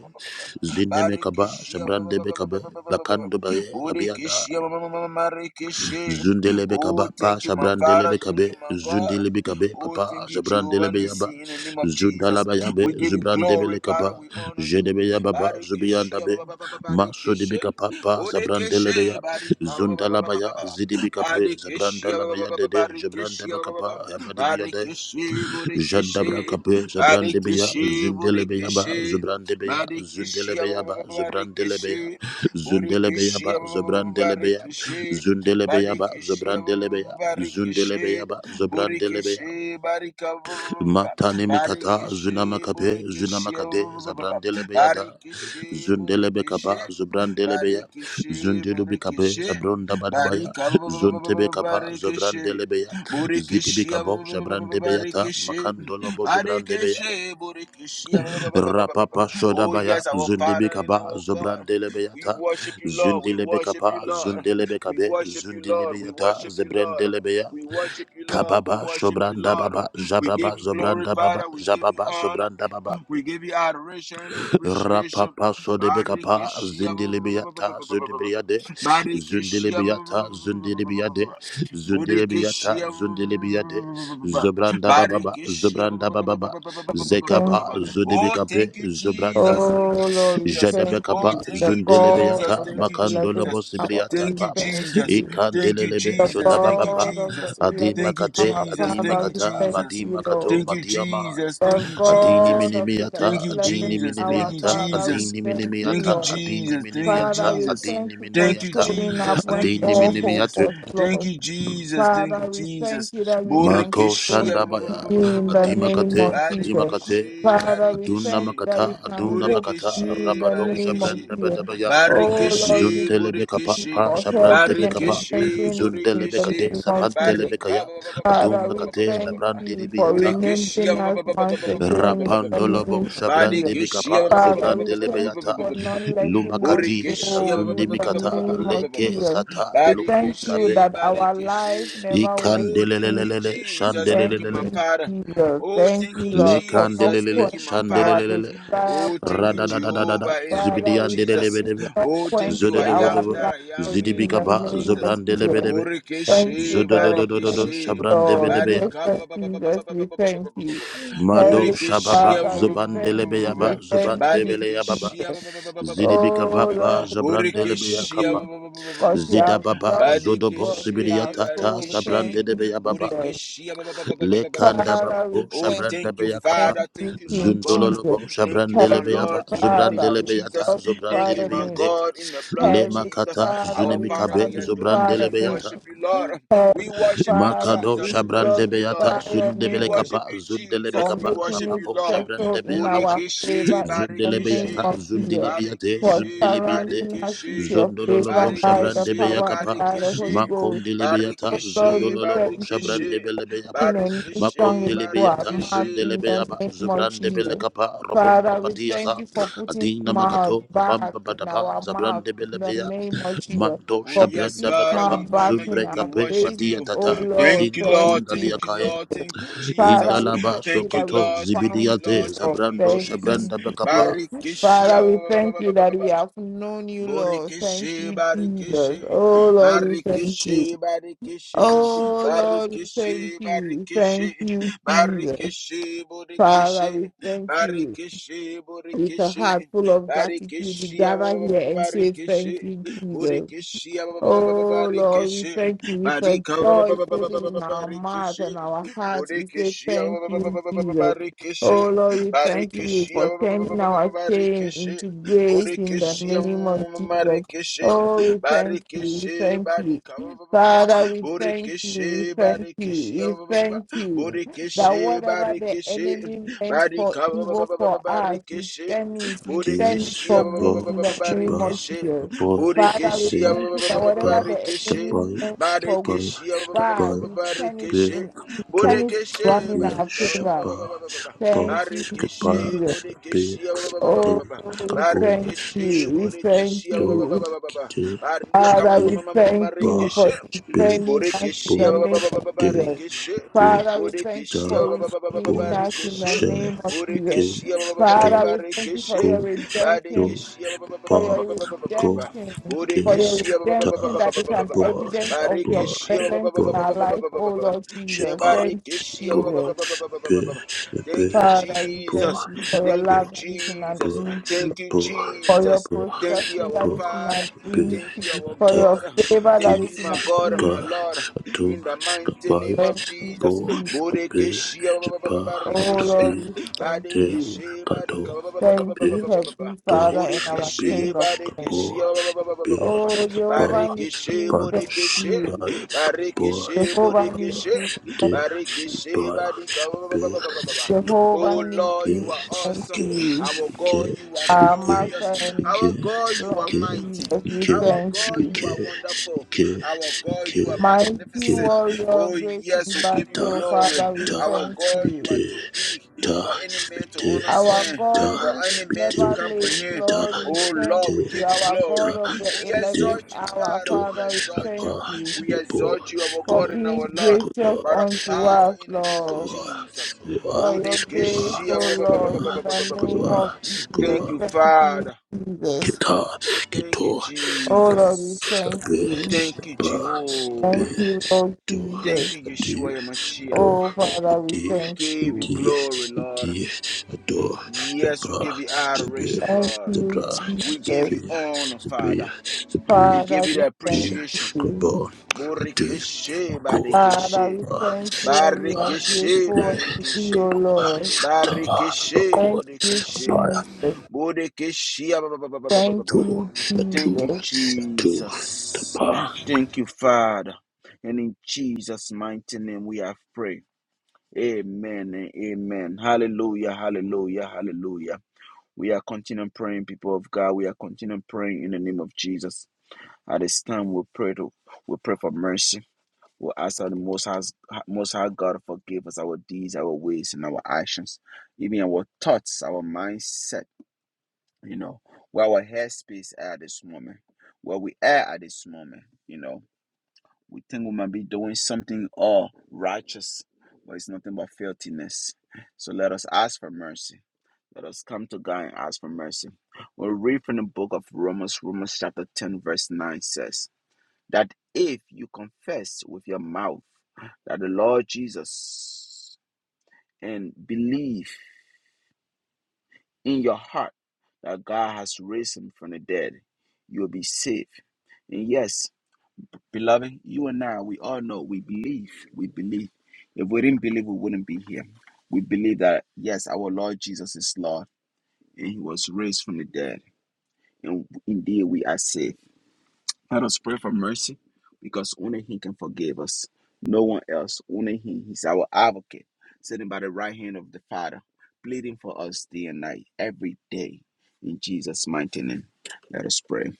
Speaker 2: zineme kaba
Speaker 1: Barikishi,
Speaker 2: shabrande bekabe bakando baye kabiyada
Speaker 1: Burikishi, Marikishi.
Speaker 2: zundele
Speaker 1: Oh,
Speaker 2: bekaba pa
Speaker 1: thank you, my
Speaker 2: shabrandele
Speaker 1: Father.
Speaker 2: bekabe
Speaker 1: Thank you, my God.
Speaker 2: zundile bekabe
Speaker 1: Oh,
Speaker 2: papa
Speaker 1: thank you,
Speaker 2: shabrandele
Speaker 1: Jehovah
Speaker 2: beyaba
Speaker 1: Nissi, in the name of
Speaker 2: zundala
Speaker 1: Jesus.
Speaker 2: bayabe
Speaker 1: We give you
Speaker 2: zubrande bele
Speaker 1: glory,
Speaker 2: kaba
Speaker 1: Father. We honor you.
Speaker 2: jedebe yababa zubiyanda
Speaker 1: Barikishi,
Speaker 2: be masudi
Speaker 1: Barikishi.
Speaker 2: bekapa pa zabrandele
Speaker 1: Bodekeshe
Speaker 2: beya
Speaker 1: barika ba- ba- ba-
Speaker 2: zundala
Speaker 1: ba- ba-
Speaker 2: baya
Speaker 1: ba- ba-
Speaker 2: zidi
Speaker 1: ba.
Speaker 2: bekabe
Speaker 1: Badekeshe
Speaker 2: zabrandala
Speaker 1: ba- ba-
Speaker 2: baya
Speaker 1: ba- ba- ba-
Speaker 2: dede jabrande
Speaker 1: barikeshe ba- ba- ba-
Speaker 2: bekapa
Speaker 1: ba- ba.
Speaker 2: yabadi biyade
Speaker 1: Barikeshe bodekeshe
Speaker 2: Jandabra Kape, Zabrandebeya,
Speaker 1: Badekeshe
Speaker 2: Zindelebeyaba,
Speaker 1: bodekeshe
Speaker 2: Zubrandebeya,
Speaker 1: Badekeshe ba- ba- ba-
Speaker 2: Zundelebeyaba,
Speaker 1: ba- ba-
Speaker 2: Zubrandelebeya,
Speaker 1: barikeshe Bodekeshe
Speaker 2: Zundelebeyaba,
Speaker 1: ba- ba- ba- ba- ba-
Speaker 2: Zubrandelebeya,
Speaker 1: barikeshe Badekeshe
Speaker 2: Zundelebeyaba,
Speaker 1: ba- ba- ba-
Speaker 2: Zubrandelebeya,
Speaker 1: ba- barikeshe
Speaker 2: Zundelebeyaba, Zubrandelebeya,
Speaker 1: Bodekeshe barika ba- ba- ba- ba- ba.
Speaker 2: Matani mikata
Speaker 1: Barikeshe
Speaker 2: zunama kape zunama
Speaker 1: bodekeshe ba-
Speaker 2: kade
Speaker 1: ba- ba- ba- ba-
Speaker 2: zabrandele
Speaker 1: ba.
Speaker 2: beyada
Speaker 1: Barikeshe,
Speaker 2: zundele
Speaker 1: Borekeshe,
Speaker 2: bekapa zubrandele beya
Speaker 1: Barikishe,
Speaker 2: Matanimikata Zunamakape Zunamakade Zabrandelebeyada Zundelebekapa beya Zundelubikape
Speaker 1: Borikishe,
Speaker 2: Zabrondabadabaya
Speaker 1: Barika, Barikishe, Borikishe,
Speaker 2: Zuntebekapa beyata
Speaker 1: Barikishe,
Speaker 2: makandolo bo Makandolobo beya
Speaker 1: Barikishe,
Speaker 2: Rapapa
Speaker 1: Borikishe.
Speaker 2: shoda
Speaker 1: Oh,
Speaker 2: baya
Speaker 1: yes, our
Speaker 2: zundibi
Speaker 1: Father and
Speaker 2: kaba
Speaker 1: our God.
Speaker 2: zubrandele
Speaker 1: We
Speaker 2: beyata
Speaker 1: worship you, Lord. We
Speaker 2: zundele
Speaker 1: worship you,
Speaker 2: Shodabaya Zundibikaba
Speaker 1: Lord. We
Speaker 2: Zubrandelebeyata Zundelebekapa Zundelebekabe
Speaker 1: worship you, Lord. We worship you, Lord.
Speaker 2: Zundilibeyata
Speaker 1: We worship you, Lord. We
Speaker 2: Kababa
Speaker 1: worship you,
Speaker 2: Sobranda
Speaker 1: Lord.
Speaker 2: Baba
Speaker 1: We give
Speaker 2: Zababa
Speaker 1: you glory,
Speaker 2: Zobranda Baba
Speaker 1: Father. We give you
Speaker 2: Zababa
Speaker 1: honor.
Speaker 2: Sobranda Baba
Speaker 1: We give you adoration and appreciation.
Speaker 2: Rapapa Sodebekapa
Speaker 1: Barikishia
Speaker 2: Zindilibiata Zundibriade
Speaker 1: Barikishia
Speaker 2: Zundilibiata Zundilibiade Zundilibiata
Speaker 1: Burikishia
Speaker 2: Zundilibiade Zobranda Baba
Speaker 1: Barikishia
Speaker 2: Zobranda Baba
Speaker 3: thank,
Speaker 2: Zekapa
Speaker 1: Oh
Speaker 2: Zudibikape
Speaker 1: thank you
Speaker 2: Zobranda Baba
Speaker 1: Jesus thank
Speaker 3: Oh,
Speaker 1: you
Speaker 3: Lord, we
Speaker 1: Jesus
Speaker 3: thank
Speaker 1: Oh
Speaker 3: you.
Speaker 2: Jadabekapa
Speaker 1: thank
Speaker 3: The
Speaker 1: you
Speaker 3: God
Speaker 1: Jesus
Speaker 2: Zundelebeyata
Speaker 3: of the
Speaker 1: thank you
Speaker 3: 11th
Speaker 2: Makandolabo
Speaker 1: Jesus
Speaker 3: hour,
Speaker 1: Thank
Speaker 3: we
Speaker 1: you
Speaker 2: Sibriatapa
Speaker 3: thank
Speaker 1: Jesus
Speaker 3: you.
Speaker 1: Thank you
Speaker 2: Ikandelelebe
Speaker 3: The
Speaker 1: Jesus Thank you
Speaker 2: Shodababapa
Speaker 3: God of the
Speaker 1: Jesus
Speaker 2: Adi
Speaker 3: 11th
Speaker 1: Thank you
Speaker 2: Makate
Speaker 3: hour,
Speaker 1: Jesus
Speaker 2: Adi
Speaker 1: Thank
Speaker 3: Father,
Speaker 1: you
Speaker 3: we
Speaker 2: Makata
Speaker 3: thank
Speaker 1: Jesus
Speaker 2: Madi
Speaker 3: you,
Speaker 2: Makato
Speaker 3: Lord.
Speaker 1: Thank you
Speaker 2: Madiama
Speaker 1: Jesus Thank
Speaker 3: The
Speaker 1: you
Speaker 2: Adini
Speaker 3: God
Speaker 1: Jesus
Speaker 3: of the
Speaker 1: Thank
Speaker 2: Minimiata
Speaker 1: you,
Speaker 2: Adini
Speaker 3: 11th
Speaker 1: Jesus. Thank
Speaker 3: hour,
Speaker 1: you,
Speaker 2: Minimiata
Speaker 3: Father, we
Speaker 1: Jesus.
Speaker 2: Adini
Speaker 3: thank you,
Speaker 1: Thank you,
Speaker 2: Minimiata
Speaker 3: Lord.
Speaker 2: Adini
Speaker 1: Jesus. Thank you,
Speaker 3: Father,
Speaker 2: Minimiata
Speaker 3: we
Speaker 1: Jesus.
Speaker 3: thank
Speaker 2: Adini
Speaker 3: you for
Speaker 1: Thank you,
Speaker 2: Minimiata
Speaker 3: showing up
Speaker 1: Jesus.
Speaker 3: when
Speaker 1: Thank you,
Speaker 2: Adini
Speaker 3: all hope
Speaker 1: Jesus.
Speaker 2: Minimiata
Speaker 3: was
Speaker 1: Thank
Speaker 3: lost.
Speaker 1: you, Jesus. Thank you,
Speaker 3: Father, we thank
Speaker 1: Jesus.
Speaker 3: you that we can
Speaker 2: Mako
Speaker 3: show
Speaker 1: Borikishia.
Speaker 2: Shandabaya
Speaker 3: you in the name of
Speaker 2: Adimakate
Speaker 3: Jesus.
Speaker 2: Adimakate
Speaker 1: Barikishi,
Speaker 3: Father, we
Speaker 2: Aduna
Speaker 3: thank
Speaker 1: barikishi,
Speaker 3: that we
Speaker 2: Makata
Speaker 3: can
Speaker 2: Aduna
Speaker 3: hope
Speaker 2: Makata
Speaker 3: in you in
Speaker 1: burikishi,
Speaker 3: the
Speaker 2: Rabado
Speaker 3: name of
Speaker 2: Shabren
Speaker 1: barikishi,
Speaker 3: Jesus.
Speaker 2: Rabadabaya
Speaker 3: Oh Lord,
Speaker 1: barikishi,
Speaker 3: we
Speaker 2: Zuntelebeka pa
Speaker 1: burikishi,
Speaker 2: pa
Speaker 3: for helping and
Speaker 2: shaprantebeka pa
Speaker 1: barikishi,
Speaker 3: remembering us in the
Speaker 2: zundelebeka de
Speaker 1: burikishi,
Speaker 3: name of Jesus.
Speaker 2: sapantelebeka
Speaker 1: barika,
Speaker 2: ya
Speaker 3: Father,
Speaker 2: adumaka
Speaker 3: we
Speaker 2: te
Speaker 3: thank you for
Speaker 2: labrandilibiyata
Speaker 1: burikishi,
Speaker 3: remembering us once again in the
Speaker 2: rapandolobo
Speaker 3: name of Jesus.
Speaker 2: shabrandibika
Speaker 1: Badikishia
Speaker 2: pa
Speaker 3: Father, we thank you
Speaker 2: zubrandelebeyata
Speaker 3: for not letting us
Speaker 2: lumakati
Speaker 1: Burikishia
Speaker 3: go in the
Speaker 2: azundimikata
Speaker 3: name of
Speaker 2: leke
Speaker 3: Jesus.
Speaker 2: sata
Speaker 3: We
Speaker 2: luku
Speaker 3: thank you
Speaker 2: sabe
Speaker 1: Badikishi
Speaker 3: that our life
Speaker 1: Badikishi.
Speaker 3: never went
Speaker 1: Oh,
Speaker 3: in
Speaker 1: thank you,
Speaker 2: ikandelelelele
Speaker 1: Jesus.
Speaker 3: Thank
Speaker 1: Thank you, my
Speaker 2: shandelelelele
Speaker 3: you,
Speaker 1: Father.
Speaker 3: Jesus.
Speaker 1: Oh,
Speaker 3: Thank
Speaker 1: thank
Speaker 3: you,
Speaker 1: you,
Speaker 3: Lord, for
Speaker 1: Jesus. Thank
Speaker 2: lekandelelele
Speaker 3: appointing
Speaker 1: you, my
Speaker 3: our
Speaker 1: Father.
Speaker 2: shandelelelele
Speaker 3: desire
Speaker 1: Oh,
Speaker 3: for
Speaker 1: thank you,
Speaker 3: you.
Speaker 2: radadadadada
Speaker 1: Jehovah, in the name
Speaker 3: Father,
Speaker 1: of
Speaker 3: we thank
Speaker 1: Jesus.
Speaker 3: you
Speaker 2: zibidiyandelelebedebe
Speaker 3: for
Speaker 1: Oh,
Speaker 3: appointing
Speaker 1: thank you, I
Speaker 3: our
Speaker 1: am
Speaker 2: zododobodebo
Speaker 1: that
Speaker 3: love
Speaker 1: I
Speaker 3: for
Speaker 1: am
Speaker 3: you
Speaker 1: in
Speaker 3: in
Speaker 1: the
Speaker 2: zidibika
Speaker 3: the
Speaker 1: name
Speaker 2: pa
Speaker 1: of
Speaker 3: name of
Speaker 1: Jesus.
Speaker 3: Jesus.
Speaker 2: zubrandelebedebe
Speaker 3: Thank you,
Speaker 1: Borikeshe,
Speaker 3: Lord. Thank
Speaker 2: Zodododododo
Speaker 3: you,
Speaker 1: Barikeshe,
Speaker 2: Shabran
Speaker 3: Lord.
Speaker 2: Debedebeya
Speaker 1: Barika,
Speaker 3: Yes, Jesus, we thank you.
Speaker 2: Mado
Speaker 3: Heavenly
Speaker 1: Burikishia
Speaker 2: Shababa
Speaker 1: ba-
Speaker 3: Father,
Speaker 1: ba- ba- ba-
Speaker 3: we
Speaker 2: Zuban
Speaker 1: ba-
Speaker 3: thank you.
Speaker 1: ba- ba-
Speaker 3: We
Speaker 2: Delebeyaba
Speaker 3: thank
Speaker 2: Zuban
Speaker 3: you,
Speaker 2: Debeleyababa
Speaker 1: Badikishia
Speaker 3: Jesus.
Speaker 1: ba- ba- ba-
Speaker 2: Zidibika
Speaker 3: Oh,
Speaker 2: Baba
Speaker 3: Lord,
Speaker 2: Zabran
Speaker 3: thank
Speaker 2: Delebeya
Speaker 1: Burikishia
Speaker 3: you.
Speaker 2: Kapa
Speaker 3: Because you have
Speaker 2: Zidababa
Speaker 3: dealt with
Speaker 2: Zodobo
Speaker 3: what we are
Speaker 1: Badikishi
Speaker 2: Sibiriata Ta
Speaker 3: so.
Speaker 2: Sabran
Speaker 3: Thank
Speaker 1: Barikishi
Speaker 3: you,
Speaker 2: Debeya
Speaker 3: Jesus.
Speaker 1: Burikishia
Speaker 2: Lekanda
Speaker 3: Father, we
Speaker 2: Bababo
Speaker 1: Oh
Speaker 3: thank
Speaker 2: Shabran
Speaker 1: thank you
Speaker 2: Debeya
Speaker 3: you.
Speaker 2: Kapa
Speaker 1: Father
Speaker 3: Thank you,
Speaker 1: thank you my
Speaker 3: King
Speaker 1: God
Speaker 3: Jesus.
Speaker 2: Zundololobo
Speaker 1: thank
Speaker 2: Shabran
Speaker 1: you my
Speaker 3: Heavenly
Speaker 2: Delebeyaba
Speaker 1: Lord in the
Speaker 2: Zubran
Speaker 1: name
Speaker 3: Father,
Speaker 1: of
Speaker 3: we
Speaker 2: Delebeyata
Speaker 1: Jesus
Speaker 2: Zubran
Speaker 3: glorify
Speaker 1: thank you
Speaker 3: your
Speaker 2: Delebeya
Speaker 1: my
Speaker 3: name.
Speaker 1: God in the blood of
Speaker 2: Lema
Speaker 3: Heavenly
Speaker 1: Jesus
Speaker 2: Kata
Speaker 3: Father,
Speaker 1: our
Speaker 3: we
Speaker 1: Father
Speaker 2: Zunimikabe
Speaker 1: we
Speaker 2: Zubran
Speaker 1: adore
Speaker 3: magnify
Speaker 1: you
Speaker 3: your
Speaker 1: we
Speaker 2: Delebeyata
Speaker 1: worship you
Speaker 3: name.
Speaker 1: Lord we
Speaker 3: Heavenly
Speaker 1: worship you
Speaker 3: Father,
Speaker 2: Makado
Speaker 3: we
Speaker 1: Jesus we worship
Speaker 2: shabrande
Speaker 1: you Lord
Speaker 2: beyata
Speaker 3: glorify your
Speaker 1: we
Speaker 2: sundebele
Speaker 3: name
Speaker 1: worship
Speaker 2: kapa
Speaker 1: you,
Speaker 2: zundelebe
Speaker 3: for
Speaker 1: Jesus. We
Speaker 2: kapa
Speaker 3: making
Speaker 1: worship
Speaker 3: it
Speaker 1: you,
Speaker 2: bababo
Speaker 1: Lord.
Speaker 2: shabran
Speaker 3: settle in
Speaker 2: beya baba
Speaker 3: our
Speaker 1: Borikishi,
Speaker 3: favor in the
Speaker 2: zundelebe
Speaker 3: name
Speaker 2: yata
Speaker 1: barikishi,
Speaker 3: of Jesus.
Speaker 2: zundilibiyate
Speaker 3: For
Speaker 1: barikishi,
Speaker 2: zundilibiyade
Speaker 3: surrounding us with
Speaker 1: barikishi,
Speaker 3: your favor
Speaker 2: zondololobo
Speaker 3: by the
Speaker 2: shabrande beya
Speaker 1: barikishi,
Speaker 3: power and
Speaker 2: kapa
Speaker 3: by the Holy
Speaker 1: barikishi,
Speaker 3: Ghost.
Speaker 2: makondilibiyata
Speaker 3: Lord,
Speaker 1: barikishi,
Speaker 3: we
Speaker 2: zundololobo
Speaker 3: thank you
Speaker 2: shabrande
Speaker 1: barikishi,
Speaker 2: belebe yaba
Speaker 3: and strong
Speaker 1: barikishi,
Speaker 3: into our
Speaker 2: makondilibiyata
Speaker 3: mouth
Speaker 1: barikishi.
Speaker 3: in
Speaker 2: zundelebe
Speaker 3: the
Speaker 2: yaba
Speaker 3: name of
Speaker 2: zubrande bele
Speaker 3: Jesus.
Speaker 2: kapa robom
Speaker 3: Father, we thank
Speaker 2: babatiyata
Speaker 3: you for putting
Speaker 2: adina
Speaker 3: smiles
Speaker 2: makato kabam
Speaker 3: back in
Speaker 2: babadaba
Speaker 3: our mouth
Speaker 2: zabrande
Speaker 3: in the name of Jesus.
Speaker 2: Mando
Speaker 1: Oh,
Speaker 3: For
Speaker 1: yes,
Speaker 3: putting
Speaker 2: shabranda
Speaker 1: Father,
Speaker 2: bekapa
Speaker 1: we
Speaker 3: smiles back
Speaker 1: honor you.
Speaker 3: in
Speaker 2: zumbre
Speaker 1: We
Speaker 3: our
Speaker 2: kape
Speaker 1: worship
Speaker 2: badia
Speaker 3: faces,
Speaker 1: you.
Speaker 3: oh
Speaker 2: dada
Speaker 3: Lord,
Speaker 2: masin
Speaker 1: Thank you,
Speaker 3: thank
Speaker 1: Lord.
Speaker 2: kotunda
Speaker 3: you.
Speaker 2: dalia
Speaker 1: Thank you,
Speaker 2: kae
Speaker 1: Lord. Thank you,
Speaker 3: Father,
Speaker 1: Jesus.
Speaker 3: we
Speaker 2: indala
Speaker 3: thank you
Speaker 1: Thank you,
Speaker 3: that we
Speaker 2: sokoto
Speaker 1: Lord. Thank
Speaker 3: found
Speaker 1: you,
Speaker 3: you,
Speaker 2: zibidiyate
Speaker 1: Lord.
Speaker 3: Lord.
Speaker 1: Thank you,
Speaker 2: zabrando
Speaker 3: Thank
Speaker 1: Jesus.
Speaker 3: you,
Speaker 2: shabranda
Speaker 3: Jesus.
Speaker 2: bekapa
Speaker 1: Barikishi.
Speaker 3: Father, we thank you that we have known you, Lord. Thank
Speaker 1: Borikishi,
Speaker 3: you,
Speaker 1: Barikishi,
Speaker 3: Jesus. Oh Lord, we thank you.
Speaker 1: Barikishi, Barikishi,
Speaker 3: Oh Lord, we thank
Speaker 1: Barikishi,
Speaker 3: you. Thank you,
Speaker 1: Barikishi,
Speaker 3: Jesus.
Speaker 1: Barikishi,
Speaker 3: Father,
Speaker 1: Borikishi,
Speaker 3: we thank you.
Speaker 1: Barikishi,
Speaker 3: With a
Speaker 1: Borikishi,
Speaker 3: heart full of gratitude, we
Speaker 1: Barikishi,
Speaker 3: gather here and say
Speaker 1: Barikishi,
Speaker 3: thank you, Jesus.
Speaker 1: Borikishi,
Speaker 3: Oh Lord, we
Speaker 1: Barikishi,
Speaker 3: thank you with a
Speaker 1: Barika,
Speaker 3: joyful in our mouth
Speaker 1: Barikishi,
Speaker 3: and our hearts. We say
Speaker 1: Borikishi,
Speaker 3: thank you, Jesus.
Speaker 1: Barikishi,
Speaker 3: Oh Lord, we thank you for
Speaker 1: Barikishi,
Speaker 3: turning our shame
Speaker 1: Barikishi,
Speaker 3: into grace in the
Speaker 1: Borekeshe
Speaker 3: name of Jesus.
Speaker 1: Marekeshe
Speaker 3: Oh, we thank you, we
Speaker 1: Barekeshe
Speaker 3: thank you.
Speaker 1: Badika
Speaker 3: Father, we thank you,
Speaker 1: Borekeshe
Speaker 3: we thank you,
Speaker 1: Barekeshe
Speaker 3: we thank you that
Speaker 1: Borekeshe
Speaker 3: whatever the
Speaker 1: Barekeshe
Speaker 3: enemy meant for
Speaker 1: Badika
Speaker 3: evil for us, we
Speaker 1: Barekeshe
Speaker 3: turn it, we
Speaker 2: ti
Speaker 3: turn it
Speaker 1: Borekeshe
Speaker 3: for good
Speaker 2: po
Speaker 3: in the name
Speaker 2: shipa
Speaker 3: of
Speaker 1: Barekeshe
Speaker 3: Jesus.
Speaker 2: po
Speaker 3: Father, we
Speaker 1: Borekeshe
Speaker 2: ti
Speaker 3: thank you that whatever
Speaker 2: apa
Speaker 3: the
Speaker 1: Barekeshe
Speaker 2: kapa
Speaker 3: enemy meant for
Speaker 2: kapa
Speaker 1: Barekeshe
Speaker 2: tipa
Speaker 3: bad, you turn it
Speaker 2: pe
Speaker 1: Barekeshe
Speaker 3: in, you turn
Speaker 2: to
Speaker 3: it around
Speaker 1: Borekeshe
Speaker 3: in
Speaker 2: ti
Speaker 3: our
Speaker 1: Badika
Speaker 3: favor.
Speaker 2: shapa
Speaker 3: Thank
Speaker 2: po
Speaker 3: you,
Speaker 2: kapa
Speaker 1: Barekeshe
Speaker 3: Jesus.
Speaker 2: pe ti
Speaker 3: Oh,
Speaker 1: Borekeshe
Speaker 3: we
Speaker 2: kapo
Speaker 3: thank you.
Speaker 1: Barikishi,
Speaker 3: We
Speaker 2: shato
Speaker 3: thank
Speaker 1: Burikishi, ba- ba- ba-
Speaker 3: you.
Speaker 1: ba- ba- ba- ba- ba. Barika, ma-
Speaker 3: Father,
Speaker 1: ma-
Speaker 2: kite
Speaker 3: we
Speaker 1: ma- ma- ma- ma-
Speaker 3: thank you
Speaker 2: Ba,
Speaker 3: for
Speaker 2: be,
Speaker 3: defending us in
Speaker 1: Burikishi,
Speaker 2: bo,
Speaker 3: the
Speaker 1: ba-
Speaker 3: name of
Speaker 2: Shde,
Speaker 3: Jesus.
Speaker 2: Go,
Speaker 3: Father, we thank you
Speaker 1: Burikishi,
Speaker 3: for
Speaker 1: ba-
Speaker 2: Da,
Speaker 3: redeeming
Speaker 2: Bo,
Speaker 3: us in the
Speaker 2: Asher,
Speaker 3: name of
Speaker 2: Shbege,
Speaker 3: Jesus.
Speaker 1: Burikishi, ba-
Speaker 3: Father,
Speaker 2: Shbedo,
Speaker 3: we thank you for your
Speaker 2: Go,
Speaker 3: redemption
Speaker 2: Do,
Speaker 1: Barikishi,
Speaker 3: for your
Speaker 2: Shba, Go,
Speaker 3: redemption, for
Speaker 2: Ge,
Speaker 3: your
Speaker 1: Burikishi, ba-
Speaker 2: Da,
Speaker 3: redemption that is an
Speaker 2: bo,
Speaker 3: evidence of your
Speaker 2: bo,
Speaker 1: Barikishi,
Speaker 3: presence in
Speaker 2: Bo,
Speaker 3: our life, oh Lord Jesus.
Speaker 2: Shba,
Speaker 3: Thank you,
Speaker 1: Barikishi,
Speaker 2: Bo,
Speaker 3: Jesus.
Speaker 2: Shbe, Shbe,
Speaker 1: Thank you,
Speaker 3: Father, we thank
Speaker 1: Jesus.
Speaker 2: Bo,
Speaker 3: you for your
Speaker 1: Thank you,
Speaker 2: bo,
Speaker 3: love that is in an
Speaker 1: Jesus.
Speaker 2: Bo,
Speaker 3: increase,
Speaker 1: Thank you,
Speaker 2: bo,
Speaker 3: for your
Speaker 1: Jesus.
Speaker 2: Abo,
Speaker 1: Thank you,
Speaker 3: protection
Speaker 1: our
Speaker 3: that
Speaker 2: Abo,
Speaker 3: is in
Speaker 1: Father.
Speaker 3: an
Speaker 2: Shbe,
Speaker 1: Thank you,
Speaker 3: increase,
Speaker 1: our
Speaker 3: for your
Speaker 2: Ada,
Speaker 1: God.
Speaker 3: favor that
Speaker 1: Thank you,
Speaker 3: is in
Speaker 1: my
Speaker 3: an
Speaker 1: God and my
Speaker 2: Pai,
Speaker 3: increase.
Speaker 1: Lord.
Speaker 2: Atum,
Speaker 1: In the mighty name
Speaker 2: Kapai,
Speaker 3: Thank
Speaker 1: of
Speaker 3: you,
Speaker 1: Jesus.
Speaker 2: Apo,
Speaker 3: Jesus.
Speaker 2: Kupe,
Speaker 1: Borekeshe,
Speaker 2: Japa,
Speaker 3: Oh
Speaker 2: Rapi,
Speaker 3: Lord, we
Speaker 1: barekeshe,
Speaker 3: thank
Speaker 2: Te,
Speaker 3: you.
Speaker 1: barekeshe, barika,
Speaker 2: Kado,
Speaker 3: Thank
Speaker 2: Kape,
Speaker 3: you, Heavenly
Speaker 2: Toi,
Speaker 3: Father and our
Speaker 2: Rapi,
Speaker 3: King
Speaker 1: borekeshe,
Speaker 3: of Kings.
Speaker 1: barekeshe,
Speaker 2: Kapo, Ipe,
Speaker 3: Oh, Jehovah,
Speaker 2: Kapa,
Speaker 1: barekeshe,
Speaker 3: we
Speaker 2: Rapado,
Speaker 3: thank
Speaker 1: borekeshe,
Speaker 3: you.
Speaker 2: Pai, Kapo,
Speaker 1: barekeshe,
Speaker 3: Jehovah
Speaker 2: Ipai,
Speaker 1: borekeshe,
Speaker 3: Nissi,
Speaker 2: Te,
Speaker 1: barekeshe,
Speaker 2: Ipai, Ape,
Speaker 1: barika,
Speaker 3: Jehovah
Speaker 1: Oh Lord,
Speaker 3: Nissi,
Speaker 1: you are
Speaker 3: thank
Speaker 1: awesome.
Speaker 2: Ike,
Speaker 3: you.
Speaker 1: Our
Speaker 2: Ike,
Speaker 1: God, you are
Speaker 3: Our
Speaker 2: Ike,
Speaker 1: glorious.
Speaker 3: Master
Speaker 2: Ike, Ike,
Speaker 3: and
Speaker 2: Ike,
Speaker 1: Our God, you are
Speaker 3: Lord
Speaker 1: mighty.
Speaker 3: Jesus, we
Speaker 1: Our
Speaker 3: thank
Speaker 1: God,
Speaker 3: you.
Speaker 1: you
Speaker 2: Ike,
Speaker 1: are wonderful. Our God,
Speaker 2: Ike,
Speaker 1: you
Speaker 2: Ike,
Speaker 1: are
Speaker 3: Mighty
Speaker 2: Ike,
Speaker 1: magnificent.
Speaker 3: warrior,
Speaker 1: Oh
Speaker 3: great
Speaker 1: yes,
Speaker 3: in
Speaker 1: we give you
Speaker 2: da
Speaker 3: battle,
Speaker 1: glory.
Speaker 3: Father, we
Speaker 1: Our
Speaker 2: da
Speaker 3: thank
Speaker 1: God,
Speaker 3: you.
Speaker 1: you
Speaker 2: bitte
Speaker 1: are too big for
Speaker 2: da
Speaker 1: any man to
Speaker 2: bitte
Speaker 3: Our
Speaker 1: understand,
Speaker 2: da
Speaker 3: God
Speaker 1: for
Speaker 3: who
Speaker 1: any man to
Speaker 3: never
Speaker 2: bitte
Speaker 3: leaves,
Speaker 1: comprehend.
Speaker 2: da
Speaker 3: Lord, we
Speaker 1: Oh
Speaker 3: thank
Speaker 1: Lord,
Speaker 2: bitte
Speaker 1: we
Speaker 3: you.
Speaker 1: give you
Speaker 3: Our
Speaker 2: da
Speaker 3: God
Speaker 1: glory.
Speaker 3: of the
Speaker 1: We
Speaker 2: bitte
Speaker 3: 11th
Speaker 1: exalt you,
Speaker 3: hour,
Speaker 1: Father.
Speaker 2: do
Speaker 1: We
Speaker 3: Father, we
Speaker 1: exalt you.
Speaker 3: thank
Speaker 2: rapa
Speaker 3: you
Speaker 1: We
Speaker 2: lepo
Speaker 1: exalt you, our
Speaker 2: go
Speaker 3: for
Speaker 1: God and
Speaker 3: being
Speaker 1: our Lord,
Speaker 2: go
Speaker 3: gracious
Speaker 2: go go
Speaker 1: by the
Speaker 3: unto
Speaker 2: go
Speaker 1: power
Speaker 3: us,
Speaker 1: in the name of
Speaker 3: Lord.
Speaker 1: Jesus.
Speaker 2: go
Speaker 3: for your grace,
Speaker 1: Bodekeshi-
Speaker 3: O
Speaker 2: go
Speaker 3: Lord, in
Speaker 2: go
Speaker 3: the name of
Speaker 2: go
Speaker 3: Jesus.
Speaker 1: Thank
Speaker 2: go
Speaker 1: you,
Speaker 3: Thank you,
Speaker 1: Father.
Speaker 3: Jesus.
Speaker 2: Kita,
Speaker 1: Thank you,
Speaker 2: Kito,
Speaker 3: Oh Lord, we
Speaker 1: Jesus.
Speaker 3: thank
Speaker 2: abe,
Speaker 3: you.
Speaker 1: Thank you,
Speaker 2: aba,
Speaker 3: Thank
Speaker 1: Jehovah.
Speaker 2: abe,
Speaker 3: you, Lord
Speaker 2: do,
Speaker 1: Thank
Speaker 3: Jesus.
Speaker 1: you,
Speaker 2: adi,
Speaker 1: Yeshua your Mashiach.
Speaker 2: ado,
Speaker 3: Oh Father, we
Speaker 2: adi,
Speaker 1: We
Speaker 3: thank
Speaker 1: give you
Speaker 3: you.
Speaker 2: adi,
Speaker 1: glory,
Speaker 2: adi,
Speaker 1: Lord.
Speaker 2: ado,
Speaker 1: Yes, we
Speaker 2: zaba,
Speaker 1: give you
Speaker 2: zabe,
Speaker 1: adoration,
Speaker 3: Thank
Speaker 1: Lord.
Speaker 3: you,
Speaker 2: zabra,
Speaker 1: We give
Speaker 3: Jesus.
Speaker 1: you
Speaker 2: zabria,
Speaker 1: honor, Father.
Speaker 2: zabria, zabri,
Speaker 1: We give
Speaker 3: Father,
Speaker 1: you
Speaker 3: we
Speaker 1: the
Speaker 2: di,
Speaker 3: thank
Speaker 1: appreciation.
Speaker 3: you.
Speaker 2: kabo, adi,
Speaker 1: Borekeshe,
Speaker 2: ako,
Speaker 3: Father,
Speaker 1: Badekeshe.
Speaker 3: we
Speaker 2: zaba,
Speaker 3: thank you and we
Speaker 2: zaba,
Speaker 3: are
Speaker 1: Barekeshe,
Speaker 2: zabe,
Speaker 3: grateful to you, O
Speaker 1: Barekeshe.
Speaker 3: Lord.
Speaker 2: kapata,
Speaker 1: Barekeshe,
Speaker 2: bako,
Speaker 3: Thank you,
Speaker 1: Bodekeshe.
Speaker 2: apaya,
Speaker 3: Jesus. Thank
Speaker 2: tu,
Speaker 1: Bodekeshi.
Speaker 3: you,
Speaker 2: atu,
Speaker 1: Thank you,
Speaker 3: Jesus.
Speaker 2: atu,
Speaker 1: Jesus.
Speaker 2: tapa,
Speaker 1: Thank you, Father. And in Jesus' mighty name we have prayed. Amen and amen. Hallelujah, hallelujah, hallelujah. We are continuing praying, people of God. We are continuing praying in the name of Jesus. At this time, we pray to we pray for mercy. We ask that the Most High, Most High God forgive us our deeds, our ways, and our actions, even our thoughts, our mindset you know, where our headspace at this moment, where we are at this moment, you know. We think we might be doing something all righteous, but it's nothing but filthiness. So let us ask for mercy. Let us come to God and ask for mercy. We'll read from the book of Romans, Romans chapter 10, verse 9 says, That if you confess with your mouth that the Lord Jesus and believe in your heart that God has raised him from the dead, you will be saved. And yes, beloved, you and I, we all know, we believe, we believe. If we didn't believe, we wouldn't be here. We believe that, yes, our Lord Jesus is Lord, and he was raised from the dead. And indeed, we are saved. Let us pray for mercy because only He can forgive us. No one else, only He. He's our advocate, sitting by the right hand of the Father, pleading for us day and night, every day. In Jesus' mighty name, let us pray.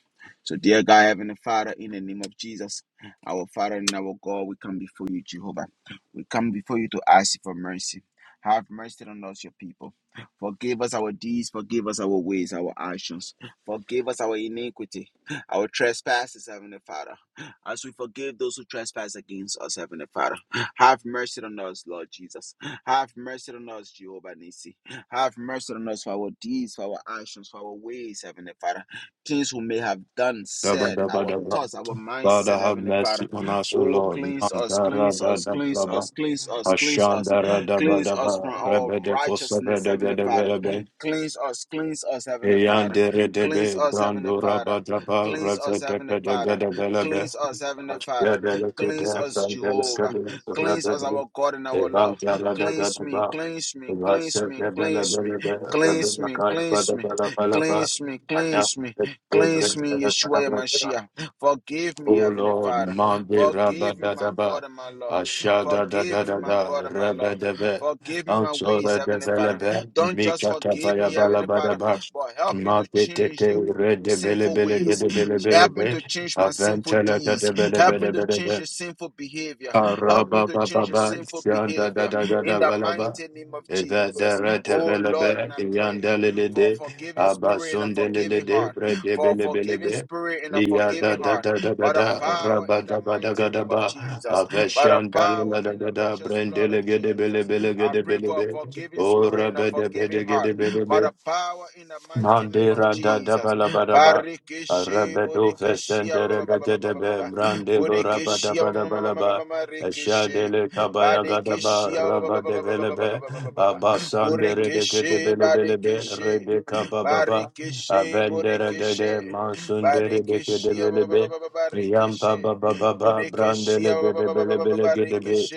Speaker 1: So, dear God, Heavenly Father, in the name of Jesus, our Father and our God, we come before you, Jehovah. We come before you to ask you for mercy. Have mercy on us, your people. Forgive us our deeds, forgive us our ways, our actions. Forgive us our iniquity. Our trespasses, Heavenly Father, as we forgive those who trespass against us, Heavenly Father. Have mercy on us, Lord Jesus. Have mercy on us, Jehovah Nissi. Have mercy on us for our deeds, for our actions, for our ways, Heavenly Father. Things we may have done,
Speaker 4: da ba
Speaker 1: said,
Speaker 4: da ba
Speaker 1: our
Speaker 4: da ba.
Speaker 1: thoughts, our
Speaker 4: Father,
Speaker 1: mindset,
Speaker 4: have
Speaker 1: Heavenly
Speaker 4: mercy
Speaker 1: Father.
Speaker 4: on us, O
Speaker 1: Oh,
Speaker 4: Lord.
Speaker 1: cleanse us,
Speaker 4: Mandara
Speaker 1: cleanse
Speaker 4: da
Speaker 1: us,
Speaker 4: da
Speaker 1: cleanse
Speaker 4: blaba.
Speaker 1: us, cleanse us, cleanse us,
Speaker 4: Ashandara da ba
Speaker 1: cleanse
Speaker 4: da
Speaker 1: us
Speaker 4: ba.
Speaker 1: from our
Speaker 4: Rebe de kosebe
Speaker 1: righteousness,
Speaker 4: de de
Speaker 1: Heavenly
Speaker 4: de be
Speaker 1: Father.
Speaker 4: de
Speaker 1: Cleanse us, cleanse us, Heavenly
Speaker 4: Eyan
Speaker 1: Father.
Speaker 4: de de
Speaker 1: Cleanse
Speaker 4: be.
Speaker 1: us, Heavenly
Speaker 4: Brando
Speaker 1: Father.
Speaker 4: raba da ba.
Speaker 1: Cleanse us,
Speaker 4: Rebe de
Speaker 1: Heavenly
Speaker 4: be de ge
Speaker 1: Father.
Speaker 4: de be de be.
Speaker 1: Cleanse us, Heavenly Father.
Speaker 4: Ashbe de le ke
Speaker 1: Cleanse
Speaker 4: de.
Speaker 1: us,
Speaker 4: Brande le
Speaker 1: Jehovah.
Speaker 4: de. be.
Speaker 1: Cleanse
Speaker 4: Rebe
Speaker 1: us,
Speaker 4: de.
Speaker 1: our God and our
Speaker 4: Evan
Speaker 1: Lord.
Speaker 4: de da ga
Speaker 1: Cleanse
Speaker 4: da
Speaker 1: me,
Speaker 4: ba.
Speaker 1: cleanse me, cleanse
Speaker 4: Vase
Speaker 1: me,
Speaker 4: de be le
Speaker 1: cleanse
Speaker 4: be
Speaker 1: me,
Speaker 4: Rebe
Speaker 1: cleanse
Speaker 4: de
Speaker 1: me,
Speaker 4: ka ya ba
Speaker 1: cleanse
Speaker 4: da
Speaker 1: me,
Speaker 4: ba la ba la ba.
Speaker 1: cleanse me,
Speaker 4: Aya
Speaker 1: cleanse me,
Speaker 4: de de bre
Speaker 1: cleanse
Speaker 4: de
Speaker 1: me,
Speaker 4: de ka da
Speaker 1: Yeshua
Speaker 4: ba. da.
Speaker 1: Yamashiach. Forgive
Speaker 4: O
Speaker 1: me, Heavenly
Speaker 4: Lord,
Speaker 1: Father.
Speaker 4: Mande
Speaker 1: Forgive me, my
Speaker 4: Rabadadaba,
Speaker 1: God and my Lord.
Speaker 4: Ashada da
Speaker 1: Forgive
Speaker 4: da
Speaker 1: me,
Speaker 4: da
Speaker 1: my
Speaker 4: da,
Speaker 1: God and my Lord.
Speaker 4: Rabadebe,
Speaker 1: Forgive me my ways,
Speaker 4: Antora de
Speaker 1: Heavenly Father.
Speaker 4: Velebe,
Speaker 1: Don't just
Speaker 4: Mikata
Speaker 1: forgive me, Heavenly Father,
Speaker 4: Vayabalabadaba,
Speaker 1: but help me to
Speaker 4: Mate
Speaker 1: change
Speaker 4: Tete,
Speaker 1: the
Speaker 4: Red de Bele
Speaker 1: sinful
Speaker 4: Bele
Speaker 1: ways.
Speaker 4: de Bele
Speaker 1: Help me
Speaker 4: Bele,
Speaker 1: to change my sinful
Speaker 4: Aventela
Speaker 1: deeds.
Speaker 4: de Bede
Speaker 1: Help me
Speaker 4: Bede
Speaker 1: to change
Speaker 4: Bede
Speaker 1: the sinful behavior. Help me to change the
Speaker 4: Arabababa,
Speaker 1: sinful
Speaker 4: Shanda da
Speaker 1: behavior
Speaker 4: da da ga
Speaker 1: in
Speaker 4: da
Speaker 1: the
Speaker 4: balaba,
Speaker 1: mighty name of
Speaker 4: Eva da
Speaker 1: Jesus.
Speaker 4: ra da
Speaker 1: Oh Lord, and
Speaker 4: belebe,
Speaker 1: I pray
Speaker 4: Yanda
Speaker 1: for a
Speaker 4: lelede,
Speaker 1: forgiving spirit and a
Speaker 4: Abasun de
Speaker 1: forgiving
Speaker 4: lelede,
Speaker 1: heart.
Speaker 4: Brede
Speaker 1: For a forgiving
Speaker 4: belebelebe,
Speaker 1: spirit and a
Speaker 4: Iya da
Speaker 1: forgiving
Speaker 4: da
Speaker 1: heart.
Speaker 4: da da da
Speaker 1: By the
Speaker 4: da,
Speaker 1: power
Speaker 4: Rabba
Speaker 1: in the
Speaker 4: da ba da
Speaker 1: mighty
Speaker 4: ga da
Speaker 1: name of
Speaker 4: ba,
Speaker 1: Jesus. By the
Speaker 4: Aveshanda
Speaker 1: power
Speaker 4: la da
Speaker 1: in
Speaker 4: da
Speaker 1: the
Speaker 4: da,
Speaker 1: precious
Speaker 4: Brende
Speaker 1: blood of
Speaker 4: legede
Speaker 1: Jesus.
Speaker 4: belebele
Speaker 1: I
Speaker 4: gede
Speaker 1: pray for a
Speaker 4: belebe,
Speaker 1: forgiving
Speaker 4: O
Speaker 1: spirit and a
Speaker 4: rabbe de
Speaker 1: forgiving
Speaker 4: bede
Speaker 1: heart. By
Speaker 4: gede
Speaker 1: the power in the mighty name of
Speaker 4: Mandira da da
Speaker 1: Jesus.
Speaker 4: ba la ba da ba.
Speaker 1: Barikishi,
Speaker 4: Arabedo
Speaker 1: Bodikishi,
Speaker 4: fesendere da da da be. Brande lo ra ba da
Speaker 1: Bodikishi,
Speaker 4: ba da ba la ba. Eshadele kabaya gada ba
Speaker 1: Marikishi,
Speaker 4: raba de
Speaker 1: Badikishi,
Speaker 4: vele be. Abasandere de ke
Speaker 1: Borikishi,
Speaker 4: de bele bele be.
Speaker 1: Badikishi,
Speaker 4: Rebe kaba ba ba.
Speaker 1: Barikishi,
Speaker 4: Avendere de
Speaker 1: Bodikishi,
Speaker 4: de mansundere de ke de
Speaker 1: Badikishi, Barikishi,
Speaker 4: bele be. Yampa
Speaker 1: Bodikishi,
Speaker 4: ba ba ba ba. Brandele de de bele bele ge de be.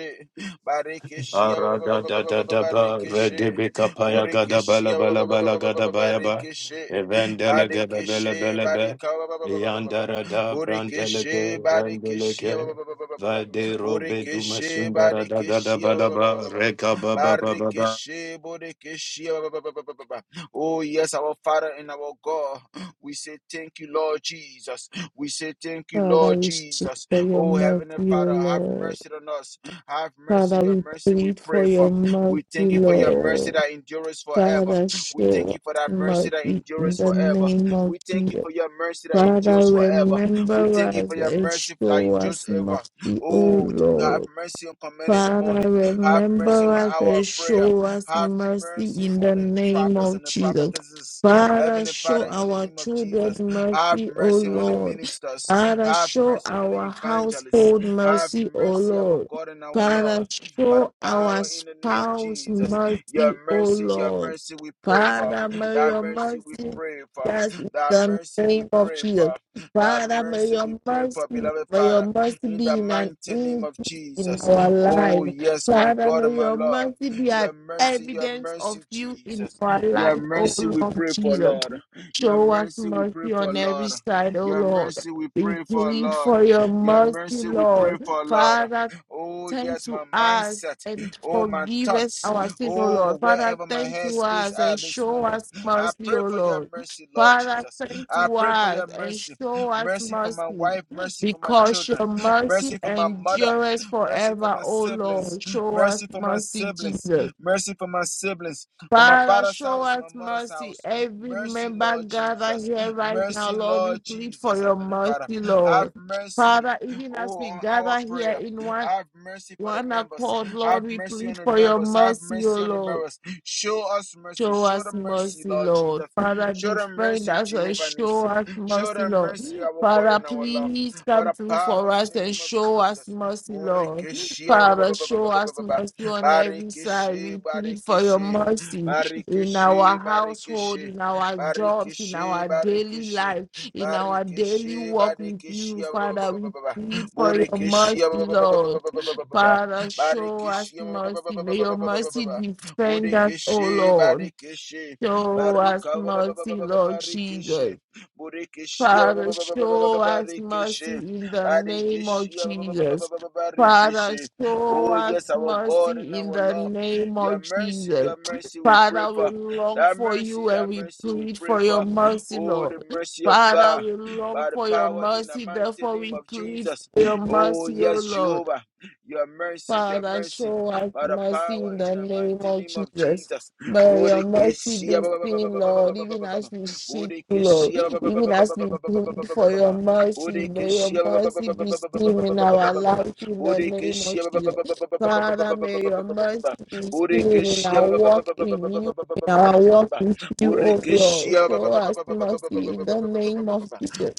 Speaker 1: Barikishi, Barikishi,
Speaker 4: Arada da da da ba redebe kapaya gada
Speaker 1: Barikishi,
Speaker 4: bala bala bala gada
Speaker 1: Borikishi,
Speaker 4: baya ba
Speaker 1: Barikishi,
Speaker 4: evendele gada bele
Speaker 1: Barikishi,
Speaker 4: bele be
Speaker 1: barika,
Speaker 4: yandara da brandele
Speaker 1: Burikishi,
Speaker 4: ke randele
Speaker 1: barikishi,
Speaker 4: ke vade robe duma
Speaker 1: Burikishi,
Speaker 4: sundara da gada
Speaker 1: barikishi,
Speaker 4: bala ba reka ba ba ba ba ba.
Speaker 1: Barikishi, Burikishi. Oh, yes, our Father and our God. We say thank you, Lord Jesus. We say thank you,
Speaker 3: Father,
Speaker 1: Lord
Speaker 3: we seek
Speaker 1: Jesus.
Speaker 3: for your
Speaker 1: Oh,
Speaker 3: mercy,
Speaker 1: Heavenly
Speaker 3: O
Speaker 1: Father, have
Speaker 3: Lord.
Speaker 1: mercy on us. Have mercy,
Speaker 3: Father,
Speaker 1: your
Speaker 3: we
Speaker 1: mercy we
Speaker 3: plead for
Speaker 1: pray for.
Speaker 3: your mercy,
Speaker 1: We thank you for your mercy
Speaker 3: Lord.
Speaker 1: that endures forever.
Speaker 3: Father,
Speaker 1: We
Speaker 3: show
Speaker 1: thank
Speaker 3: us
Speaker 1: you for that mercy that
Speaker 3: mercy in
Speaker 1: endures
Speaker 3: the
Speaker 1: forever.
Speaker 3: name of
Speaker 1: We thank you
Speaker 3: Jesus.
Speaker 1: for your mercy that
Speaker 3: Father,
Speaker 1: endures forever. We
Speaker 3: remember
Speaker 1: thank you for
Speaker 3: us
Speaker 1: your
Speaker 3: and
Speaker 1: mercy that
Speaker 3: show
Speaker 1: endures
Speaker 3: us
Speaker 1: ever.
Speaker 3: mercy, O
Speaker 1: Oh, have
Speaker 3: Lord.
Speaker 1: mercy on command in the
Speaker 3: Father,
Speaker 1: morning. Have mercy
Speaker 3: remember
Speaker 1: on
Speaker 3: us
Speaker 1: our
Speaker 3: and
Speaker 1: prayer.
Speaker 3: show us
Speaker 1: Have
Speaker 3: mercy
Speaker 1: mercy
Speaker 3: in the
Speaker 1: on the
Speaker 3: name
Speaker 1: prophets
Speaker 3: of
Speaker 1: and the
Speaker 3: Jesus.
Speaker 1: prophetesses.
Speaker 3: Father,
Speaker 1: Heavenly
Speaker 3: show
Speaker 1: Father, in the
Speaker 3: our
Speaker 1: name of Jesus,
Speaker 3: children
Speaker 1: have
Speaker 3: mercy, O
Speaker 1: mercy on the
Speaker 3: Lord.
Speaker 1: ministers.
Speaker 3: Father,
Speaker 1: Have
Speaker 3: show
Speaker 1: mercy on the
Speaker 3: our
Speaker 1: evangelists.
Speaker 3: household
Speaker 1: Have
Speaker 3: mercy, O
Speaker 1: mercy, our
Speaker 3: Lord.
Speaker 1: God and our
Speaker 3: Father,
Speaker 1: Lord, by the
Speaker 3: show our
Speaker 1: power in the name of
Speaker 3: spouse
Speaker 1: Jesus. Your
Speaker 3: mercy, O
Speaker 1: mercy, your
Speaker 3: Lord.
Speaker 1: mercy, we pray for.
Speaker 3: Father, may
Speaker 1: Thy
Speaker 3: your
Speaker 1: mercy, we
Speaker 3: mercy
Speaker 1: pray for.
Speaker 3: that's in
Speaker 1: Thy
Speaker 3: the
Speaker 1: mercy, we
Speaker 3: name of
Speaker 1: pray
Speaker 3: Jesus.
Speaker 1: for. Thy
Speaker 3: Father, may
Speaker 1: mercy, we
Speaker 3: your
Speaker 1: pray for,
Speaker 3: mercy,
Speaker 1: beloved
Speaker 3: may your
Speaker 1: Father,
Speaker 3: mercy
Speaker 1: in the
Speaker 3: be in an
Speaker 1: mighty name of
Speaker 3: in
Speaker 1: Jesus.
Speaker 3: our
Speaker 1: Oh,
Speaker 3: life.
Speaker 1: yes, my
Speaker 3: Father,
Speaker 1: God
Speaker 3: may
Speaker 1: and my
Speaker 3: your
Speaker 1: Lord.
Speaker 3: mercy be an
Speaker 1: Your mercy, your
Speaker 3: evidence of
Speaker 1: mercy,
Speaker 3: you in
Speaker 1: Jesus.
Speaker 3: our
Speaker 1: Your
Speaker 3: life, O
Speaker 1: mercy, we
Speaker 3: Lord
Speaker 1: pray for,
Speaker 3: Jesus.
Speaker 1: Lord. Your
Speaker 3: Show us
Speaker 1: mercy, we pray
Speaker 3: mercy
Speaker 1: for,
Speaker 3: on every
Speaker 1: Lord.
Speaker 3: side, O
Speaker 1: Your
Speaker 3: Lord.
Speaker 1: mercy, we
Speaker 3: We
Speaker 1: pray for,
Speaker 3: plead
Speaker 1: Lord.
Speaker 3: for your
Speaker 1: Your
Speaker 3: mercy,
Speaker 1: mercy, we pray
Speaker 3: Lord.
Speaker 1: for, Lord.
Speaker 3: Father,
Speaker 1: Oh,
Speaker 3: Tend
Speaker 1: yes,
Speaker 3: to
Speaker 1: my
Speaker 3: us
Speaker 1: mindset.
Speaker 3: and
Speaker 1: Oh, my
Speaker 3: forgive us
Speaker 1: thoughts.
Speaker 3: our sin, O
Speaker 1: Oh,
Speaker 3: Lord. Father,
Speaker 1: wherever my
Speaker 3: tend to
Speaker 1: headspace
Speaker 3: us and
Speaker 1: at this
Speaker 3: show
Speaker 1: moment,
Speaker 3: us
Speaker 1: I
Speaker 3: mercy,
Speaker 1: pray
Speaker 3: O
Speaker 1: for your
Speaker 3: Lord.
Speaker 1: mercy, Lord
Speaker 3: Father,
Speaker 1: Jesus.
Speaker 3: tend
Speaker 1: I
Speaker 3: to
Speaker 1: pray for
Speaker 3: us
Speaker 1: your
Speaker 3: and
Speaker 1: mercy.
Speaker 3: show us
Speaker 1: Mercy for my
Speaker 3: mercy,
Speaker 1: wife, mercy for my
Speaker 3: because
Speaker 1: children,
Speaker 3: your mercy
Speaker 1: mercy for my mother,
Speaker 3: endures
Speaker 1: mercy for
Speaker 3: forever,
Speaker 1: my
Speaker 3: O
Speaker 1: siblings,
Speaker 3: Lord. Show us
Speaker 1: mercy for my
Speaker 3: mercy,
Speaker 1: siblings,
Speaker 3: Jesus.
Speaker 1: mercy for my siblings, for my
Speaker 3: Father,
Speaker 1: father's
Speaker 3: show
Speaker 1: house,
Speaker 3: us
Speaker 1: my mother's
Speaker 3: mercy.
Speaker 1: house.
Speaker 3: Every
Speaker 1: Mercy,
Speaker 3: member
Speaker 1: Lord
Speaker 3: gathered
Speaker 1: Jesus.
Speaker 3: here right now,
Speaker 1: Mercy,
Speaker 3: Lord, we
Speaker 1: Lord
Speaker 3: plead for
Speaker 1: Jesus,
Speaker 3: your
Speaker 1: Heavenly Father.
Speaker 3: mercy,
Speaker 1: Have
Speaker 3: Lord.
Speaker 1: mercy,
Speaker 3: Father, even as
Speaker 1: oh,
Speaker 3: we
Speaker 1: on our
Speaker 3: gather here
Speaker 1: prayer.
Speaker 3: in one
Speaker 1: Have mercy for the
Speaker 3: one
Speaker 1: members.
Speaker 3: accord, Lord,
Speaker 1: Have
Speaker 3: we
Speaker 1: mercy on
Speaker 3: plead
Speaker 1: the
Speaker 3: for your
Speaker 1: members. Have
Speaker 3: mercy, O
Speaker 1: mercy on the
Speaker 3: Lord.
Speaker 1: members. Show us mercy.
Speaker 3: Show
Speaker 1: Show
Speaker 3: us
Speaker 1: them mercy,
Speaker 3: mercy,
Speaker 1: Lord
Speaker 3: Lord.
Speaker 1: Jesus.
Speaker 3: Father,
Speaker 1: Show them
Speaker 3: defend
Speaker 1: mercy,
Speaker 3: us and
Speaker 1: Jehovah
Speaker 3: show
Speaker 1: Nissi.
Speaker 3: us
Speaker 1: Show
Speaker 3: mercy,
Speaker 1: them
Speaker 3: Lord.
Speaker 1: mercy, our God
Speaker 3: Father,
Speaker 1: and our love.
Speaker 3: please
Speaker 1: By
Speaker 3: come
Speaker 1: the
Speaker 3: through for
Speaker 1: power in
Speaker 3: us
Speaker 1: the
Speaker 3: and
Speaker 1: name of
Speaker 3: show us
Speaker 1: Jesus.
Speaker 3: mercy, Lord.
Speaker 1: Borekeshe, ba- ba- ba-
Speaker 3: Father,
Speaker 1: ba- ba-
Speaker 3: show
Speaker 1: ba- ba- ba-
Speaker 3: us
Speaker 1: ba- ba.
Speaker 3: mercy on every side.
Speaker 1: Barekeshe,
Speaker 3: We plead for your
Speaker 1: barekeshe.
Speaker 3: mercy in our
Speaker 1: Barekeshe,
Speaker 3: household,
Speaker 1: barekeshe.
Speaker 3: in our jobs, in
Speaker 1: Barekeshe,
Speaker 3: our daily
Speaker 1: barekeshe.
Speaker 3: life, in our daily
Speaker 1: Barekeshe,
Speaker 3: walk with
Speaker 1: barekeshe,
Speaker 3: you,
Speaker 1: ba- ba- ba-
Speaker 3: Father.
Speaker 1: ba- ba- ba-
Speaker 3: We
Speaker 1: ba- ba.
Speaker 3: plead for your mercy,
Speaker 1: Borekeshe, ba- ba- ba- ba- ba-
Speaker 3: Lord.
Speaker 1: ba- ba- ba- ba- ba- ba.
Speaker 3: Father, show us
Speaker 1: Barikishi ba- ba- ba- ba-
Speaker 3: mercy.
Speaker 1: ba-
Speaker 3: May your mercy defend us, O Lord.
Speaker 1: Barikishi
Speaker 3: Show us
Speaker 1: Barika
Speaker 3: mercy, Lord Jesus.
Speaker 1: Barikishi Burikishi
Speaker 3: Father, show us mercy
Speaker 1: Barikishi
Speaker 3: in the name of
Speaker 1: Barikishi
Speaker 3: Jesus. Father,
Speaker 1: Barikishi
Speaker 3: show
Speaker 1: Oh
Speaker 3: us
Speaker 1: yes our God and
Speaker 3: mercy in
Speaker 1: our
Speaker 3: the
Speaker 1: Lord
Speaker 3: name
Speaker 1: Your
Speaker 3: of
Speaker 1: mercy
Speaker 3: Jesus.
Speaker 1: your mercy we pray
Speaker 3: Father, we
Speaker 1: for
Speaker 3: long
Speaker 1: that
Speaker 3: for
Speaker 1: mercy
Speaker 3: you and
Speaker 1: that
Speaker 3: we
Speaker 1: mercy we
Speaker 3: plead
Speaker 1: pray
Speaker 3: for your
Speaker 1: for
Speaker 3: mercy,
Speaker 1: Oh the
Speaker 3: Lord.
Speaker 1: mercy of
Speaker 3: Father,
Speaker 1: God
Speaker 3: we long
Speaker 1: by the
Speaker 3: for your
Speaker 1: power in the
Speaker 3: mercy,
Speaker 1: mighty
Speaker 3: therefore
Speaker 1: name
Speaker 3: we
Speaker 1: of
Speaker 3: plead
Speaker 1: Jesus.
Speaker 3: for your
Speaker 1: Oh,
Speaker 3: mercy, O
Speaker 1: yes,
Speaker 3: Lord.
Speaker 1: Jehovah. Your mercy, your
Speaker 3: Father,
Speaker 1: mercy.
Speaker 3: show us
Speaker 1: By the
Speaker 3: mercy
Speaker 1: power
Speaker 3: in
Speaker 1: in
Speaker 3: the
Speaker 1: the
Speaker 3: name
Speaker 1: mighty
Speaker 3: of
Speaker 1: name of
Speaker 3: Jesus.
Speaker 1: Jesus.
Speaker 3: May your mercy
Speaker 1: Bodekeshia
Speaker 3: be
Speaker 1: ba- ba- ba- ba-
Speaker 3: seen,
Speaker 1: ba- ba- ba-
Speaker 3: Lord,
Speaker 1: ba- ba-
Speaker 3: even
Speaker 1: ba- ba- ba- ba.
Speaker 3: as we seek you, Lord,
Speaker 1: Bodekeshia ba- ba- ba- ba-
Speaker 3: even
Speaker 1: ba- ba-
Speaker 3: as
Speaker 1: ba-
Speaker 3: we
Speaker 1: ba-
Speaker 3: plead
Speaker 1: ba- ba- ba- ba- ba- ba-
Speaker 3: for
Speaker 1: ba- ba.
Speaker 3: your mercy. May your
Speaker 1: Bodekeshia ba- ba- ba-
Speaker 3: mercy
Speaker 1: ba-
Speaker 3: be
Speaker 1: ba-
Speaker 3: seen in our life in the name of
Speaker 1: ba-
Speaker 3: Jesus.
Speaker 1: ba- ba- ba- ba- ba- ba-
Speaker 3: Father,
Speaker 1: ba-
Speaker 3: may
Speaker 1: ba-
Speaker 3: your
Speaker 1: ba- ba-
Speaker 3: mercy
Speaker 1: ba.
Speaker 3: be seen in
Speaker 1: Bodekeshia
Speaker 3: our
Speaker 1: ba- ba- ba-
Speaker 3: walk
Speaker 1: ba- ba- ba- ba- ba- ba-
Speaker 3: in
Speaker 1: ba- ba- ba-
Speaker 3: you,
Speaker 1: ba-
Speaker 3: in
Speaker 1: ba-
Speaker 3: our
Speaker 1: ba- ba-
Speaker 3: walk
Speaker 1: ba.
Speaker 3: with you, oh Lord.
Speaker 1: Borekeshia ba- ba-
Speaker 3: Show
Speaker 1: ba- ba-
Speaker 3: us
Speaker 1: ba- ba- ba- ba- ba- ba- ba-
Speaker 3: mercy
Speaker 1: ba-
Speaker 3: in the name of Jesus.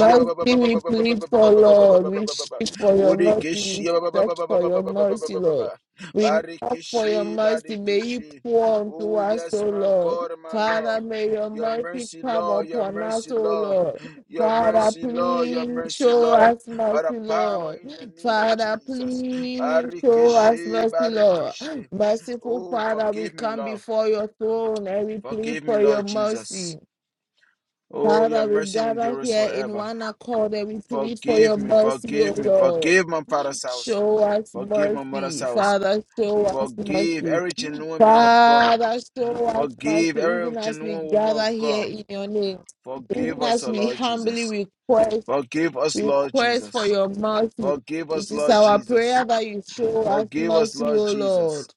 Speaker 3: Mercy we plead for, Lord. We
Speaker 1: Bodekeshia
Speaker 3: seek for your mercy. We
Speaker 1: Bodekeshi, ba- ba- ba- ba-
Speaker 3: search
Speaker 1: ba-
Speaker 3: for
Speaker 1: ba- ba-
Speaker 3: your
Speaker 1: ba- ba- ba- ba- ba-
Speaker 3: mercy,
Speaker 1: ba- ba-
Speaker 3: Lord.
Speaker 1: ba.
Speaker 3: We ask for your
Speaker 1: Badekeshi,
Speaker 3: mercy. May you
Speaker 1: badekeshi.
Speaker 3: pour unto
Speaker 1: Oh,
Speaker 3: us,
Speaker 1: yes,
Speaker 3: O
Speaker 1: my
Speaker 3: Lord.
Speaker 1: God, and my
Speaker 3: Father,
Speaker 1: Lord.
Speaker 3: may your
Speaker 1: Your
Speaker 3: mercy
Speaker 1: mercy,
Speaker 3: come
Speaker 1: Lord, your
Speaker 3: upon us,
Speaker 1: mercy,
Speaker 3: O
Speaker 1: Lord.
Speaker 3: Lord.
Speaker 1: Your
Speaker 3: Father,
Speaker 1: mercy, Lord, your
Speaker 3: please
Speaker 1: mercy,
Speaker 3: show
Speaker 1: Lord.
Speaker 3: us mercy,
Speaker 1: By the power
Speaker 3: Lord.
Speaker 1: in the name of
Speaker 3: Father,
Speaker 1: Jesus.
Speaker 3: please show us
Speaker 1: Barikishi,
Speaker 3: mercy, Lord.
Speaker 1: barikishi,
Speaker 3: Merciful
Speaker 1: Oh,
Speaker 3: Father, we
Speaker 1: forgive me,
Speaker 3: come
Speaker 1: Lord.
Speaker 3: before your throne and we plead
Speaker 1: Forgive me,
Speaker 3: for your
Speaker 1: Lord Jesus.
Speaker 3: mercy.
Speaker 1: Oh, your
Speaker 3: Father, we
Speaker 1: mercy
Speaker 3: gather
Speaker 1: endures
Speaker 3: here in
Speaker 1: forever.
Speaker 3: one accord and we plead for
Speaker 1: Forgive
Speaker 3: your
Speaker 1: me,
Speaker 3: mercy, O
Speaker 1: forgive me,
Speaker 3: Lord.
Speaker 1: forgive my father's house.
Speaker 3: Show us
Speaker 1: Forgive my mother's
Speaker 3: mercy.
Speaker 1: house.
Speaker 3: Father, show us
Speaker 1: Forgive
Speaker 3: mercy.
Speaker 1: every genuine man of God.
Speaker 3: Father, show us
Speaker 1: Forgive
Speaker 3: mercy,
Speaker 1: every
Speaker 3: even as we
Speaker 1: genuine woman
Speaker 3: gather
Speaker 1: of
Speaker 3: here
Speaker 1: God.
Speaker 3: in your name.
Speaker 1: Forgive
Speaker 3: Even
Speaker 1: us,
Speaker 3: as
Speaker 1: O
Speaker 3: we
Speaker 1: Lord
Speaker 3: humbly
Speaker 1: Jesus.
Speaker 3: request,
Speaker 1: Forgive us, Lord
Speaker 3: request for
Speaker 1: Jesus.
Speaker 3: your mercy.
Speaker 1: Forgive
Speaker 3: It
Speaker 1: us,
Speaker 3: is
Speaker 1: Lord
Speaker 3: our prayer
Speaker 1: Jesus.
Speaker 3: that you show us
Speaker 1: Forgive us,
Speaker 3: mercy,
Speaker 1: Lord
Speaker 3: O
Speaker 1: Jesus.
Speaker 3: Lord.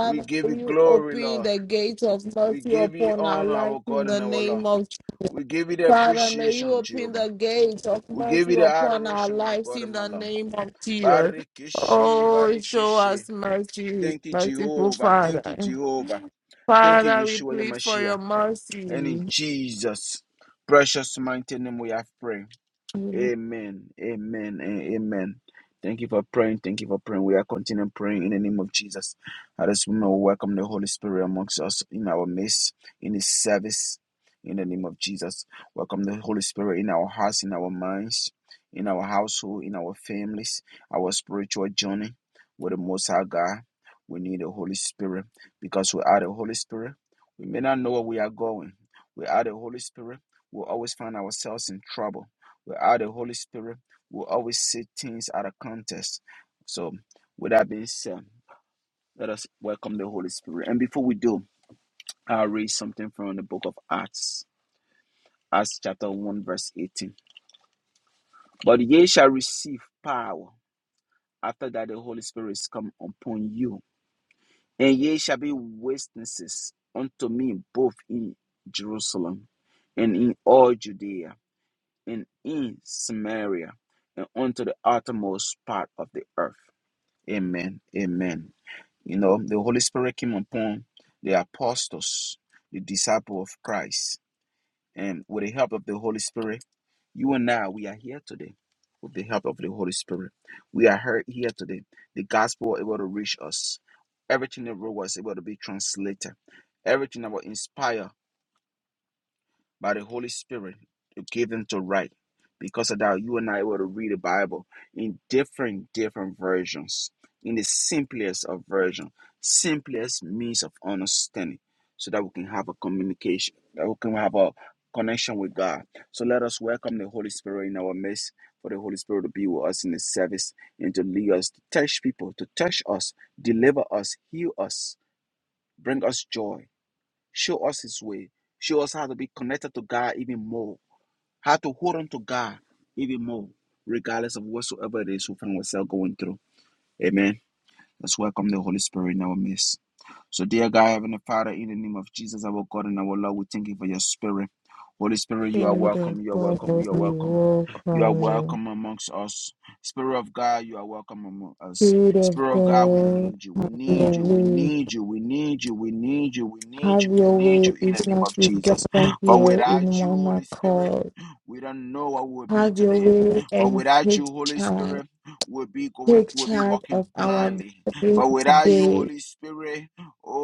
Speaker 1: We give you
Speaker 3: you
Speaker 1: glory,
Speaker 3: open
Speaker 1: Lord.
Speaker 3: the gates of
Speaker 1: We
Speaker 3: mercy
Speaker 1: give you
Speaker 3: upon our
Speaker 1: honor,
Speaker 3: lives
Speaker 1: our
Speaker 3: in
Speaker 1: God
Speaker 3: the
Speaker 1: and our
Speaker 3: name
Speaker 1: Lord.
Speaker 3: of
Speaker 1: We give you the
Speaker 3: Father, may you
Speaker 1: appreciation,
Speaker 3: open
Speaker 1: Jehovah.
Speaker 3: the gates of
Speaker 1: We give
Speaker 3: mercy
Speaker 1: you the
Speaker 3: upon our
Speaker 1: adoration, my
Speaker 3: lives
Speaker 1: God
Speaker 3: in
Speaker 1: and my
Speaker 3: the
Speaker 1: Lord.
Speaker 3: name of Jesus.
Speaker 1: Barikishi,
Speaker 3: Oh, show
Speaker 1: Barikishi.
Speaker 3: us mercy,
Speaker 1: Thank you,
Speaker 3: merciful
Speaker 1: Jehovah. Thank you,
Speaker 3: Father.
Speaker 1: Jehovah. Thank you,
Speaker 3: Father, we
Speaker 1: Yeshua, your
Speaker 3: plead for
Speaker 1: Mashiach.
Speaker 3: your
Speaker 1: And in
Speaker 3: mercy.
Speaker 1: Jesus' precious mighty name we have prayed. Amen. Amen. and Amen. Thank you for praying. Thank you for praying. We are continuing praying in the name of Jesus. At this moment, we welcome the Holy Spirit amongst us in our midst, in His service, in the name of Jesus. Welcome the Holy Spirit in our hearts, in our minds, in our household, in our families, our spiritual journey with the Most High God. We need the Holy Spirit because without the Holy Spirit, we may not know where we are going. Without the Holy Spirit, we'll always find ourselves in trouble Without the Holy Spirit, we'll always see things out of context. So, with that being said, let us welcome the Holy Spirit. And before we do, I'll read something from the book of Acts, Acts chapter 1, verse 18. But ye shall receive power after that the Holy Spirit is come upon you, and ye shall be witnesses unto me both in Jerusalem and in all Judea and in Samaria and unto the uttermost part of the earth. Amen. Amen. You know, the Holy Spirit came upon the apostles, the disciple of Christ. And with the help of the Holy Spirit, you and I, we are here today. With the help of the Holy Spirit, we are here here today. The gospel was able to reach us. Everything that wrote was able to be translated. Everything that was inspired by the Holy Spirit to give them to write. Because of that, you and I were to read the Bible in different, different versions, in the simplest of version, simplest means of understanding, so that we can have a communication, that we can have a connection with God. So let us welcome the Holy Spirit in our midst, for the Holy Spirit to be with us in the service and to lead us, to touch people, to touch us, deliver us, heal us, bring us joy Show us His way. Show us how to be connected to God even more, how to hold on to God even more, regardless of whatsoever it is we find ourselves going through. Amen. Let's welcome the Holy Spirit in our midst. So, dear God, Heavenly Father, in the name of Jesus, our God and our Lord, we thank you for your spirit. Holy Spirit, you are
Speaker 3: Spirit
Speaker 1: welcome,
Speaker 3: of
Speaker 1: you are
Speaker 3: God,
Speaker 1: welcome, you are
Speaker 3: we
Speaker 1: welcome. You are
Speaker 3: welcome you.
Speaker 1: welcome amongst us. Spirit of God, you are welcome among us.
Speaker 3: Spirit of
Speaker 1: Spirit of God, we
Speaker 3: God,
Speaker 1: need you. We
Speaker 3: have your
Speaker 1: need you. We
Speaker 3: way.
Speaker 1: need you. We need you. We need you. We need
Speaker 3: Have
Speaker 1: you. We
Speaker 3: your
Speaker 1: need you
Speaker 3: way,
Speaker 1: in the
Speaker 3: even
Speaker 1: name
Speaker 3: as
Speaker 1: of
Speaker 3: we
Speaker 1: Jesus.
Speaker 3: gather
Speaker 1: For
Speaker 3: here in
Speaker 1: without you,
Speaker 3: one
Speaker 1: Holy Spirit,
Speaker 3: accord.
Speaker 1: we don't know what we will be
Speaker 3: Have your
Speaker 1: today.
Speaker 3: way
Speaker 1: For
Speaker 3: and
Speaker 1: without
Speaker 3: take
Speaker 1: you, Holy
Speaker 3: charge.
Speaker 1: Spirit, we'll be going,
Speaker 3: Take
Speaker 1: we'll be
Speaker 3: charge
Speaker 1: walking
Speaker 3: of our
Speaker 1: blindly.
Speaker 3: gathering
Speaker 1: For without you,
Speaker 3: today.
Speaker 1: Holy Spirit,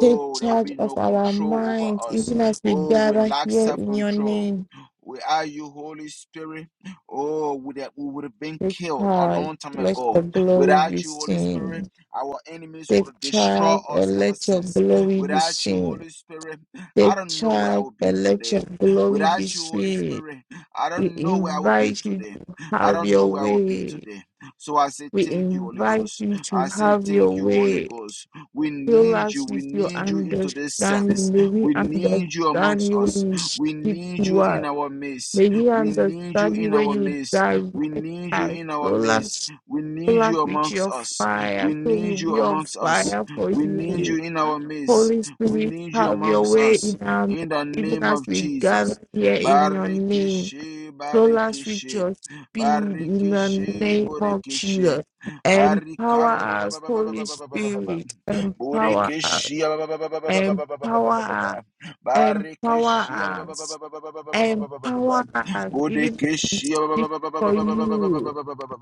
Speaker 3: Take
Speaker 1: there will
Speaker 3: charge
Speaker 1: be
Speaker 3: of
Speaker 1: no
Speaker 3: our
Speaker 1: control
Speaker 3: minds,
Speaker 1: over us.
Speaker 3: even as we
Speaker 1: Oh, we
Speaker 3: gather
Speaker 1: lack
Speaker 3: here
Speaker 1: self
Speaker 3: in your
Speaker 1: control.
Speaker 3: name.
Speaker 1: Without you, Holy Spirit, oh, we that we would have been
Speaker 3: Take
Speaker 1: killed a
Speaker 3: charge.
Speaker 1: long time
Speaker 3: Let
Speaker 1: ago.
Speaker 3: your glory
Speaker 1: Without
Speaker 3: be
Speaker 1: you, Holy Spirit,
Speaker 3: seen.
Speaker 1: our enemies would
Speaker 3: Take
Speaker 1: have destroyed
Speaker 3: charge
Speaker 1: us
Speaker 3: and
Speaker 1: ever
Speaker 3: let your
Speaker 1: since.
Speaker 3: glory be
Speaker 1: Without you,
Speaker 3: seen.
Speaker 1: Holy Spirit, I
Speaker 3: Take
Speaker 1: don't know where I
Speaker 3: charge
Speaker 1: would be
Speaker 3: and let
Speaker 1: today.
Speaker 3: your glory be
Speaker 1: Without you, Holy
Speaker 3: seen.
Speaker 1: Spirit, I
Speaker 3: We
Speaker 1: don't know where I would be
Speaker 3: invite you
Speaker 1: today.
Speaker 3: to
Speaker 1: I
Speaker 3: have
Speaker 1: don't know
Speaker 3: your
Speaker 1: where I would be
Speaker 3: way.
Speaker 1: today. So I say,
Speaker 3: We
Speaker 1: Thank you, Holy
Speaker 3: invite
Speaker 1: Ghost.
Speaker 3: you
Speaker 1: I
Speaker 3: to
Speaker 1: say,
Speaker 3: have your
Speaker 1: Thank you, Holy
Speaker 3: way.
Speaker 1: Ghost. We
Speaker 3: Fill
Speaker 1: need you.
Speaker 3: us
Speaker 1: We
Speaker 3: with your
Speaker 1: need you into this
Speaker 3: understanding.
Speaker 1: service.
Speaker 3: May we
Speaker 1: We need you amongst
Speaker 3: understand you
Speaker 1: us.
Speaker 3: when you
Speaker 1: We
Speaker 3: speak
Speaker 1: need
Speaker 3: to
Speaker 1: you in
Speaker 3: us.
Speaker 1: our midst.
Speaker 3: May we
Speaker 1: We need you
Speaker 3: understand you
Speaker 1: in
Speaker 3: when
Speaker 1: our
Speaker 3: you
Speaker 1: midst. We
Speaker 3: direct
Speaker 1: need you
Speaker 3: us.
Speaker 1: in our
Speaker 3: Fill
Speaker 1: midst.
Speaker 3: us,
Speaker 1: We
Speaker 3: fill
Speaker 1: need
Speaker 3: us
Speaker 1: you
Speaker 3: with
Speaker 1: amongst
Speaker 3: your
Speaker 1: us.
Speaker 3: fire.
Speaker 1: We
Speaker 3: So we'll
Speaker 1: need you
Speaker 3: be on
Speaker 1: amongst us.
Speaker 3: fire for
Speaker 1: We need
Speaker 3: you.
Speaker 1: you in our midst.
Speaker 3: Holy
Speaker 1: We
Speaker 3: Spirit,
Speaker 1: need you
Speaker 3: have your
Speaker 1: amongst
Speaker 3: way
Speaker 1: us.
Speaker 3: in our midst,
Speaker 1: In the
Speaker 3: even
Speaker 1: name
Speaker 3: as
Speaker 1: of
Speaker 3: we gather
Speaker 1: Jesus.
Speaker 3: here in your name.
Speaker 1: Barikishe,
Speaker 3: Fill us with
Speaker 1: barikishe,
Speaker 3: your speed in the
Speaker 1: barikishe,
Speaker 3: name of
Speaker 1: borikishe,
Speaker 3: Jesus. Empower us, Holy
Speaker 1: barikaba,
Speaker 3: Spirit. Empower us.
Speaker 1: Borekeshia ba- ba- ba- ba- ba- ba- ba- ba- ba- ba- ba-
Speaker 3: Empower us. Empower us. Empower us. Even to speak for you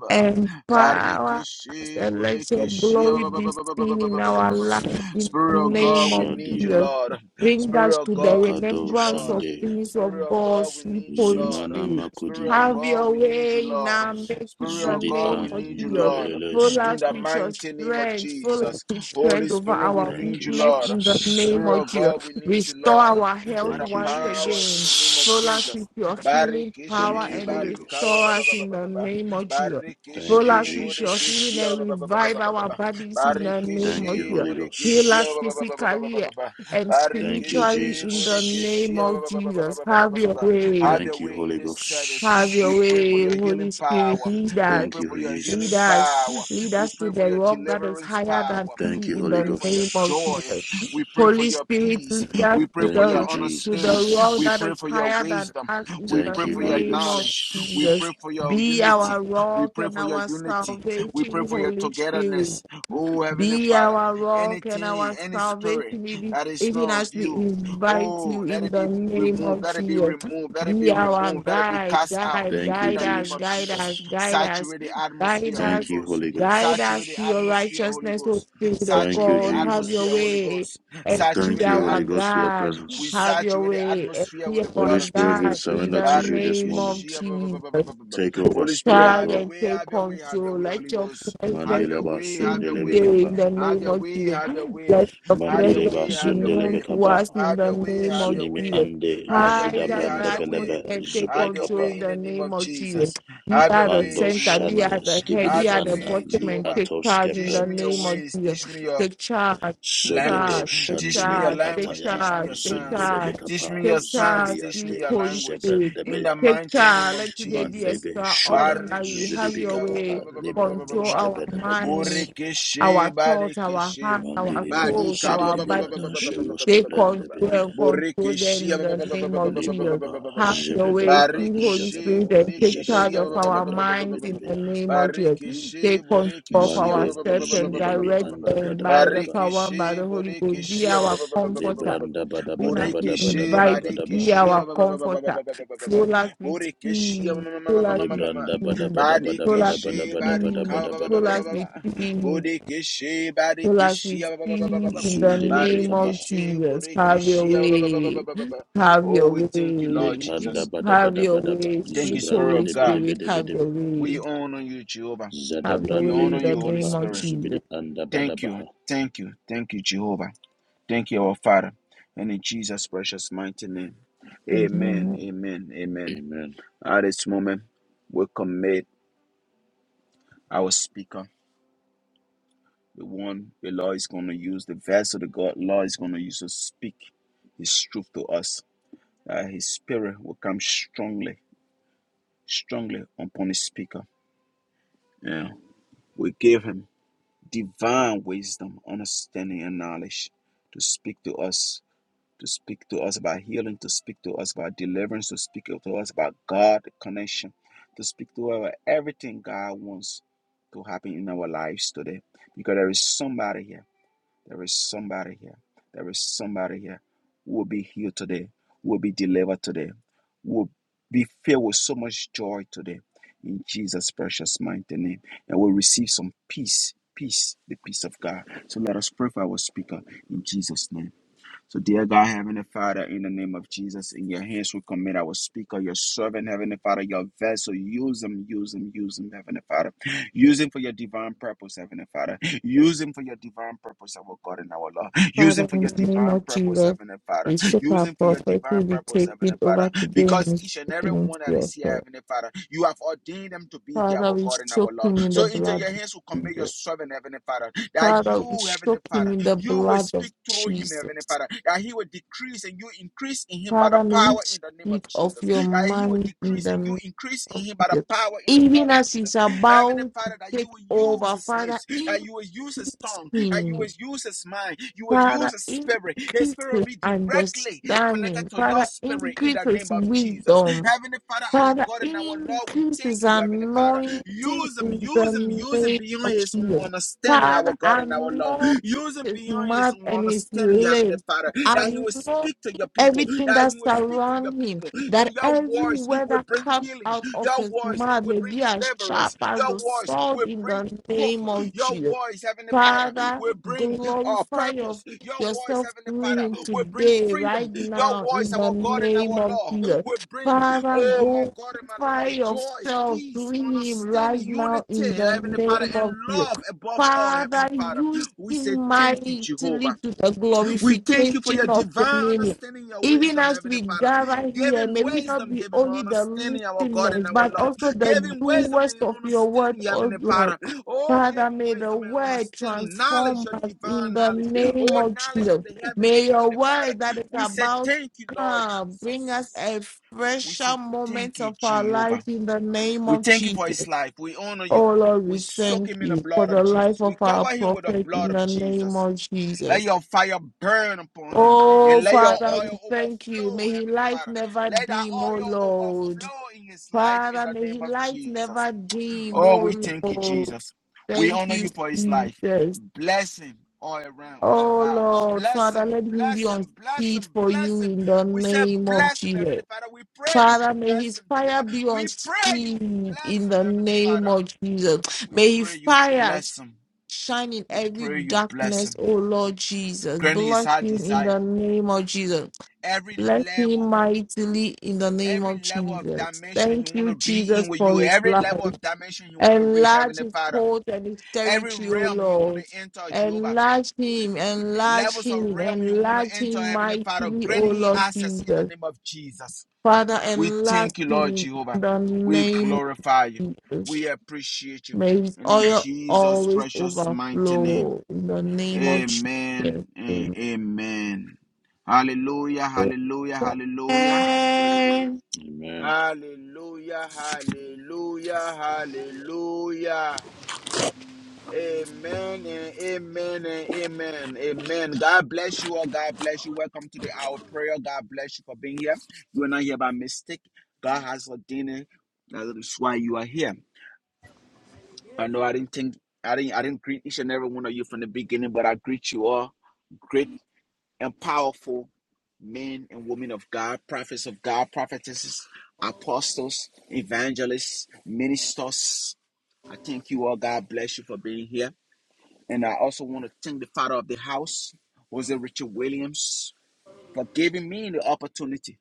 Speaker 3: and power us and let your glory be seen in our life in the
Speaker 1: Spirit of
Speaker 3: name
Speaker 1: God, we
Speaker 3: of
Speaker 1: need you,
Speaker 3: Jesus.
Speaker 2: mashadiba.
Speaker 1: Lord.
Speaker 3: Bring
Speaker 1: Spirit
Speaker 3: us
Speaker 1: of
Speaker 3: to the
Speaker 1: God, we need
Speaker 2: Makado
Speaker 1: you,
Speaker 3: remembrance
Speaker 1: Lord.
Speaker 3: of
Speaker 2: Shande
Speaker 3: things
Speaker 1: Spirit
Speaker 3: of
Speaker 1: of
Speaker 3: God,
Speaker 1: God, we
Speaker 3: sweet
Speaker 1: need you,
Speaker 3: Holy
Speaker 1: Lord.
Speaker 2: Zunana
Speaker 3: Spirit.
Speaker 1: Spirit
Speaker 2: Makudi
Speaker 1: of
Speaker 3: Have
Speaker 2: Anta
Speaker 1: God,
Speaker 3: your
Speaker 1: we need you,
Speaker 3: way in
Speaker 1: Lord.
Speaker 3: our making in
Speaker 1: Spirit
Speaker 3: the
Speaker 1: of
Speaker 2: Zudi
Speaker 1: God, we
Speaker 3: name of
Speaker 1: need you,
Speaker 3: Jesus.
Speaker 1: Lord.
Speaker 2: Andelele
Speaker 3: Fill
Speaker 1: In
Speaker 3: us
Speaker 1: the
Speaker 2: Skapa.
Speaker 3: with your
Speaker 1: mighty name of
Speaker 3: strength. Fill us
Speaker 1: Jesus.
Speaker 3: with
Speaker 1: Holy
Speaker 3: strength over
Speaker 1: Spirit, we
Speaker 3: our
Speaker 2: Thank
Speaker 1: need
Speaker 2: you,
Speaker 1: you,
Speaker 3: weakness
Speaker 1: Lord.
Speaker 3: in the
Speaker 2: Jesus.
Speaker 3: name
Speaker 1: Spirit
Speaker 3: of
Speaker 1: of
Speaker 3: Jesus.
Speaker 1: God, we need you,
Speaker 3: Restore
Speaker 1: Lord.
Speaker 3: our health
Speaker 1: By the
Speaker 2: Thank you,
Speaker 3: once
Speaker 1: power in
Speaker 3: again.
Speaker 1: the name of
Speaker 3: Fill us
Speaker 2: Jesus.
Speaker 3: with
Speaker 1: Jesus.
Speaker 3: your healing power
Speaker 2: Thank you,
Speaker 1: Barikishe,
Speaker 3: and
Speaker 2: Holy
Speaker 1: barika, ba-
Speaker 3: restore
Speaker 1: ba- ba-
Speaker 3: us
Speaker 1: ba-
Speaker 2: Ghost.
Speaker 1: ba-
Speaker 3: in
Speaker 1: ba-
Speaker 3: the name of Jesus.
Speaker 2: Thank
Speaker 3: Full
Speaker 2: you,
Speaker 3: us with your healing and
Speaker 2: Jesus.
Speaker 3: revive our bodies in the name
Speaker 2: Thank
Speaker 3: of
Speaker 2: you,
Speaker 3: Jesus.
Speaker 2: Holy
Speaker 3: Heal us
Speaker 2: Ghost.
Speaker 3: physically and
Speaker 2: Thank you,
Speaker 3: spiritually in the
Speaker 2: Jesus.
Speaker 3: name of Jesus. Have your way.
Speaker 1: Have your
Speaker 2: Thank you,
Speaker 1: way in
Speaker 2: Holy
Speaker 1: this
Speaker 2: Ghost.
Speaker 1: service.
Speaker 3: Have your
Speaker 1: We pray for
Speaker 3: way,
Speaker 1: your
Speaker 3: Holy
Speaker 1: healing
Speaker 3: Spirit.
Speaker 1: power.
Speaker 3: Lead
Speaker 1: We
Speaker 3: us,
Speaker 2: Thank
Speaker 1: pray
Speaker 2: you,
Speaker 1: for your
Speaker 3: lead
Speaker 1: healing
Speaker 3: us,
Speaker 1: power.
Speaker 3: lead
Speaker 1: We
Speaker 3: us
Speaker 2: Jesus.
Speaker 3: to
Speaker 1: pray for
Speaker 3: the
Speaker 1: your
Speaker 3: rock that is
Speaker 1: deliverance
Speaker 3: higher than
Speaker 1: power.
Speaker 3: me
Speaker 2: Thank you,
Speaker 1: We
Speaker 3: in
Speaker 2: Holy
Speaker 3: the
Speaker 1: pray for your
Speaker 3: name of
Speaker 1: joy.
Speaker 3: Jesus.
Speaker 2: Ghost.
Speaker 1: We pray for
Speaker 3: Holy
Speaker 1: your
Speaker 3: Spirit,
Speaker 1: peace.
Speaker 3: lead us
Speaker 1: We
Speaker 3: to
Speaker 1: pray for
Speaker 2: Thank
Speaker 1: your
Speaker 2: you,
Speaker 3: the to the
Speaker 1: understanding.
Speaker 3: rock
Speaker 1: We
Speaker 2: Jesus.
Speaker 3: that
Speaker 1: pray
Speaker 3: is
Speaker 1: for your
Speaker 3: higher than
Speaker 1: wisdom.
Speaker 3: us in
Speaker 1: We
Speaker 3: the
Speaker 2: Thank
Speaker 1: pray
Speaker 2: you,
Speaker 1: for your
Speaker 2: Holy
Speaker 3: name of
Speaker 1: knowledge. We
Speaker 3: Jesus.
Speaker 1: pray
Speaker 2: Ghost.
Speaker 1: for your
Speaker 3: Be our
Speaker 1: unity. We
Speaker 3: rock
Speaker 1: pray
Speaker 3: and
Speaker 1: for your
Speaker 3: our
Speaker 1: unity. We pray
Speaker 3: salvation,
Speaker 1: for your
Speaker 3: Holy Spirit.
Speaker 1: togetherness. Oh, Heavenly
Speaker 3: Be
Speaker 1: Father,
Speaker 3: our rock and
Speaker 1: anything,
Speaker 3: our
Speaker 1: any spirit
Speaker 3: salvation, even,
Speaker 1: that is
Speaker 3: even
Speaker 1: not of
Speaker 3: as we
Speaker 1: you,
Speaker 3: invite you
Speaker 1: oh, let
Speaker 3: in
Speaker 1: it
Speaker 3: the
Speaker 1: be
Speaker 3: name
Speaker 1: removed.
Speaker 3: of
Speaker 1: Let it be
Speaker 3: Jesus.
Speaker 1: removed. Let it
Speaker 3: Be
Speaker 1: be
Speaker 3: our
Speaker 1: removed. Let it be
Speaker 3: guide,
Speaker 1: cast out
Speaker 3: guide,
Speaker 2: Thank you,
Speaker 1: in
Speaker 3: guide
Speaker 1: the
Speaker 3: us,
Speaker 1: name of
Speaker 3: guide
Speaker 1: Jesus.
Speaker 3: us,
Speaker 2: Jesus.
Speaker 3: guide us,
Speaker 1: Saturate the atmosphere,
Speaker 3: guide
Speaker 1: Holy
Speaker 2: Thank
Speaker 3: us,
Speaker 2: you,
Speaker 1: Ghost.
Speaker 2: Holy Ghost.
Speaker 3: guide us
Speaker 1: Saturate the
Speaker 3: to your
Speaker 1: atmosphere, Holy
Speaker 3: righteousness,
Speaker 1: Ghost
Speaker 3: O Spirit of
Speaker 2: Thank
Speaker 1: Saturate
Speaker 2: you,
Speaker 1: the
Speaker 3: God. Have your
Speaker 1: atmosphere, Holy
Speaker 2: Jesus.
Speaker 3: way
Speaker 1: Ghost.
Speaker 3: and be
Speaker 2: Thank
Speaker 1: Saturate the
Speaker 2: you,
Speaker 3: our
Speaker 2: Holy Ghost, for
Speaker 1: atmosphere.
Speaker 2: your
Speaker 3: God.
Speaker 1: We
Speaker 2: presence.
Speaker 3: Have your
Speaker 1: saturate the
Speaker 3: way and
Speaker 1: atmosphere
Speaker 3: be
Speaker 1: with the
Speaker 3: our
Speaker 2: Holy
Speaker 1: blood of
Speaker 2: Spirit, we'll
Speaker 3: God
Speaker 1: Jesus.
Speaker 3: in
Speaker 2: surrender
Speaker 3: the
Speaker 2: to you this
Speaker 3: name
Speaker 2: moment.
Speaker 3: of
Speaker 1: Barikishia
Speaker 3: Jesus.
Speaker 2: Take over,
Speaker 1: Holy Spirit,
Speaker 2: Spirit of
Speaker 3: Try
Speaker 1: have your
Speaker 2: God.
Speaker 3: and
Speaker 1: way,
Speaker 3: take
Speaker 1: have your way, have your
Speaker 3: control.
Speaker 1: way,
Speaker 3: Let
Speaker 1: Holy
Speaker 3: your
Speaker 1: Ghost. Have
Speaker 3: presence
Speaker 1: your
Speaker 3: be
Speaker 2: Mandeleba
Speaker 1: way, have
Speaker 3: seen
Speaker 1: your way.
Speaker 3: today in
Speaker 2: sundelebekaba.
Speaker 3: the
Speaker 1: Have
Speaker 3: name
Speaker 1: your
Speaker 3: of
Speaker 1: way,
Speaker 3: Jesus.
Speaker 1: have your way.
Speaker 3: Let your
Speaker 1: Have your
Speaker 3: presence
Speaker 1: way,
Speaker 2: Mandeleba
Speaker 3: be
Speaker 1: have your way.
Speaker 3: known to
Speaker 2: sundelebekaba.
Speaker 3: us in
Speaker 1: Have
Speaker 3: the
Speaker 1: your way,
Speaker 3: name
Speaker 1: have
Speaker 3: of
Speaker 1: your
Speaker 2: Zunimi
Speaker 1: way.
Speaker 3: Jesus.
Speaker 2: ande
Speaker 1: Have your way,
Speaker 3: Hijack the
Speaker 1: have
Speaker 2: zudabrande
Speaker 1: your
Speaker 3: atmosphere
Speaker 1: way.
Speaker 2: belebe
Speaker 3: and take
Speaker 1: Have your
Speaker 3: control
Speaker 2: zubrekapa.
Speaker 1: way
Speaker 3: in
Speaker 1: in
Speaker 3: the
Speaker 1: the name
Speaker 3: name
Speaker 1: of
Speaker 3: of Jesus.
Speaker 1: Jesus.
Speaker 3: Be
Speaker 1: Have your
Speaker 3: at the
Speaker 1: way,
Speaker 2: Mando
Speaker 3: center, be
Speaker 1: Jehovah.
Speaker 2: shande
Speaker 3: at the head,
Speaker 2: skibidi
Speaker 3: be
Speaker 1: Have your
Speaker 3: at the
Speaker 2: anda
Speaker 1: way,
Speaker 3: bottom,
Speaker 2: li
Speaker 3: and
Speaker 1: Jehovah.
Speaker 3: take
Speaker 2: atoske
Speaker 3: charge in
Speaker 1: Teach
Speaker 3: the
Speaker 1: me your
Speaker 3: name
Speaker 2: prentes.
Speaker 3: of
Speaker 1: ways.
Speaker 3: Jesus.
Speaker 1: Teach me your
Speaker 3: Take charge, take
Speaker 1: language.
Speaker 2: Sododo
Speaker 3: charge, take
Speaker 1: Teach me your
Speaker 2: Shandilibi
Speaker 3: charge, take
Speaker 1: language. Teach
Speaker 3: charge,
Speaker 2: Ataya
Speaker 1: me your
Speaker 3: take
Speaker 1: sons.
Speaker 2: Zundelebe
Speaker 3: charge.
Speaker 1: Teach me
Speaker 2: Kapa
Speaker 3: Take
Speaker 1: your sons.
Speaker 3: charge,
Speaker 1: Teach me
Speaker 3: sweet
Speaker 2: Zudibiande
Speaker 1: your
Speaker 3: Holy
Speaker 1: language.
Speaker 3: Spirit.
Speaker 1: In the
Speaker 2: Zebrandebeya
Speaker 3: Take
Speaker 1: mighty name
Speaker 3: charge.
Speaker 1: of
Speaker 3: Let today be
Speaker 1: Jesus.
Speaker 2: Mandebe Shoda
Speaker 3: extraordinary. Have
Speaker 2: Zudibi
Speaker 3: your
Speaker 1: Barikishia
Speaker 2: Kapa
Speaker 3: way. Control
Speaker 2: Librandos
Speaker 3: our
Speaker 2: Kebelebedias
Speaker 3: mind,
Speaker 1: Burikishi
Speaker 3: our thoughts, our
Speaker 1: Barikishi
Speaker 3: heart, our
Speaker 2: Mandililaba
Speaker 3: souls,
Speaker 1: Badika
Speaker 3: our
Speaker 2: Sudibiada
Speaker 3: body.
Speaker 2: Shevros
Speaker 3: Take control
Speaker 2: Kebrandebedia
Speaker 3: and control them
Speaker 1: Burikishia
Speaker 3: in the name of Jesus.
Speaker 2: Libaba
Speaker 3: Have your way,
Speaker 2: Jebebebeba
Speaker 3: sweet Holy
Speaker 1: Barikishi
Speaker 3: Spirit,
Speaker 2: Jebebebeba
Speaker 3: and take charge
Speaker 1: Burikishia
Speaker 3: of
Speaker 2: Jebrebeba
Speaker 3: our minds in the
Speaker 2: Mabrandebedebea
Speaker 3: name of Jesus.
Speaker 1: Barikishi
Speaker 3: Take control
Speaker 1: Burikishia
Speaker 3: of our
Speaker 2: Mande
Speaker 3: steps and
Speaker 2: Zuninimi
Speaker 3: direct
Speaker 2: Anda
Speaker 3: them by the
Speaker 2: Badabadaba
Speaker 3: power and by
Speaker 1: Barikishi,
Speaker 3: the Holy Ghost. Be
Speaker 1: Burikishi, ba- ba-
Speaker 3: our
Speaker 1: ba- ba- ba- ba- ba- ba- ba-
Speaker 3: comforter
Speaker 1: ba- ba.
Speaker 2: Libranda
Speaker 3: we now to
Speaker 1: Burikishi,
Speaker 3: invite, be
Speaker 2: Badabadabadabadabadabadaba
Speaker 1: Barikishi,
Speaker 3: our
Speaker 1: ba- ba- ba- ba- ba- ba- ba- ba-
Speaker 3: comforter.
Speaker 1: ba- ba- ba- ba-
Speaker 3: Fill us
Speaker 1: ba.
Speaker 3: with
Speaker 1: Burikishi,
Speaker 3: peace.
Speaker 1: ma- ma- ma- ma-
Speaker 3: Fill
Speaker 1: ma-
Speaker 3: us
Speaker 1: ma- ma-
Speaker 3: with
Speaker 1: ma- ma.
Speaker 2: Lebranda bada bada
Speaker 3: peace.
Speaker 2: bada
Speaker 3: Fill
Speaker 2: bada
Speaker 3: us
Speaker 2: bada
Speaker 3: with
Speaker 1: Barikishi,
Speaker 2: bada bada
Speaker 3: peace.
Speaker 1: Barika,
Speaker 2: bada
Speaker 1: ba- ba-
Speaker 2: bada
Speaker 1: ba-
Speaker 3: Fill
Speaker 1: ba- ba-
Speaker 2: bada
Speaker 3: us
Speaker 1: ba-
Speaker 2: ba.
Speaker 3: with
Speaker 1: ba.
Speaker 3: peace.
Speaker 1: Burikishi,
Speaker 3: Fill us
Speaker 1: Barikishi,
Speaker 3: with
Speaker 1: ba- ba- ba- ba- ba- ba-
Speaker 3: peace
Speaker 1: ba-
Speaker 3: in the
Speaker 1: ba.
Speaker 2: Zunde
Speaker 3: name
Speaker 2: lebeka ba.
Speaker 3: of
Speaker 1: Barikishi,
Speaker 3: Jesus. Have your
Speaker 1: Burikishi, ba- ba- ba- ba- ba- ba-
Speaker 3: way.
Speaker 1: ba- ba- ba.
Speaker 3: Have your
Speaker 1: Oh, we thank you, Lord
Speaker 3: way.
Speaker 2: Lekanda
Speaker 1: Jesus.
Speaker 2: bada
Speaker 3: Have
Speaker 2: bada
Speaker 3: your
Speaker 2: bada ba.
Speaker 3: way.
Speaker 1: We thank
Speaker 3: Speak,
Speaker 1: you, Spirit
Speaker 2: Zubrande
Speaker 3: Holy
Speaker 1: of
Speaker 2: de bede
Speaker 1: God.
Speaker 3: Spirit.
Speaker 2: bede
Speaker 3: Have
Speaker 2: bede be.
Speaker 3: your way.
Speaker 1: We honor you, Jehovah.
Speaker 2: Zada
Speaker 3: Have your
Speaker 1: We
Speaker 3: way
Speaker 2: brande
Speaker 3: in
Speaker 1: honor
Speaker 3: the
Speaker 1: you,
Speaker 2: lebeka
Speaker 1: Holy
Speaker 3: name
Speaker 2: ba.
Speaker 3: of
Speaker 1: Spirit.
Speaker 3: Jesus.
Speaker 2: Zubidi anda bada
Speaker 1: Thank you,
Speaker 2: baha.
Speaker 1: thank you, thank you, Jehovah. Thank you, our Father. And in Jesus' precious mighty name.
Speaker 3: Amen.
Speaker 1: Amen. Amen. Amen.
Speaker 2: Amen.
Speaker 1: At this moment, we commit our speaker, the one the Lord is going to use, the vessel the God Lord is going to use to speak His truth to us. That His Spirit will come strongly, strongly upon His speaker. Yeah. We give Him divine wisdom, understanding, and knowledge to speak to us to speak to us about healing, to speak to us about deliverance, to speak to us about God connection, to speak to us about everything God wants to happen in our lives today. Because there is somebody here, there is somebody here, there is somebody here who will be healed today, who will be delivered today, who will be filled with so much joy today. In Jesus' precious mighty name, and we'll receive some peace, peace, the peace of God. So let us pray for our speaker in Jesus' name. So, dear God, Heavenly Father, in the name of Jesus, in your hands we commit our speaker, your servant, Heavenly Father, your vessel. Use them, use them, use them, Heavenly Father. Use them for your divine purpose, Heavenly Father. Use them for your divine purpose, our God and our Lord. Use them
Speaker 3: Father,
Speaker 1: for
Speaker 3: in
Speaker 1: your
Speaker 3: the name
Speaker 1: divine
Speaker 3: of
Speaker 1: purpose,
Speaker 3: Jesus,
Speaker 1: Heavenly Father.
Speaker 3: we shook
Speaker 1: Use
Speaker 3: our
Speaker 1: them for your
Speaker 3: prophet who
Speaker 1: divine
Speaker 3: be
Speaker 1: purpose, Heavenly
Speaker 3: taken over
Speaker 1: Father.
Speaker 3: today and
Speaker 1: Because
Speaker 3: is
Speaker 1: each and every
Speaker 3: taken into
Speaker 1: one that
Speaker 3: your
Speaker 1: is here,
Speaker 3: care.
Speaker 1: Heavenly Father, you have ordained them to be here,
Speaker 3: Father,
Speaker 1: our
Speaker 3: we
Speaker 1: God and our
Speaker 3: shook
Speaker 1: Lord.
Speaker 3: him in the
Speaker 1: So into
Speaker 3: blood
Speaker 1: your
Speaker 3: of
Speaker 1: hands we commit your
Speaker 3: Jesus.
Speaker 1: servant, Heavenly Father, that
Speaker 3: Father, we
Speaker 1: you, Heavenly
Speaker 3: shook him
Speaker 1: Father,
Speaker 3: in the
Speaker 1: you will
Speaker 3: blood of
Speaker 1: speak through him, Heavenly
Speaker 3: Jesus.
Speaker 1: Father. That he will decrease and you increase in him by the
Speaker 3: Father, may he
Speaker 1: power in the name of
Speaker 3: speak of
Speaker 1: Jesus.
Speaker 3: your
Speaker 1: That he will
Speaker 3: mind in
Speaker 1: decrease
Speaker 3: the
Speaker 1: and you
Speaker 3: name
Speaker 1: increase
Speaker 3: of
Speaker 1: in him by the
Speaker 3: Jesus.
Speaker 1: power in the blood
Speaker 3: Even
Speaker 1: of
Speaker 3: as he's
Speaker 1: Jesus. Heavenly
Speaker 3: about to
Speaker 1: Father, that you
Speaker 3: take
Speaker 1: will use
Speaker 3: over,
Speaker 1: his
Speaker 3: Father,
Speaker 1: lips, that you will use his
Speaker 3: increase
Speaker 1: tongue, that you will
Speaker 3: him.
Speaker 1: use his mind, you will use
Speaker 3: Father,
Speaker 1: his spirit. His
Speaker 3: increase
Speaker 1: spirit will
Speaker 3: his
Speaker 1: be directly
Speaker 3: understanding.
Speaker 1: connected to your
Speaker 3: Father,
Speaker 1: spirit in
Speaker 3: increase
Speaker 1: the name
Speaker 3: his
Speaker 1: of Jesus.
Speaker 3: wisdom.
Speaker 1: Heavenly Father, our
Speaker 3: Father,
Speaker 1: God and our Lord, we
Speaker 3: increase
Speaker 1: thank
Speaker 3: his
Speaker 1: you, Heavenly Father.
Speaker 3: anointing
Speaker 1: Use him,
Speaker 3: in the
Speaker 1: use him, use him
Speaker 3: name
Speaker 1: beyond
Speaker 3: of
Speaker 1: his own
Speaker 3: Jesus.
Speaker 1: understanding, our
Speaker 3: Father,
Speaker 1: God and our Lord.
Speaker 3: anoint
Speaker 1: Using
Speaker 3: his
Speaker 1: beyond his
Speaker 3: mouth
Speaker 1: own
Speaker 3: and his
Speaker 1: understanding, Heavenly
Speaker 3: lips.
Speaker 1: Father, that he
Speaker 3: Anoint
Speaker 1: will speak to your people,
Speaker 3: everything
Speaker 1: that
Speaker 3: that
Speaker 1: he will speak to your
Speaker 3: surrounds him,
Speaker 1: people,
Speaker 3: that
Speaker 1: and your
Speaker 3: every
Speaker 1: voice
Speaker 3: word
Speaker 1: will
Speaker 3: that
Speaker 1: bring
Speaker 3: comes
Speaker 1: healing,
Speaker 3: out of
Speaker 1: your
Speaker 3: his
Speaker 1: voice
Speaker 3: mouth
Speaker 1: will
Speaker 3: may
Speaker 1: bring
Speaker 3: be as sharp
Speaker 1: deliverance,
Speaker 3: as
Speaker 1: your
Speaker 3: the
Speaker 1: voice
Speaker 3: sword
Speaker 1: will
Speaker 3: in
Speaker 1: bring
Speaker 3: the
Speaker 1: hope.
Speaker 3: name of
Speaker 1: Your
Speaker 3: Jesus.
Speaker 1: voice, Heavenly Father,
Speaker 3: Father,
Speaker 1: will bring our
Speaker 3: glorify your,
Speaker 1: purpose. Your voice,
Speaker 3: yourself
Speaker 1: Heavenly
Speaker 3: through
Speaker 1: Father,
Speaker 3: him
Speaker 1: will bring
Speaker 3: today, right
Speaker 1: freedom. Your
Speaker 3: now,
Speaker 1: voice,
Speaker 3: in the
Speaker 1: our God and
Speaker 3: name
Speaker 1: our
Speaker 3: of
Speaker 1: Lord,
Speaker 3: Jesus.
Speaker 1: will bring,
Speaker 3: Father,
Speaker 1: oh my God and my
Speaker 3: glorify
Speaker 1: Lord, joy,
Speaker 3: yourself through
Speaker 1: peace,
Speaker 3: him
Speaker 1: understanding,
Speaker 3: right now,
Speaker 1: unity,
Speaker 3: in the
Speaker 1: Heavenly Father,
Speaker 3: name
Speaker 1: and
Speaker 3: of Jesus.
Speaker 1: love above all, Heavenly
Speaker 3: Father,
Speaker 1: Father.
Speaker 3: use
Speaker 1: We say,
Speaker 3: him
Speaker 1: Thank you,
Speaker 3: mightily
Speaker 1: Jehovah.
Speaker 3: to the
Speaker 1: We thank you for your
Speaker 3: glorification of your
Speaker 1: divine
Speaker 3: name.
Speaker 1: understanding, your
Speaker 3: Even
Speaker 1: wisdom,
Speaker 3: as
Speaker 1: Heavenly
Speaker 3: we
Speaker 1: Father.
Speaker 3: gather
Speaker 1: Give
Speaker 3: here,
Speaker 1: him
Speaker 3: may we not
Speaker 1: wisdom,
Speaker 3: be
Speaker 1: give him
Speaker 3: only the
Speaker 1: understanding, our God and
Speaker 3: listeners,
Speaker 1: our
Speaker 3: but
Speaker 1: love.
Speaker 3: also the
Speaker 1: Give him wisdom
Speaker 3: doers
Speaker 1: and
Speaker 3: of your word,
Speaker 1: understanding,
Speaker 3: O
Speaker 1: Heavenly
Speaker 3: Lord.
Speaker 1: Father. Oh, give
Speaker 3: Father,
Speaker 1: him
Speaker 3: may the
Speaker 1: wisdom and
Speaker 3: word
Speaker 1: understanding, knowledge,
Speaker 3: transform
Speaker 1: your
Speaker 3: us in
Speaker 1: divine
Speaker 3: the
Speaker 1: knowledge.
Speaker 3: name
Speaker 1: Oh,
Speaker 3: of
Speaker 1: knowledge of
Speaker 3: Jesus.
Speaker 1: the heavens,
Speaker 3: May your
Speaker 1: Heavenly Father.
Speaker 3: word that is
Speaker 1: We say,
Speaker 3: about
Speaker 1: Thank you,
Speaker 3: to
Speaker 1: Lord
Speaker 3: come bring us
Speaker 1: Jesus.
Speaker 3: a
Speaker 1: We
Speaker 3: fresher
Speaker 1: say, Thank
Speaker 3: moment
Speaker 1: you,
Speaker 3: of our
Speaker 1: Jehovah.
Speaker 3: life in the name
Speaker 1: We
Speaker 3: of
Speaker 1: thank you for his
Speaker 3: Jesus.
Speaker 1: life. We honor you.
Speaker 3: Oh Lord,
Speaker 1: We
Speaker 3: we
Speaker 1: soak
Speaker 3: thank
Speaker 1: him in the
Speaker 3: you for
Speaker 1: blood
Speaker 3: the
Speaker 1: of
Speaker 3: life
Speaker 1: Jesus. We
Speaker 3: of our
Speaker 1: cover him with the
Speaker 3: prophet in
Speaker 1: blood of
Speaker 3: the name
Speaker 1: Jesus.
Speaker 3: of
Speaker 1: Let
Speaker 3: Jesus.
Speaker 1: your fire burn upon him
Speaker 3: Oh
Speaker 1: and let your
Speaker 3: Father, we
Speaker 1: oil
Speaker 3: thank you.
Speaker 1: overflow,
Speaker 3: May his
Speaker 1: Heavenly
Speaker 3: light
Speaker 1: Father.
Speaker 3: never
Speaker 1: Let that
Speaker 3: dim, oh
Speaker 1: oil
Speaker 3: Lord.
Speaker 1: overflow in his life in
Speaker 3: Father,
Speaker 1: the
Speaker 3: may
Speaker 1: name
Speaker 3: his
Speaker 1: of
Speaker 3: light
Speaker 1: Jesus.
Speaker 3: never dim,
Speaker 1: Oh, we
Speaker 3: oh
Speaker 1: thank you,
Speaker 3: Lord.
Speaker 1: Jesus. We
Speaker 3: Thank
Speaker 1: honor
Speaker 3: you,
Speaker 1: you for his life.
Speaker 3: Jesus.
Speaker 1: Bless him. All around, all
Speaker 3: Oh
Speaker 1: about.
Speaker 3: Lord,
Speaker 1: Bless
Speaker 3: Father,
Speaker 1: him,
Speaker 3: let him be
Speaker 1: bless
Speaker 3: on
Speaker 1: him, bless
Speaker 3: speed
Speaker 1: him,
Speaker 3: for
Speaker 1: bless
Speaker 3: you
Speaker 1: him.
Speaker 3: in the
Speaker 1: We say,
Speaker 3: name of
Speaker 1: bless him,
Speaker 3: Jesus.
Speaker 1: Heavenly Father. We pray you
Speaker 3: Father, may
Speaker 1: bless
Speaker 3: his
Speaker 1: him,
Speaker 3: fire
Speaker 1: Jehovah.
Speaker 3: be on
Speaker 1: We pray you
Speaker 3: speed
Speaker 1: bless
Speaker 3: in
Speaker 1: him,
Speaker 3: the
Speaker 1: Heavenly
Speaker 3: name
Speaker 1: Father.
Speaker 3: of Jesus.
Speaker 1: We
Speaker 3: May his
Speaker 1: pray you
Speaker 3: fire
Speaker 1: bless him.
Speaker 3: shine in
Speaker 1: We
Speaker 3: every
Speaker 1: pray you bless
Speaker 3: darkness,
Speaker 1: him.
Speaker 3: oh Lord Jesus.
Speaker 1: Granny is
Speaker 3: Bless
Speaker 1: our
Speaker 3: him in
Speaker 1: desire.
Speaker 3: the name of Jesus.
Speaker 1: every
Speaker 3: Bless him
Speaker 1: level
Speaker 3: mightily in the name
Speaker 1: every
Speaker 3: of
Speaker 1: level of
Speaker 3: Jesus.
Speaker 1: dimension he
Speaker 3: Thank
Speaker 1: want
Speaker 3: you,
Speaker 1: to be
Speaker 3: Jesus,
Speaker 1: in with
Speaker 3: for
Speaker 1: you
Speaker 3: his
Speaker 1: every level
Speaker 3: life.
Speaker 1: of dimension he want to reach
Speaker 3: Enlarge
Speaker 1: heavenly
Speaker 3: his
Speaker 1: father
Speaker 3: court and his
Speaker 1: every
Speaker 3: territory, O
Speaker 1: realm he want
Speaker 3: Lord.
Speaker 1: to enter jehovah
Speaker 3: Enlarge him, enlarge
Speaker 1: levels of
Speaker 3: him,
Speaker 1: realm he want to
Speaker 3: enlarge
Speaker 1: enter
Speaker 3: him
Speaker 1: heavenly father
Speaker 3: mightily,
Speaker 1: grant
Speaker 3: O
Speaker 1: him
Speaker 3: Lord
Speaker 1: access in the
Speaker 3: Jesus.
Speaker 1: name of jesus
Speaker 3: Father,
Speaker 1: we
Speaker 3: enlarge
Speaker 1: thank you lord
Speaker 3: him
Speaker 1: jehovah
Speaker 3: in the
Speaker 1: we
Speaker 3: name
Speaker 1: glorify you
Speaker 3: of Jesus.
Speaker 1: we appreciate you
Speaker 3: May his
Speaker 1: and in
Speaker 3: oil
Speaker 1: jesus
Speaker 3: always
Speaker 1: precious mighty name
Speaker 3: overflow in the name of Jesus.
Speaker 1: amen and amen hallelujah hallelujah hallelujah
Speaker 3: Amen.
Speaker 2: Amen.
Speaker 1: Hallelujah, hallelujah, hallelujah. Amen and amen and amen. Amen. God bless you all. God bless you. Welcome to the hour of prayer. God bless you for being here. You are not here by mistake. God has ordained it. That is why you are here. I know I didn't think I didn't I didn't greet each and every one of you from the beginning, but I greet you all and powerful men and women of God, prophets of God, prophetesses, apostles, evangelists, ministers. I thank you all. God bless you for being here. And I also want to thank the father of the house, Jose Richard Williams, for giving me the opportunity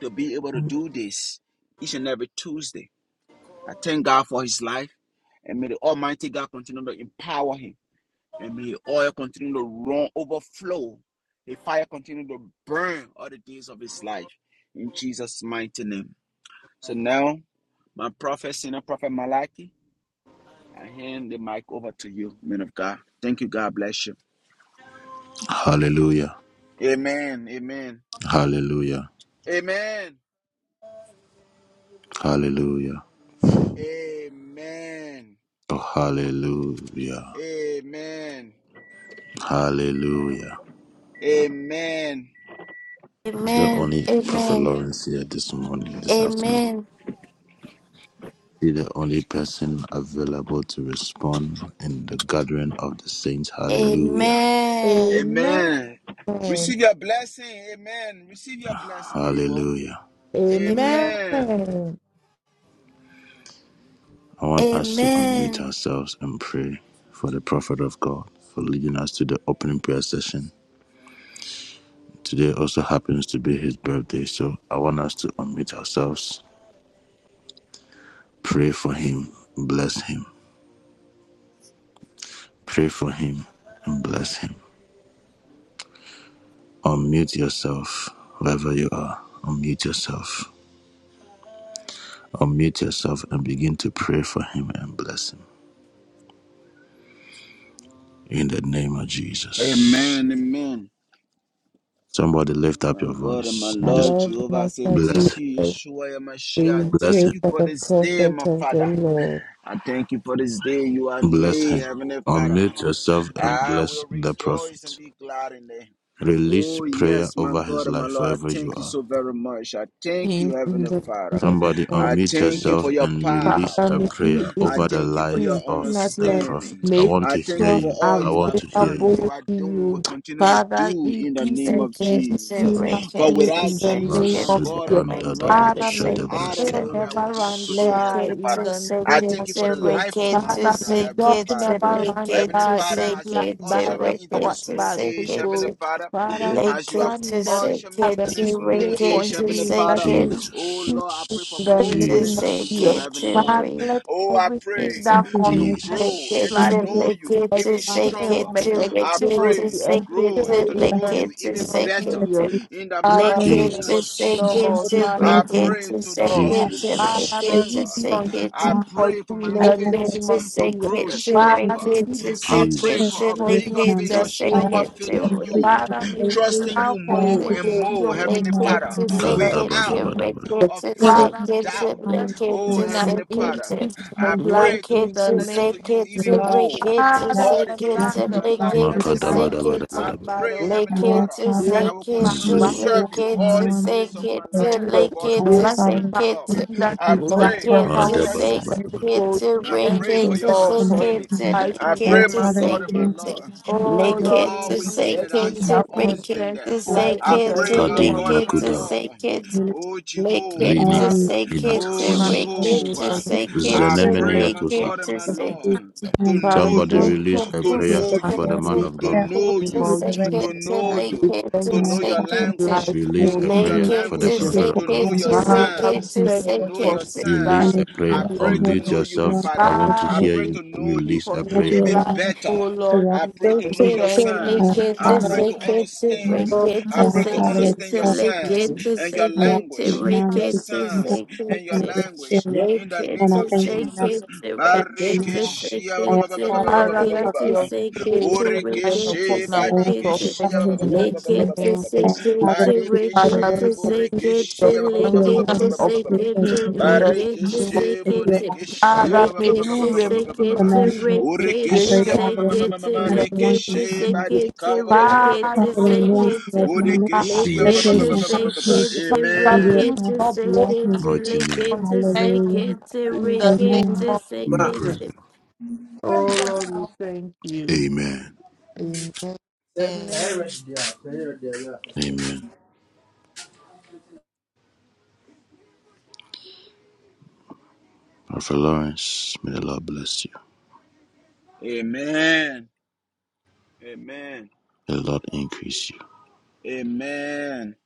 Speaker 1: to be able to do this each and every Tuesday. I thank God for his life and may the Almighty God continue to empower him and may oil continue to run, overflow. May fire continue to burn all the days of his life. In Jesus' mighty name. So now, my prophet, senior prophet Malachi, I hand the mic over to you, man of God. Thank you. God bless you.
Speaker 2: Hallelujah.
Speaker 1: Amen. Amen.
Speaker 2: Hallelujah.
Speaker 1: Amen.
Speaker 2: Hallelujah.
Speaker 1: Amen.
Speaker 2: Oh, hallelujah.
Speaker 1: Amen.
Speaker 2: Hallelujah.
Speaker 1: Amen.
Speaker 2: Is there
Speaker 5: Amen.
Speaker 2: only Prophet
Speaker 5: Amen.
Speaker 2: Lawrence here this morning, this afternoon?
Speaker 5: Amen.
Speaker 2: Be the only person available to respond in the gathering of the saints. Hallelujah.
Speaker 5: Amen.
Speaker 1: Amen.
Speaker 3: Amen.
Speaker 1: Receive your blessing. Amen. Receive your blessing, people.
Speaker 2: Hallelujah.
Speaker 5: Amen.
Speaker 1: Amen.
Speaker 3: Amen.
Speaker 2: I want us to unmute
Speaker 5: Amen.
Speaker 2: ourselves and pray for the prophet of God for leading us to the opening prayer session. Today also happens to be his birthday, so I want us to unmute ourselves, pray for him, bless him, pray for him, and bless him. Unmute yourself wherever you are. Unmute yourself. Unmute yourself and begin to pray for him and bless him. in the name of Jesus.
Speaker 1: Amen. Amen.
Speaker 2: Somebody lift up
Speaker 1: My
Speaker 2: your
Speaker 1: God and my
Speaker 2: voice
Speaker 3: I
Speaker 2: and just
Speaker 1: Lord
Speaker 3: love
Speaker 1: Jehovah, I say
Speaker 3: Master
Speaker 2: bless
Speaker 1: thank
Speaker 2: him,
Speaker 1: you,
Speaker 3: Jesus.
Speaker 1: Yeshua Mashiach.
Speaker 3: We
Speaker 2: bless
Speaker 3: pray
Speaker 1: Thank
Speaker 2: him,
Speaker 1: you
Speaker 3: for
Speaker 1: for
Speaker 3: the
Speaker 1: this day,
Speaker 3: prophet
Speaker 1: my
Speaker 3: of the
Speaker 1: Father.
Speaker 3: Lord.
Speaker 1: I thank you for this day you have
Speaker 2: bless
Speaker 1: made,
Speaker 2: him.
Speaker 1: Heavenly Father.
Speaker 2: Unmute yourself and
Speaker 1: I
Speaker 2: bless
Speaker 1: will
Speaker 2: the
Speaker 1: rejoice and
Speaker 2: prophet.
Speaker 1: be glad in it.
Speaker 2: Release
Speaker 1: Oh,
Speaker 2: prayer
Speaker 1: yes, my
Speaker 2: over his
Speaker 1: God and my
Speaker 2: life
Speaker 1: Lord, I
Speaker 2: wherever you
Speaker 1: thank you
Speaker 2: are.
Speaker 1: so very much. I thank
Speaker 3: In,
Speaker 1: you, Heavenly
Speaker 3: the
Speaker 1: Father.
Speaker 3: name
Speaker 2: Somebody
Speaker 3: of
Speaker 1: I
Speaker 2: unmute
Speaker 1: thank you
Speaker 3: the
Speaker 2: yourself
Speaker 1: for your
Speaker 2: and
Speaker 1: power.
Speaker 2: release
Speaker 3: Father,
Speaker 2: a
Speaker 3: may
Speaker 2: prayer
Speaker 3: he
Speaker 1: I
Speaker 2: over the
Speaker 1: thank you for your
Speaker 2: life
Speaker 3: you
Speaker 2: of
Speaker 3: and us
Speaker 2: the
Speaker 3: here.
Speaker 2: prophet.
Speaker 1: understanding.
Speaker 2: I
Speaker 3: Make
Speaker 2: want
Speaker 1: I
Speaker 2: to
Speaker 1: thank
Speaker 2: hear
Speaker 1: you
Speaker 3: yourself
Speaker 1: for
Speaker 2: you.
Speaker 1: all
Speaker 2: I
Speaker 1: you
Speaker 2: want
Speaker 1: have
Speaker 2: to hear
Speaker 1: done,
Speaker 2: you.
Speaker 1: you
Speaker 3: available
Speaker 1: are
Speaker 3: to
Speaker 1: doing,
Speaker 3: you.
Speaker 1: will continue to
Speaker 3: Father,
Speaker 1: do in the
Speaker 3: increase
Speaker 1: name
Speaker 5: The
Speaker 3: in
Speaker 1: of
Speaker 3: and give
Speaker 5: to
Speaker 3: me
Speaker 1: Jesus. For
Speaker 5: wicked
Speaker 3: nothing
Speaker 5: to
Speaker 3: in
Speaker 1: without
Speaker 3: the
Speaker 5: sick
Speaker 1: you,
Speaker 3: name
Speaker 5: it
Speaker 1: my
Speaker 3: of
Speaker 2: Masudi
Speaker 1: God
Speaker 5: to
Speaker 3: Jesus.
Speaker 1: and my
Speaker 5: wicked
Speaker 1: Lord,
Speaker 2: andadado
Speaker 5: to
Speaker 3: Father,
Speaker 5: sick
Speaker 3: may
Speaker 1: I
Speaker 5: it
Speaker 1: don't
Speaker 3: fire
Speaker 5: to
Speaker 2: shadabreska
Speaker 1: know where I would
Speaker 3: never
Speaker 1: be
Speaker 3: run
Speaker 2: andias.
Speaker 5: lick
Speaker 1: today,
Speaker 3: dry
Speaker 1: Heavenly
Speaker 5: it
Speaker 1: Father.
Speaker 3: in
Speaker 5: to
Speaker 3: the
Speaker 5: sick
Speaker 1: I
Speaker 3: name
Speaker 5: it
Speaker 1: thank
Speaker 3: of
Speaker 1: you for
Speaker 5: to
Speaker 1: the
Speaker 3: Jesus.
Speaker 1: life of
Speaker 5: wicked
Speaker 1: my
Speaker 5: to
Speaker 3: Father,
Speaker 1: mother,
Speaker 3: may
Speaker 5: sick
Speaker 1: Heavenly
Speaker 3: God
Speaker 5: it to
Speaker 1: Father.
Speaker 3: never
Speaker 5: lick
Speaker 3: run
Speaker 5: it
Speaker 1: Heavenly
Speaker 5: to
Speaker 3: dry in
Speaker 1: Father,
Speaker 3: his
Speaker 5: sick
Speaker 1: as you have
Speaker 3: life
Speaker 5: it to
Speaker 3: by
Speaker 1: ushered me
Speaker 3: the
Speaker 1: into
Speaker 3: power
Speaker 5: wicked
Speaker 1: this
Speaker 5: to
Speaker 1: new
Speaker 3: by the
Speaker 5: sick
Speaker 3: Holy
Speaker 1: age,
Speaker 5: it
Speaker 1: Heavenly
Speaker 5: to
Speaker 3: Ghost.
Speaker 1: Father,
Speaker 3: Father, we
Speaker 1: as
Speaker 5: lick
Speaker 1: you have
Speaker 5: it
Speaker 3: stand in
Speaker 5: to
Speaker 3: the
Speaker 1: ushered
Speaker 5: sick
Speaker 1: me
Speaker 3: gap
Speaker 5: it
Speaker 1: into
Speaker 3: and
Speaker 1: this
Speaker 5: to
Speaker 3: we
Speaker 1: new
Speaker 3: pray for
Speaker 5: wicked
Speaker 1: age,
Speaker 5: to
Speaker 1: Heavenly
Speaker 3: him that
Speaker 5: sick
Speaker 1: Father.
Speaker 3: he
Speaker 5: it
Speaker 1: Oh
Speaker 2: Jesus.
Speaker 3: is
Speaker 1: Lord, I
Speaker 3: in
Speaker 1: pray for
Speaker 3: the
Speaker 1: more
Speaker 5: to
Speaker 3: name of
Speaker 1: connection with
Speaker 5: sick
Speaker 1: you,
Speaker 3: Jesus.
Speaker 2: Jesus.
Speaker 5: it
Speaker 1: Heavenly Father.
Speaker 5: to
Speaker 3: Father,
Speaker 1: Oh, I
Speaker 3: Everything
Speaker 5: wicked
Speaker 1: pray
Speaker 3: that
Speaker 6: Thank you,
Speaker 1: to
Speaker 6: Lord.
Speaker 3: concerns
Speaker 5: Take
Speaker 1: grow and
Speaker 5: it
Speaker 1: to
Speaker 6: In
Speaker 2: Jesus,
Speaker 6: the
Speaker 3: life,
Speaker 5: to
Speaker 1: know
Speaker 5: lick
Speaker 3: be
Speaker 1: you
Speaker 5: it to
Speaker 1: even
Speaker 6: my Lord,
Speaker 5: shake
Speaker 3: excelled,
Speaker 1: stronger.
Speaker 5: it
Speaker 6: that
Speaker 3: be
Speaker 5: to lick
Speaker 1: I
Speaker 6: this
Speaker 5: it
Speaker 3: excelled,
Speaker 6: beautiful
Speaker 5: to
Speaker 1: pray
Speaker 3: be
Speaker 1: to
Speaker 5: shake
Speaker 3: excelled
Speaker 6: man
Speaker 5: it
Speaker 1: grow and
Speaker 5: to
Speaker 1: to
Speaker 3: in
Speaker 6: that
Speaker 5: lick
Speaker 1: know
Speaker 6: has
Speaker 1: you
Speaker 5: it
Speaker 3: the
Speaker 5: to
Speaker 3: name
Speaker 1: even
Speaker 3: of
Speaker 5: shake
Speaker 1: better
Speaker 5: it to
Speaker 3: Jesus.
Speaker 6: consecutive
Speaker 1: in the
Speaker 3: Father,
Speaker 5: lick
Speaker 6: cover
Speaker 1: mighty
Speaker 5: it
Speaker 3: bless
Speaker 1: name
Speaker 5: to
Speaker 1: of
Speaker 3: you,
Speaker 2: Jesus,
Speaker 6: and
Speaker 5: shake it
Speaker 1: Jesus.
Speaker 3: Lord.
Speaker 6: guide of
Speaker 5: to
Speaker 3: Father,
Speaker 1: I
Speaker 5: break
Speaker 3: bless
Speaker 6: and
Speaker 5: it
Speaker 1: pray
Speaker 5: to
Speaker 3: you,
Speaker 1: to
Speaker 5: shake
Speaker 3: Lord.
Speaker 1: know
Speaker 5: it
Speaker 6: have
Speaker 1: you
Speaker 5: to
Speaker 6: for you
Speaker 5: lick
Speaker 3: Father, may
Speaker 5: it
Speaker 1: stronger.
Speaker 5: to
Speaker 2: Jesus,
Speaker 3: he be
Speaker 5: shake
Speaker 3: on
Speaker 5: it to
Speaker 1: I
Speaker 3: speed for
Speaker 1: pray for
Speaker 3: you in
Speaker 1: my
Speaker 6: I
Speaker 3: the
Speaker 5: lick
Speaker 6: ask that
Speaker 5: it
Speaker 1: faith
Speaker 3: name
Speaker 5: to
Speaker 3: of
Speaker 1: to
Speaker 5: shake
Speaker 3: Jesus.
Speaker 1: grow
Speaker 5: it
Speaker 6: Jesus
Speaker 5: to
Speaker 6: is
Speaker 3: Father,
Speaker 1: stronger.
Speaker 5: break
Speaker 6: to
Speaker 3: may
Speaker 6: take
Speaker 5: it
Speaker 3: he be
Speaker 5: to
Speaker 1: I
Speaker 3: on
Speaker 5: shake
Speaker 3: speed
Speaker 1: pray
Speaker 5: it
Speaker 1: for
Speaker 2: Jesus.
Speaker 5: to
Speaker 1: a
Speaker 3: for
Speaker 5: lick
Speaker 6: with
Speaker 3: you
Speaker 1: bigger
Speaker 3: in
Speaker 5: it
Speaker 6: him.
Speaker 1: faith,
Speaker 5: to
Speaker 1: a
Speaker 3: the
Speaker 6: I
Speaker 5: shake
Speaker 6: ask
Speaker 3: name
Speaker 1: stronger
Speaker 3: of
Speaker 5: it
Speaker 6: that
Speaker 1: faith
Speaker 5: to
Speaker 6: you
Speaker 3: Jesus.
Speaker 1: in
Speaker 5: break
Speaker 6: increase
Speaker 1: you,
Speaker 6: his
Speaker 3: Father, may
Speaker 6: safety.
Speaker 3: his
Speaker 1: trusting
Speaker 3: love
Speaker 1: you
Speaker 6: I
Speaker 3: for
Speaker 6: ask
Speaker 1: more
Speaker 5: it.
Speaker 6: that you
Speaker 1: and
Speaker 3: you
Speaker 6: increase
Speaker 3: be
Speaker 1: more,
Speaker 3: on
Speaker 6: him
Speaker 1: Heavenly
Speaker 6: more
Speaker 1: Father,
Speaker 6: and
Speaker 5: Lekete
Speaker 3: speed
Speaker 6: more.
Speaker 3: in the name.
Speaker 6: I
Speaker 1: without
Speaker 6: ask
Speaker 5: sekete
Speaker 6: that you
Speaker 2: Kadabadabadabada,
Speaker 1: a
Speaker 5: rekete
Speaker 6: will
Speaker 1: flinch
Speaker 6: give
Speaker 1: of
Speaker 3: Father,
Speaker 6: him
Speaker 3: may your
Speaker 5: sekete
Speaker 1: doubt.
Speaker 6: knowledge,
Speaker 3: blessing be
Speaker 1: Oh,
Speaker 5: lekete
Speaker 3: an
Speaker 6: wisdom,
Speaker 1: Heavenly
Speaker 3: increase
Speaker 1: Father,
Speaker 5: sekete
Speaker 3: in his
Speaker 1: I
Speaker 6: and
Speaker 3: life
Speaker 1: pray to
Speaker 3: in
Speaker 1: be
Speaker 3: the
Speaker 5: lekete
Speaker 6: peace,
Speaker 1: connected
Speaker 3: name
Speaker 1: to you
Speaker 6: your
Speaker 5: sekete
Speaker 1: even
Speaker 6: love.
Speaker 1: more
Speaker 5: rekete
Speaker 6: I ask
Speaker 3: Father,
Speaker 1: all
Speaker 6: that
Speaker 1: the
Speaker 3: and
Speaker 6: you allow
Speaker 1: days
Speaker 3: not
Speaker 1: of
Speaker 5: sekete
Speaker 6: him
Speaker 3: the
Speaker 1: my
Speaker 6: to be a
Speaker 1: life,
Speaker 3: prophet,
Speaker 6: good
Speaker 5: lekete
Speaker 1: Heavenly
Speaker 3: by
Speaker 1: Father.
Speaker 6: witness
Speaker 3: the
Speaker 5: sekete
Speaker 3: power
Speaker 1: I
Speaker 2: makadabadabadabadaba,
Speaker 3: by the
Speaker 1: pray,
Speaker 3: Holy
Speaker 1: Heavenly
Speaker 3: Ghost.
Speaker 6: Our
Speaker 1: Father,
Speaker 5: lekete
Speaker 3: Bless
Speaker 6: Father,
Speaker 1: I will
Speaker 3: my
Speaker 6: that
Speaker 1: continue
Speaker 5: sekete
Speaker 1: to
Speaker 6: you continue to
Speaker 2: zidim,
Speaker 3: band
Speaker 1: serve
Speaker 3: of
Speaker 6: bless
Speaker 1: you
Speaker 6: him
Speaker 1: all
Speaker 5: lekete
Speaker 1: the
Speaker 6: more and more
Speaker 1: days of
Speaker 6: each
Speaker 1: my
Speaker 5: sekete
Speaker 6: day.
Speaker 1: life, my
Speaker 3: children.
Speaker 1: God and my
Speaker 5: lekete
Speaker 6: Our
Speaker 3: Bless
Speaker 6: Father, that
Speaker 3: my
Speaker 1: Lord.
Speaker 6: you
Speaker 5: sekete
Speaker 6: continue
Speaker 3: band
Speaker 6: to
Speaker 1: I
Speaker 6: increase
Speaker 3: by
Speaker 6: him
Speaker 1: pray
Speaker 3: the
Speaker 1: for
Speaker 6: for
Speaker 1: your
Speaker 6: blessing
Speaker 5: Lekete
Speaker 3: power by
Speaker 5: sekete
Speaker 1: presence
Speaker 3: the
Speaker 6: his
Speaker 3: Holy
Speaker 2: madabadabadabada,
Speaker 3: Ghost. We
Speaker 1: I
Speaker 6: name,
Speaker 3: thank
Speaker 1: pray for
Speaker 3: you,
Speaker 6: those
Speaker 5: rekete
Speaker 6: that
Speaker 1: your
Speaker 3: Lord, for
Speaker 6: connect
Speaker 3: his
Speaker 1: understanding.
Speaker 6: his
Speaker 5: sekete
Speaker 6: name.
Speaker 3: life
Speaker 1: I
Speaker 3: in the
Speaker 6: Our
Speaker 1: pray,
Speaker 5: lekete
Speaker 1: my
Speaker 3: name
Speaker 6: Father,
Speaker 3: of
Speaker 1: God and
Speaker 3: Jesus.
Speaker 1: my
Speaker 6: continue to
Speaker 5: sekete
Speaker 1: Lord,
Speaker 6: bless him to
Speaker 1: that
Speaker 3: Oh
Speaker 1: you
Speaker 6: bless
Speaker 3: Lord,
Speaker 6: his
Speaker 5: lekete
Speaker 6: life,
Speaker 1: always
Speaker 3: increase
Speaker 1: be there
Speaker 6: his
Speaker 3: everything
Speaker 1: as you
Speaker 5: sekete
Speaker 1: have
Speaker 3: that
Speaker 6: children, his children.
Speaker 1: always been
Speaker 3: concerns
Speaker 1: there.
Speaker 5: rekete
Speaker 3: his
Speaker 6: Our
Speaker 3: life
Speaker 1: I
Speaker 3: in
Speaker 6: Father,
Speaker 3: the
Speaker 6: to
Speaker 1: pray,
Speaker 5: sekete
Speaker 3: name
Speaker 1: my
Speaker 6: allow
Speaker 2: kadim
Speaker 3: of
Speaker 1: God and
Speaker 6: that
Speaker 1: my
Speaker 5: lekete
Speaker 2: makudaba,
Speaker 1: Lord,
Speaker 5: sekete
Speaker 6: healing
Speaker 1: oh
Speaker 2: lini
Speaker 6: all
Speaker 5: lekete sekete rekete
Speaker 1: Jehovah.
Speaker 3: Father,
Speaker 6: we.
Speaker 5: sekete
Speaker 1: Oh
Speaker 3: my
Speaker 6: Our
Speaker 2: inatas,
Speaker 6: Father,
Speaker 3: Jesus,
Speaker 6: that
Speaker 5: lekete
Speaker 1: Jehovah,
Speaker 6: you keep him
Speaker 3: of
Speaker 1: I
Speaker 5: sekete lekete sekete
Speaker 2: zenemeni
Speaker 6: strengthened,
Speaker 1: pray, my
Speaker 2: yatosa.
Speaker 1: God and
Speaker 5: rekete
Speaker 1: my
Speaker 6: that he is
Speaker 5: sekete
Speaker 1: Lord, to
Speaker 6: and to
Speaker 3: Father,
Speaker 1: know
Speaker 6: heal,
Speaker 2: Somebody
Speaker 1: you,
Speaker 3: bless
Speaker 6: him,
Speaker 2: release a
Speaker 1: to
Speaker 5: lekete
Speaker 2: prayer
Speaker 3: his
Speaker 1: know
Speaker 6: that he
Speaker 3: life
Speaker 2: for
Speaker 1: you,
Speaker 2: the
Speaker 6: will
Speaker 3: in
Speaker 2: man
Speaker 6: be
Speaker 3: the
Speaker 2: of
Speaker 1: to
Speaker 2: God.
Speaker 6: set, and
Speaker 1: know
Speaker 6: that
Speaker 3: name
Speaker 6: he
Speaker 1: you,
Speaker 3: of
Speaker 5: sekete
Speaker 6: direct
Speaker 3: Jesus.
Speaker 1: to
Speaker 5: lekete
Speaker 1: know
Speaker 6: his path.
Speaker 1: you,
Speaker 3: We thank
Speaker 1: to
Speaker 6: Our
Speaker 1: know your
Speaker 6: Father,
Speaker 3: you,
Speaker 1: language,
Speaker 3: life,
Speaker 6: I
Speaker 1: to
Speaker 2: Release
Speaker 3: oh
Speaker 2: a
Speaker 1: know
Speaker 3: Jesus.
Speaker 1: your
Speaker 2: prayer
Speaker 6: continue
Speaker 2: for
Speaker 6: to
Speaker 2: the
Speaker 6: go
Speaker 1: language,
Speaker 2: prophet
Speaker 5: sekete
Speaker 2: of
Speaker 6: before
Speaker 1: to
Speaker 2: God.
Speaker 1: know
Speaker 6: him
Speaker 1: your
Speaker 6: in the
Speaker 3: Father, we
Speaker 1: signs,
Speaker 5: rekete
Speaker 6: compassion
Speaker 3: pray
Speaker 1: to
Speaker 6: over
Speaker 1: know
Speaker 6: him,
Speaker 3: for
Speaker 1: your
Speaker 3: his
Speaker 5: sekete
Speaker 3: life,
Speaker 2: Release
Speaker 6: and
Speaker 1: signs,
Speaker 2: a
Speaker 6: that
Speaker 1: I
Speaker 2: prayer.
Speaker 3: Lord.
Speaker 1: pray to
Speaker 6: over
Speaker 2: Unmute
Speaker 1: know
Speaker 6: him,
Speaker 1: you, my
Speaker 2: yourself. I
Speaker 1: Father.
Speaker 2: want
Speaker 6: that
Speaker 2: to
Speaker 3: Father,
Speaker 6: you
Speaker 1: I
Speaker 2: hear
Speaker 1: pray
Speaker 3: we
Speaker 2: you.
Speaker 1: to
Speaker 3: thank
Speaker 1: know
Speaker 3: you
Speaker 1: you
Speaker 2: Release
Speaker 3: for
Speaker 2: a
Speaker 3: his
Speaker 6: that you
Speaker 2: prayer.
Speaker 1: even
Speaker 3: life,
Speaker 6: allow him
Speaker 3: oh
Speaker 1: better.
Speaker 6: to
Speaker 3: Lord
Speaker 6: walk
Speaker 1: I pray to
Speaker 3: Jesus.
Speaker 1: know your
Speaker 6: freely.
Speaker 5: Sekete
Speaker 3: Thank
Speaker 6: I
Speaker 3: you,
Speaker 1: signs.
Speaker 6: ask,
Speaker 1: I
Speaker 5: lekete
Speaker 1: pray
Speaker 6: Father,
Speaker 3: Jesus.
Speaker 6: that
Speaker 1: to
Speaker 6: you
Speaker 5: sekete
Speaker 6: keep
Speaker 1: understand you.
Speaker 3: Oh,
Speaker 6: I
Speaker 1: I
Speaker 5: rekete
Speaker 1: pray
Speaker 6: ask,
Speaker 1: to
Speaker 6: Father, that
Speaker 1: understand
Speaker 5: sekete
Speaker 1: your
Speaker 6: you touch
Speaker 1: signs
Speaker 3: Jesus.
Speaker 5: lekete
Speaker 1: and your
Speaker 6: I ask
Speaker 5: sekete
Speaker 6: you
Speaker 1: language,
Speaker 6: now that
Speaker 1: your
Speaker 6: you
Speaker 5: rekete
Speaker 6: can come
Speaker 1: signs
Speaker 6: to the
Speaker 1: and your
Speaker 6: portion of
Speaker 5: sekete
Speaker 6: your
Speaker 1: language
Speaker 6: spirit.
Speaker 1: in the
Speaker 6: And
Speaker 1: name
Speaker 6: I
Speaker 5: lekete
Speaker 1: of
Speaker 6: thank you and I
Speaker 1: Jesus.
Speaker 6: bless
Speaker 5: sekete
Speaker 6: you
Speaker 5: rekete sekete
Speaker 6: for that
Speaker 5: lekete
Speaker 6: denial.
Speaker 1: Barikishia
Speaker 6: I
Speaker 1: ba- ba-
Speaker 6: ask,
Speaker 1: ba- ba-
Speaker 5: sekete
Speaker 1: ba- ba- ba-
Speaker 6: Father,
Speaker 1: ba- ba-
Speaker 3: Father, let
Speaker 1: ba- ba-
Speaker 6: that
Speaker 5: rekete
Speaker 3: your
Speaker 1: ba.
Speaker 6: you
Speaker 3: face
Speaker 5: sekete
Speaker 6: cover
Speaker 3: shine
Speaker 5: lekete
Speaker 1: Borikishi,
Speaker 3: upon our
Speaker 6: I ask that you
Speaker 5: sekete rekete sekete
Speaker 3: prophet
Speaker 1: badikishia
Speaker 6: cover
Speaker 1: ba- ba-
Speaker 6: his
Speaker 1: ba-
Speaker 3: in
Speaker 1: ba- ba- ba-
Speaker 6: mind,
Speaker 1: ba-
Speaker 3: the
Speaker 6: Lord.
Speaker 1: ba- ba-
Speaker 3: name
Speaker 1: ba- ba.
Speaker 6: I
Speaker 3: of
Speaker 6: ask,
Speaker 3: Jesus.
Speaker 6: Father, that you cover the
Speaker 3: Father, may
Speaker 1: Badikishia,
Speaker 5: lekete
Speaker 6: words that
Speaker 3: you
Speaker 6: he
Speaker 3: keep
Speaker 6: speaks,
Speaker 3: your
Speaker 1: borikishia ba- ba-
Speaker 3: kindness
Speaker 1: ba-
Speaker 6: that
Speaker 3: upon
Speaker 1: ba-
Speaker 6: you
Speaker 3: him
Speaker 6: allow
Speaker 3: in
Speaker 1: ba-
Speaker 3: the
Speaker 1: ba-
Speaker 3: name
Speaker 1: ba-
Speaker 6: them to be
Speaker 1: ba-
Speaker 3: of
Speaker 1: ba- ba- ba.
Speaker 5: sekete
Speaker 6: spirit and life, and every time he
Speaker 5: rekete
Speaker 6: speaks,
Speaker 1: Barikeshi,
Speaker 6: that you
Speaker 3: Jesus.
Speaker 5: sekete
Speaker 6: allow the words to
Speaker 1: Bodekeshe,
Speaker 6: come
Speaker 3: Father, may you
Speaker 5: Lekete
Speaker 6: to pass,
Speaker 3: remember
Speaker 6: to
Speaker 5: sekete
Speaker 6: manifest.
Speaker 3: his
Speaker 6: I
Speaker 5: rekete
Speaker 6: pray,
Speaker 1: Borekeshe,
Speaker 3: gracious
Speaker 6: Father, that
Speaker 3: in
Speaker 6: you
Speaker 5: sekete
Speaker 6: place an
Speaker 3: the
Speaker 6: anointing
Speaker 5: lekete
Speaker 6: on
Speaker 1: Marekeshe,
Speaker 6: him.
Speaker 5: sekete
Speaker 1: Badika,
Speaker 3: Father,
Speaker 6: Father,
Speaker 5: rekete
Speaker 6: the
Speaker 3: may you
Speaker 6: anointing
Speaker 5: sekete
Speaker 6: was moment,
Speaker 3: have
Speaker 1: Bodekeshe,
Speaker 2: In
Speaker 6: their
Speaker 3: lived.
Speaker 6: place
Speaker 5: lekete
Speaker 6: in Christ Jesus,
Speaker 2: Jesus'
Speaker 5: sekete
Speaker 3: Father,
Speaker 6: and
Speaker 3: may
Speaker 6: you
Speaker 1: Amen.
Speaker 3: you
Speaker 6: allow
Speaker 5: rekete
Speaker 6: him
Speaker 3: stop
Speaker 6: to
Speaker 3: all
Speaker 6: walk in.
Speaker 5: sekete
Speaker 6: it.
Speaker 2: mighty name,
Speaker 5: lekete
Speaker 3: content
Speaker 6: Hallelujah.
Speaker 5: sekete
Speaker 3: in the name
Speaker 6: Amen.
Speaker 5: rekete
Speaker 3: of
Speaker 7: Ma,
Speaker 2: we
Speaker 3: Jesus.
Speaker 2: pray.
Speaker 5: sekete.
Speaker 3: Oh Lord, we thank you.
Speaker 2: Amen.
Speaker 3: Amen.
Speaker 7: sɛ
Speaker 3: Amen.
Speaker 7: ɛyɛ
Speaker 5: Amen.
Speaker 7: ready deɛ a, sɛ ɛyɛ ready yeah, yeah.
Speaker 2: Amen. Prophet Lawrence, may the Lord bless you.
Speaker 1: Amen. Amen.
Speaker 2: May the Lord increase you.
Speaker 1: Amen.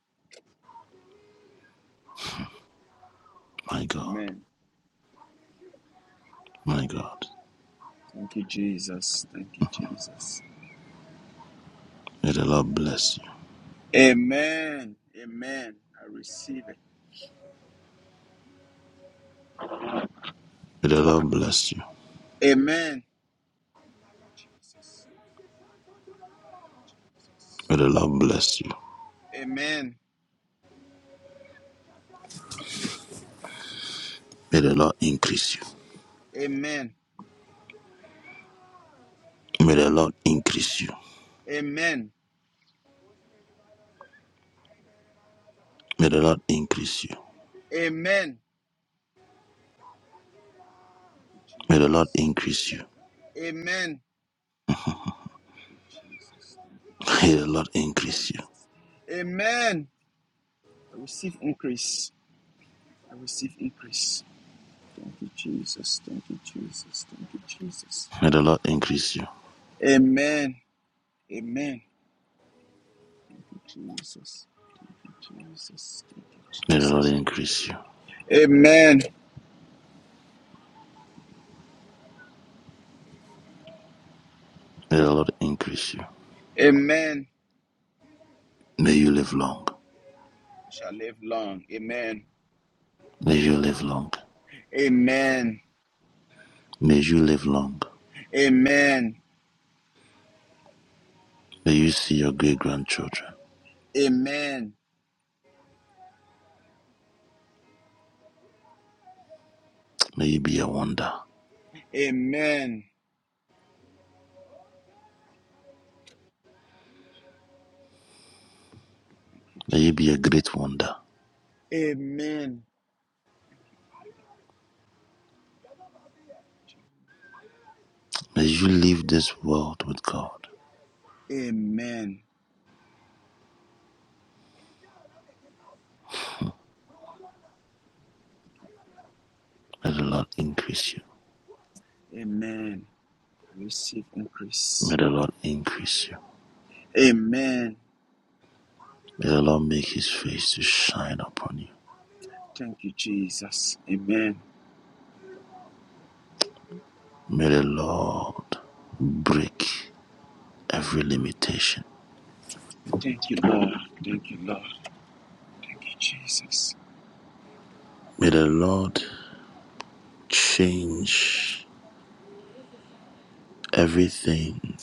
Speaker 2: My God.
Speaker 1: Amen.
Speaker 2: My God.
Speaker 1: Thank you, Jesus. Thank you, Jesus.
Speaker 2: May the Lord bless you.
Speaker 1: Amen. Amen. I receive it.
Speaker 2: May the Lord bless you.
Speaker 1: Amen. Thank you, Jesus. Jesus.
Speaker 2: May the Lord bless you.
Speaker 1: Amen.
Speaker 2: May the Lord increase you.
Speaker 1: Amen.
Speaker 2: May the Lord increase you.
Speaker 1: Amen.
Speaker 2: May the Lord increase you.
Speaker 1: Amen. Thank you,
Speaker 2: May the Lord
Speaker 1: Jesus.
Speaker 2: increase you.
Speaker 1: Amen. Thank you, Jesus. Thank you,
Speaker 2: May the
Speaker 1: Jesus.
Speaker 2: Lord
Speaker 1: Thank you,
Speaker 2: increase you.
Speaker 1: Jesus. Amen. I receive increase. I receive increase. Thank you, Jesus. Thank you, Jesus. Thank you, Jesus.
Speaker 2: May the Lord increase you.
Speaker 1: Amen. Amen. Thank you, Jesus. Thank you, Jesus. Thank you,
Speaker 2: May the Lord
Speaker 1: Jesus.
Speaker 2: increase you.
Speaker 1: Amen.
Speaker 2: May the Lord increase you.
Speaker 1: Amen. I
Speaker 2: May you live long.
Speaker 1: shall live long. Amen.
Speaker 2: May you live long.
Speaker 1: Amen.
Speaker 2: May you live long.
Speaker 1: Amen.
Speaker 2: May you see your great grandchildren.
Speaker 1: Amen.
Speaker 2: May you be a wonder.
Speaker 1: Amen. Thank you,
Speaker 2: May you be a
Speaker 1: Jesus.
Speaker 2: great wonder.
Speaker 1: Amen.
Speaker 2: May you leave this world with God.
Speaker 1: Amen.
Speaker 2: May the Lord increase you.
Speaker 1: Amen. Receive
Speaker 2: May
Speaker 1: increase.
Speaker 2: the Lord increase you.
Speaker 1: Amen.
Speaker 2: May the Lord make his face to shine upon you.
Speaker 1: Thank you, Jesus. Amen.
Speaker 2: May the Lord break every limitation.
Speaker 1: Thank you, Lord. Thank you, Lord. Thank you, Jesus.
Speaker 2: May the Lord change everything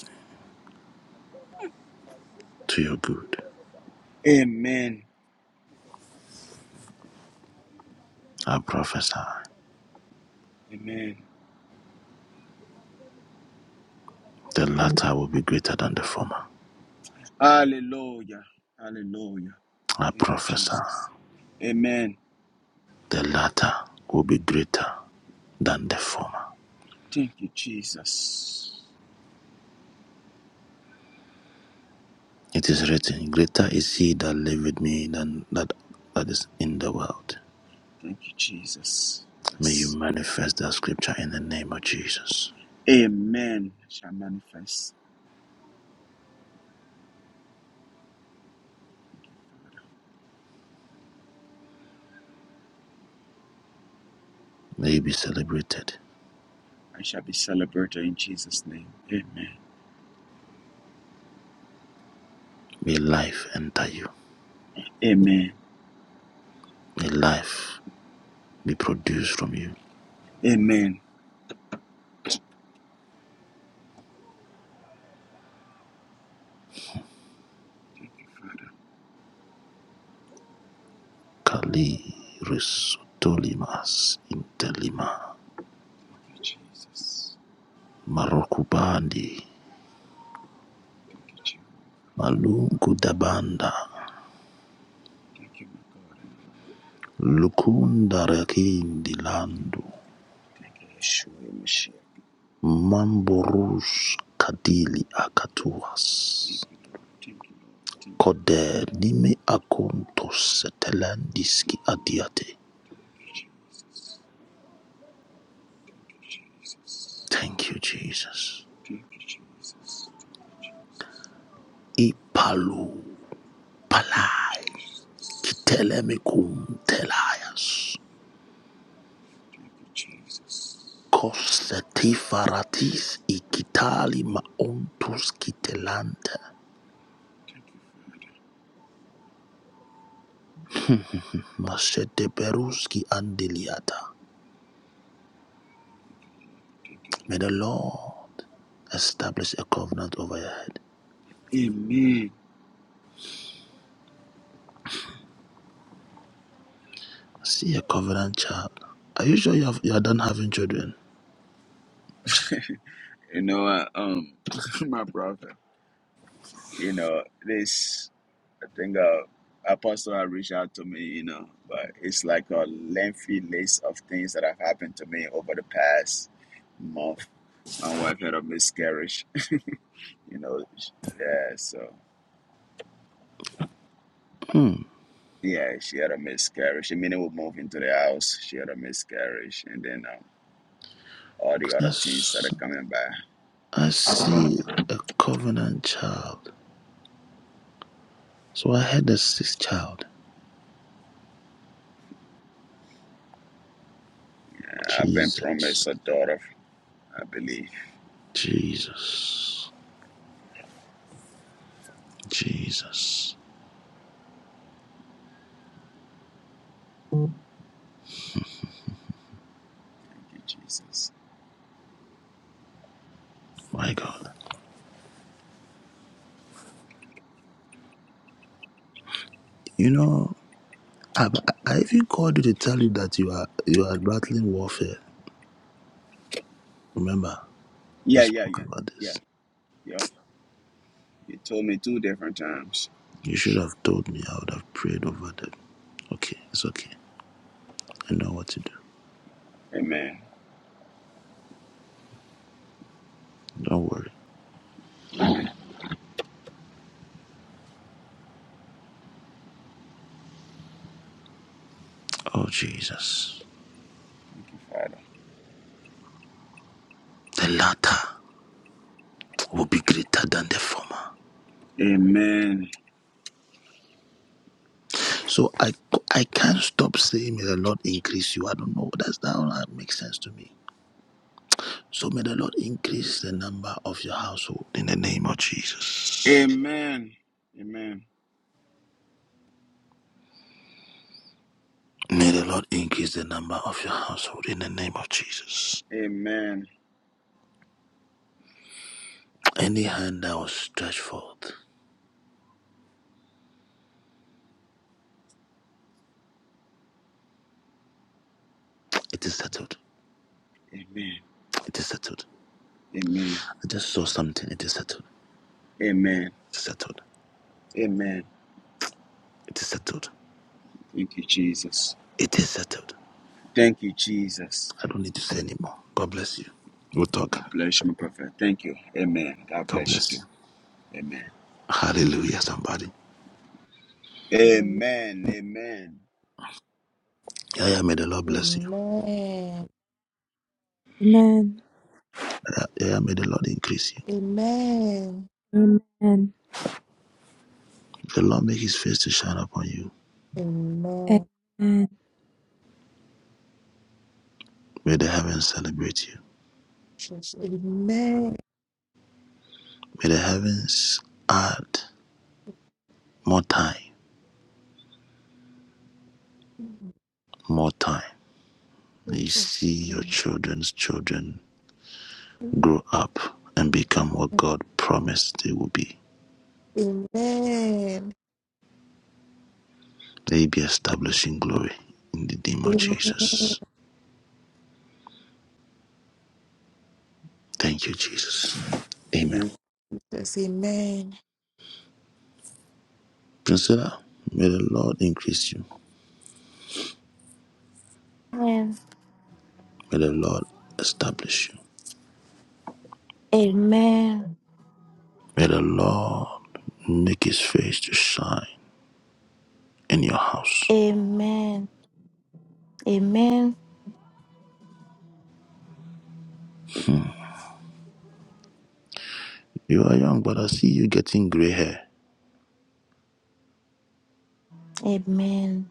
Speaker 2: to your good.
Speaker 1: Amen.
Speaker 2: I prophesy
Speaker 1: Amen.
Speaker 2: the latter will be greater than the former.
Speaker 1: Hallelujah. Hallelujah.
Speaker 2: I
Speaker 1: Thank you,
Speaker 2: prophesy
Speaker 1: Jesus. Amen.
Speaker 2: the latter will be greater than the former.
Speaker 1: Thank you, Jesus.
Speaker 2: It is written, Greater is he that liveth me than that that is in the world.
Speaker 1: Thank you, Jesus.
Speaker 2: May you
Speaker 1: Yes.
Speaker 2: manifest that scripture in the name of Jesus.
Speaker 1: Amen. I shall manifest.
Speaker 2: May you be celebrated.
Speaker 1: I shall be celebrated in Jesus' name. Amen.
Speaker 2: May life enter you.
Speaker 1: Amen.
Speaker 2: May life be produced from you.
Speaker 1: Amen.
Speaker 2: Kali Risotolimas Intelima
Speaker 1: Thank you, Jesus.
Speaker 2: Marokubandi
Speaker 1: Thank you, Jesus.
Speaker 2: Malunku Dabanda
Speaker 1: Thank you, my God and my Lord.
Speaker 2: Lukunda Rakindi Landu
Speaker 1: Thank you, Yeshua, your Messiah.
Speaker 2: Mamboroush Kadili
Speaker 1: Thank
Speaker 2: Akatuas
Speaker 1: you, Lord. Thank you, Lord. Thank you, Lord.
Speaker 2: Kode
Speaker 1: Thank
Speaker 2: Nime Akontos
Speaker 1: you,
Speaker 2: Setelandiski
Speaker 1: thank you, Lord.
Speaker 2: Adiate.
Speaker 1: Thank you, Jesus. Thank you, Jesus.
Speaker 2: Thank you, Jesus.
Speaker 1: Thank you, Jesus. Thank you, Jesus.
Speaker 2: Ipalu
Speaker 1: Thank you,
Speaker 2: Palai
Speaker 1: Jesus.
Speaker 2: Kitelemicum Telayas.
Speaker 1: Thank you, Jesus. Thank you,
Speaker 2: Kosetifaratis Ikitali Maontus Kitelante.
Speaker 1: Father.
Speaker 2: Maseteperuski Andeliata. May the Lord establish a covenant over your head.
Speaker 1: Amen.
Speaker 2: see a covenant child. Are you sure you, have, you are done having children?
Speaker 1: You know, I, um, my brother. you know, this I think uh, Apostle had reached out to me, you know, but it's like a lengthy list of things that have happened to me over the past month. My wife had a miscarriage, you know, sh- yeah, so
Speaker 2: Hmm.
Speaker 1: yeah, she had a miscarriage. I mean, we moved into the house, she had a miscarriage, and then um, all the
Speaker 2: 'Cause
Speaker 1: other things
Speaker 2: that's-
Speaker 1: started coming by.
Speaker 2: I see a covenant child. So I had a sixth child.
Speaker 1: And I've been
Speaker 2: Jesus.
Speaker 1: promised a daughter, I believe.
Speaker 2: Jesus. Jesus.
Speaker 1: Thank you, Jesus.
Speaker 2: My God. You know, I, I even called you to tell you that you are you are battling warfare. Remember, we
Speaker 1: Yeah, yeah,
Speaker 2: spoke
Speaker 1: you,
Speaker 2: about
Speaker 1: yeah,
Speaker 2: this.
Speaker 1: yep. You told me two different times.
Speaker 2: You should have told me. I would have prayed over them. Okay, it's okay. I know what to do.
Speaker 1: Amen.
Speaker 2: Don't worry. Oh Jesus.
Speaker 1: Thank you, Father.
Speaker 2: The latter will be greater than the former.
Speaker 1: Amen.
Speaker 2: So I I can't stop saying, may the Lord increase you. I don't know. That's that makes sense to me. So may the Lord increase the number of your household in the name of Jesus.
Speaker 1: Amen. Amen.
Speaker 2: May the Lord increase the number of your household in the name of Jesus.
Speaker 1: Amen.
Speaker 2: Any hand that was stretched forth, it is settled.
Speaker 1: Amen.
Speaker 2: It is settled.
Speaker 1: Amen.
Speaker 2: I just saw something. It is settled.
Speaker 1: Amen.
Speaker 2: It is settled.
Speaker 1: Amen.
Speaker 2: It is settled.
Speaker 1: Thank you, Jesus.
Speaker 2: It is settled.
Speaker 1: Thank you, Jesus.
Speaker 2: I don't need to say anymore. God bless you. We'll talk.
Speaker 1: God bless you, my prophet. Thank you. Amen. God
Speaker 2: God
Speaker 1: bless you
Speaker 2: bless you.
Speaker 1: too. Amen.
Speaker 2: Hallelujah, somebody.
Speaker 3: Amen.
Speaker 1: Amen. Amen.
Speaker 2: Yeah, yeah, may the Lord bless you.
Speaker 6: Amen.
Speaker 2: Yeah, yeah, may the Lord increase you.
Speaker 3: Amen.
Speaker 6: Amen.
Speaker 2: May The Lord make his face to shine upon you.
Speaker 3: Amen.
Speaker 6: Amen.
Speaker 2: May the heavens celebrate you.
Speaker 3: Jesus. Amen.
Speaker 2: May the heavens add more time, more time. May you
Speaker 3: Jesus.
Speaker 2: see your
Speaker 3: Amen.
Speaker 2: children's children grow up and become what God promised they will be.
Speaker 3: Amen.
Speaker 2: May you be established in glory in the name of
Speaker 3: Jesus.
Speaker 2: Jesus. Thank you, Jesus. Amen.
Speaker 3: Amen.
Speaker 2: Priscilla, may the Lord increase you.
Speaker 5: Amen.
Speaker 2: May the Lord establish you.
Speaker 5: Amen.
Speaker 2: May the Lord make his face to shine in your house.
Speaker 5: Amen. Amen.
Speaker 2: Hmm. You are young, but I see you getting gray hair.
Speaker 5: Amen.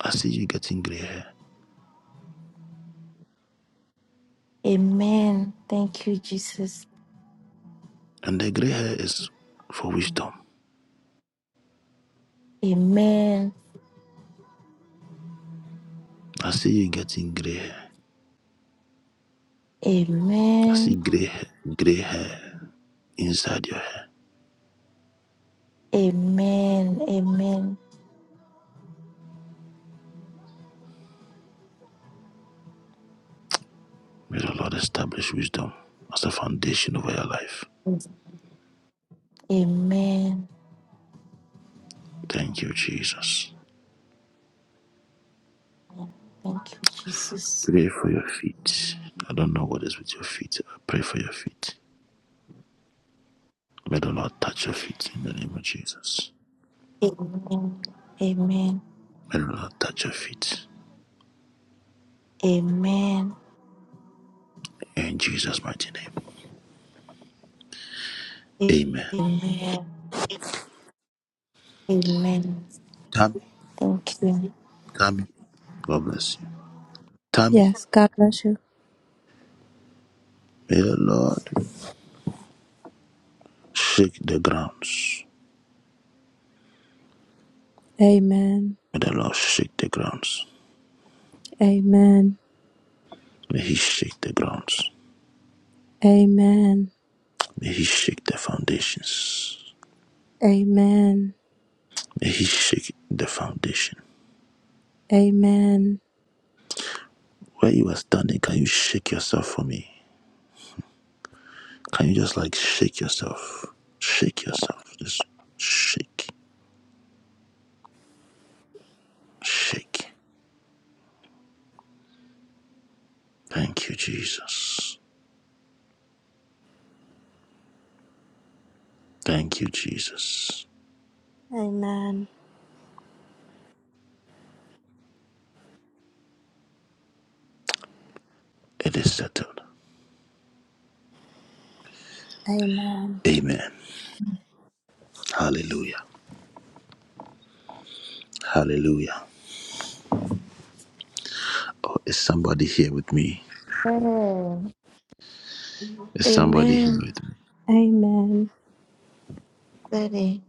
Speaker 2: I see you getting gray hair.
Speaker 5: Amen. Thank you, Jesus.
Speaker 2: And the gray hair is for wisdom.
Speaker 5: Amen.
Speaker 2: I see you getting gray hair. I see
Speaker 5: Amen.
Speaker 2: gray, ha- gray hair inside your hair.
Speaker 5: Amen. Amen.
Speaker 2: May the Lord establish wisdom as a foundation over your life.
Speaker 5: Amen.
Speaker 2: Thank you, Jesus.
Speaker 5: Thank you, Jesus.
Speaker 2: Pray for your feet. I don't know what is with your feet. I pray for your feet. May the Lord touch your feet in the name of Jesus.
Speaker 5: Amen. Amen.
Speaker 2: May the Lord touch your feet.
Speaker 5: Amen.
Speaker 2: In Jesus' mighty name. Amen.
Speaker 5: Amen. Amen.
Speaker 2: Tammy,
Speaker 5: Thank you.
Speaker 2: Tammy, God bless you. Tammy,
Speaker 6: Yes, God bless you.
Speaker 2: may the Lord shake the grounds.
Speaker 6: Amen.
Speaker 2: May the Lord shake the grounds.
Speaker 6: Amen.
Speaker 2: May He shake the grounds.
Speaker 6: Amen.
Speaker 2: May He shake the foundations.
Speaker 6: Amen.
Speaker 2: May He shake the foundation.
Speaker 6: Amen.
Speaker 2: Where you are standing, can you shake yourself for me? Can you just like shake yourself? Shake yourself. Just shake, shake. Thank you, Jesus. Thank you, Jesus.
Speaker 6: Amen.
Speaker 2: It is settled.
Speaker 6: Amen.
Speaker 2: Amen. Hallelujah. Hallelujah. Oh, is somebody here with me? Is somebody here
Speaker 5: Amen.
Speaker 2: with me?
Speaker 6: Amen.
Speaker 5: Daddy.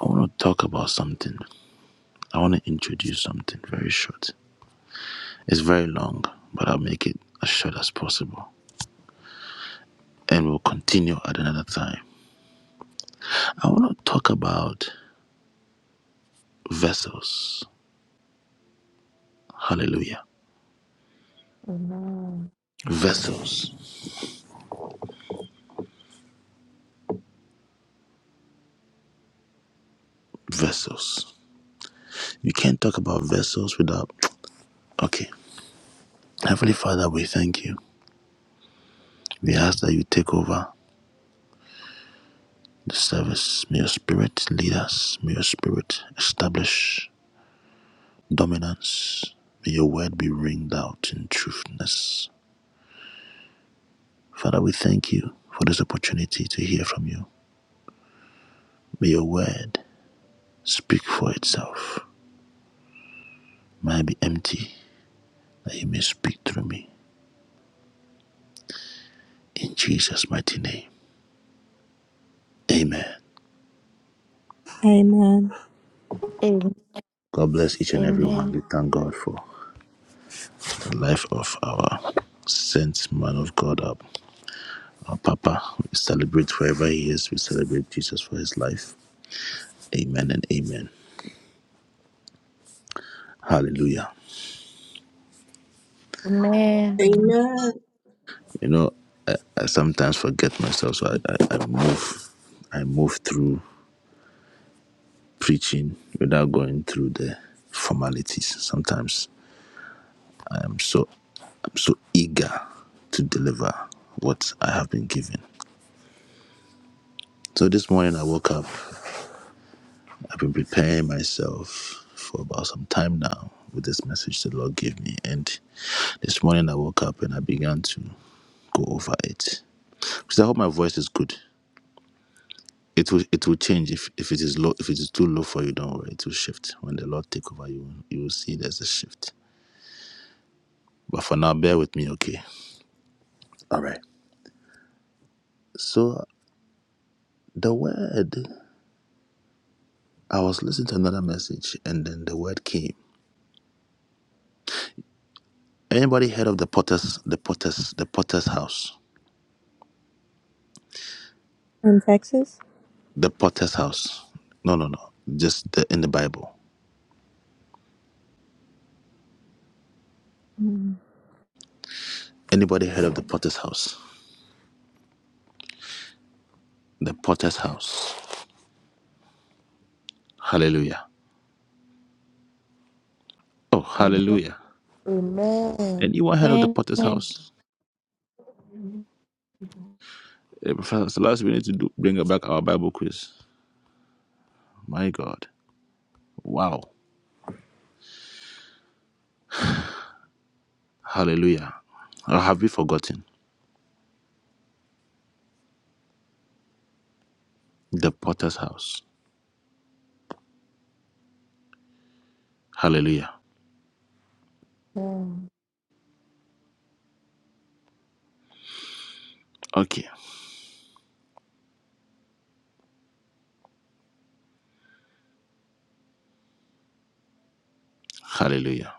Speaker 2: I want to talk about something. I want to introduce something very short. It's very long, but I'll make it as short as possible. And we'll continue at another time. I want to talk about vessels. Hallelujah.
Speaker 3: Amen.
Speaker 2: Vessels. Vessels. You can't talk about vessels without. Okay. Heavenly Father, we thank you. We ask that you take over. the service. May your spirit lead us. May your spirit establish dominance. May your word be ringed out in truthness. Father, we thank you for this opportunity to hear from you. May your word speak for itself. May I be empty that you may speak through me. In Jesus' mighty name. Amen.
Speaker 6: Amen.
Speaker 5: Amen.
Speaker 2: God bless each and every one. We thank God for the life of our saint man of God, our, our Papa. We celebrate wherever he is. We celebrate Jesus for his life. Amen and amen. Hallelujah.
Speaker 5: Amen.
Speaker 3: Amen.
Speaker 8: Amen.
Speaker 2: You know, I, I sometimes forget myself, so I, I, I move, I move through preaching without going through the formalities. Sometimes I am so, I'm so eager to deliver what I have been given. So this morning I woke up. I've been preparing myself for about some time now with this message the Lord gave me, and this morning I woke up and I began to go over it. Because I hope my voice is good. It will it will change if, if it is low if it is too low for you, don't worry, it will shift. When the Lord take over you, you will see there's a shift. But for now, bear with me, okay? All right. So the word I was listening to another message and then the word came. Anybody heard of the potter's the potter's the potter's house?
Speaker 6: From Texas?
Speaker 2: The potter's house. No no no. Just the, in the Bible.
Speaker 6: Mm.
Speaker 2: Anybody heard of the potter's house? The potter's house. Hallelujah. Oh,
Speaker 3: Amen.
Speaker 2: hallelujah.
Speaker 3: Amen.
Speaker 2: Anyone heard of the potter's
Speaker 5: Amen.
Speaker 2: house? Hey, Professor Selassie, we need to do, bring back our Bible quiz. My God. Wow. Hallelujah. Or have we forgotten? The potter's house. Hallelujah.
Speaker 3: Amen.
Speaker 2: Okay. Hallelujah.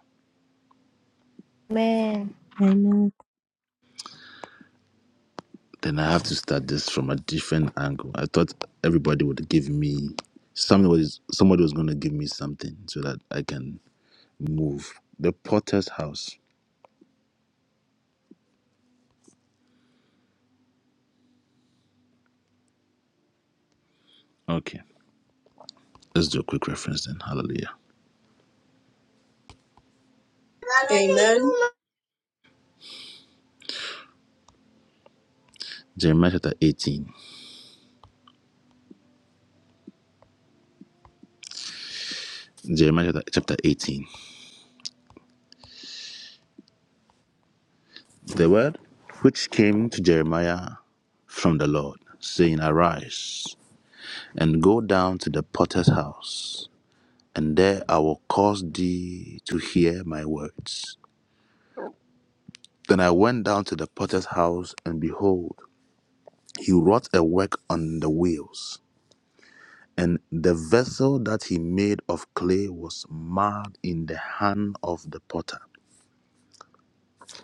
Speaker 5: Amen.
Speaker 6: Amen.
Speaker 2: Then I have to start this from a different angle. I thought everybody would give me something was somebody was gonna give me something so that I can move. The potter's house. Okay. Let's do a quick reference then. Hallelujah.
Speaker 8: Amen.
Speaker 2: Jeremiah chapter 18. Jeremiah chapter chapter 18. The word which came to Jeremiah from the Lord, saying, Arise and go down to the potter's house, and there I will cause thee to hear my words. Then I went down to the potter's house, and behold, he wrought a work on the wheels. And the vessel that he made of clay was marred in the hand of the potter.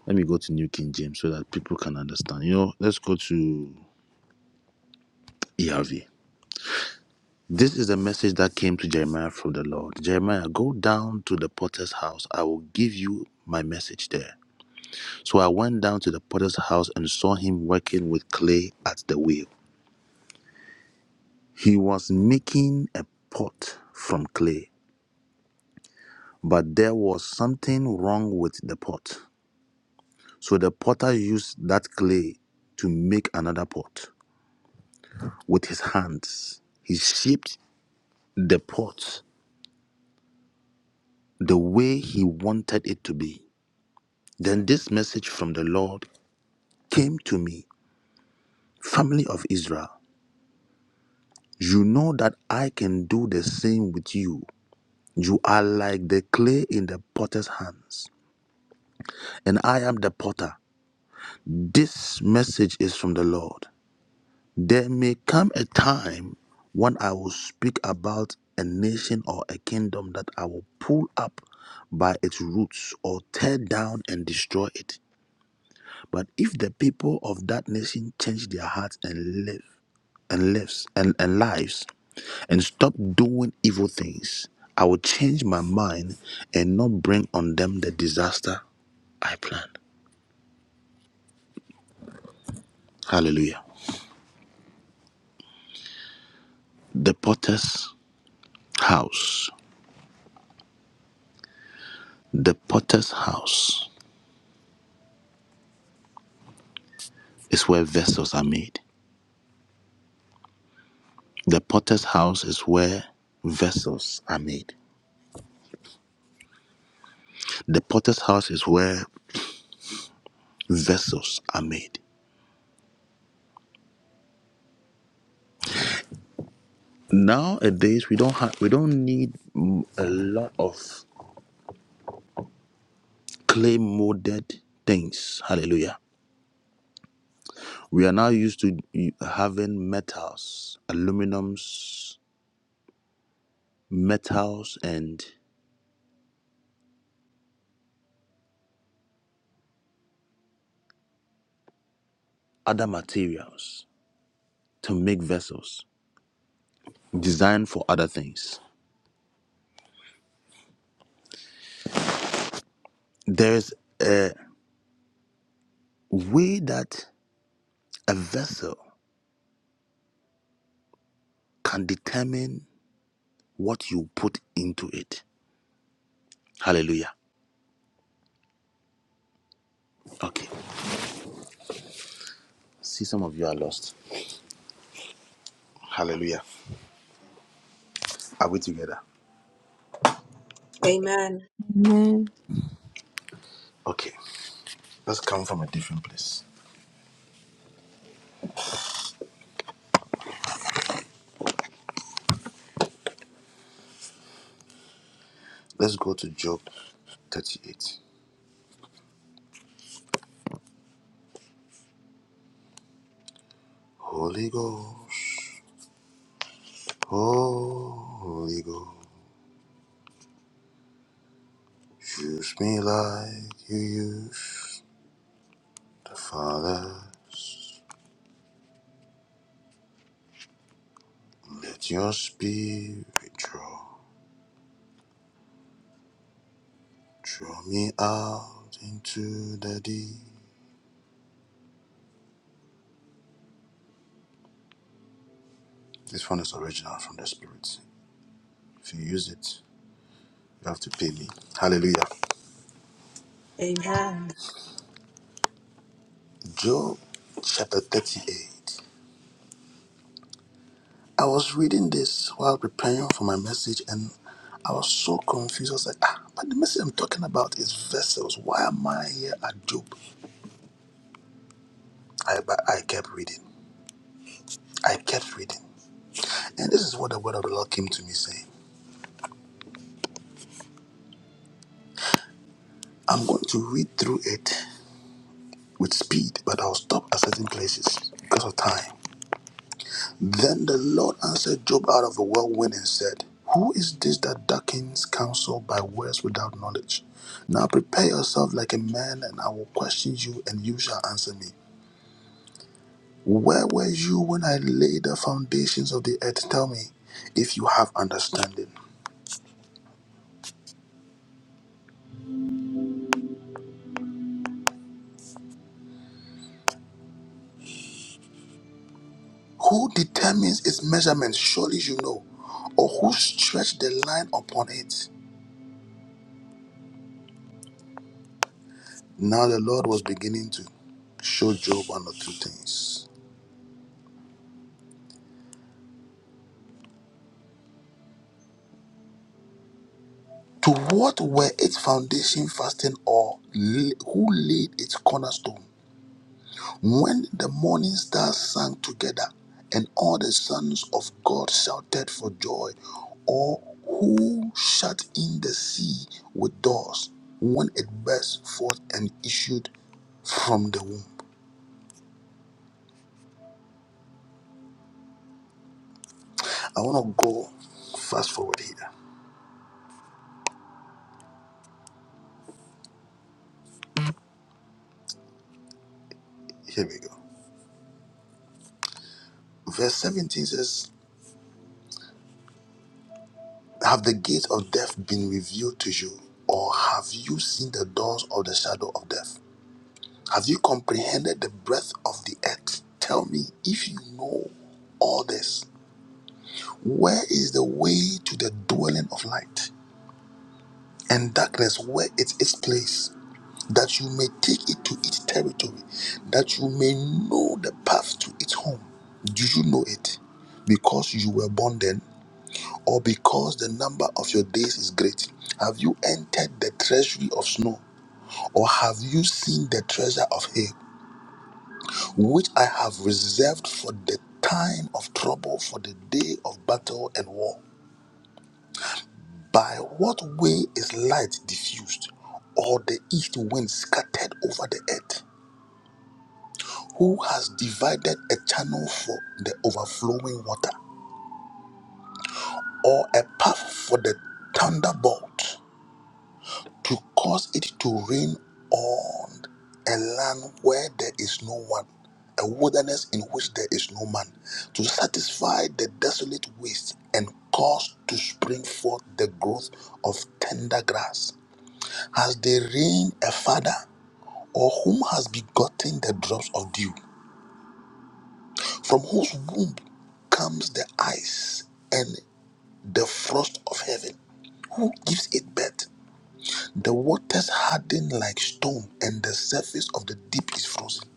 Speaker 2: Let me go to New King James so that people can understand. You know, let's go to ERV. This is a message that came to Jeremiah from the Lord. Jeremiah, go down to the potter's house. I will give you my message there. So I went down to the potter's house and saw him working with clay at the wheel. He was making a pot from clay, but there was something wrong with the pot. So the potter used that clay to make another pot with his hands. He shaped the pot the way he wanted it to be. Then this message from the Lord came to me, family of Israel, you know that I can do the same with you. You are like the clay in the potter's hands, and I am the potter. This message is from the Lord. There may come a time when I will speak about a nation or a kingdom that I will pull up by its roots or tear down and destroy it. But if the people of that nation change their hearts and live, and lives and, and lives and stop doing evil things. I will change my mind and not bring on them the disaster I planned. Hallelujah. The potter's house. The potter's house is where vessels are made. The potter's house is where vessels are made. The potter's house is where vessels are made. Nowadays we don't have we don't need mm, a lot of clay molded things. Hallelujah. We are now used to having metals, aluminums, metals, and other materials to make vessels designed for other things. There's a way that a vessel can determine what you put into it. Hallelujah. Okay. See, some of you are lost. Hallelujah. Are we together?
Speaker 8: Amen.
Speaker 6: Amen.
Speaker 2: Okay. Let's come from a different place. Let's go to Job 38. Holy Ghost, Holy Ghost, use me like you used the Father. Let your spirit draw, draw me out into the deep. This one is original from the Spirit. If you use it, you have to pay me. Hallelujah.
Speaker 8: Amen.
Speaker 2: Job chapter 38. I was reading this while preparing for my message, and I was so confused. I was like, ah, but the message I'm talking about is vessels. Why am I here at Job? I, but I kept reading. I kept reading. And this is what the word of the Lord came to me saying. I'm going to read through it with speed, but I'll stop at certain places because of time. Then the Lord answered Job out of a whirlwind and said, Who is this that darkens counsel by words without knowledge? Now prepare yourself like a man, and I will question you, and you shall answer me. Where were you when I laid the foundations of the earth? Tell me, if you have understanding. Who determines its measurements? Surely you know. Or who stretched the line upon it? Now the Lord was beginning to show Job one or two things. To what were its foundation fasting or la- who laid its cornerstone? When the morning stars sang together and all the sons of God shouted for joy, or who shut in the sea with doors when it burst forth and issued from the womb? I want to go fast forward here. Here we go. Verse 17 says, Have the gates of death been revealed to you, or have you seen the doors of the shadow of death? Have you comprehended the breadth of the earth? Tell me, if you know all this, where is the way to the dwelling of light? And darkness, where is its place? That you may take it to its territory, that you may know the path to its home. Do you know it? Because you were born then or because the number of your days is great? Have you entered the treasury of snow, or have you seen the treasure of hay, which I have reserved for the time of trouble, for the day of battle and war? By what way is light diffused, or the east wind scattered over the earth? Who has divided a channel for the overflowing water, or a path for the thunderbolt? to cause it to rain on a land where there is no one, a wilderness in which there is no man, to satisfy the desolate waste and cause to spring forth the growth of tender grass. Has the rain a father, or whom has begotten the drops of dew, from whose womb comes the ice and the frost of heaven? Who gives it birth? The waters harden like stone, and the surface of the deep is frozen.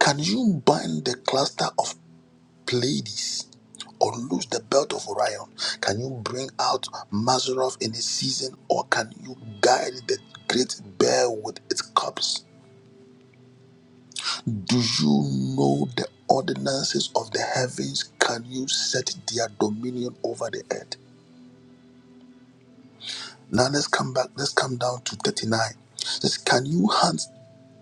Speaker 2: Can you bind the cluster of Pleiades or loose the belt of Orion? Can you bring out Mazarov in its season, or can you guide the great bear with its cubs? Do you know the ordinances of the heavens? Can you set their dominion over the earth? Now let's come back. Let's come down to 39. It says, Can you hunt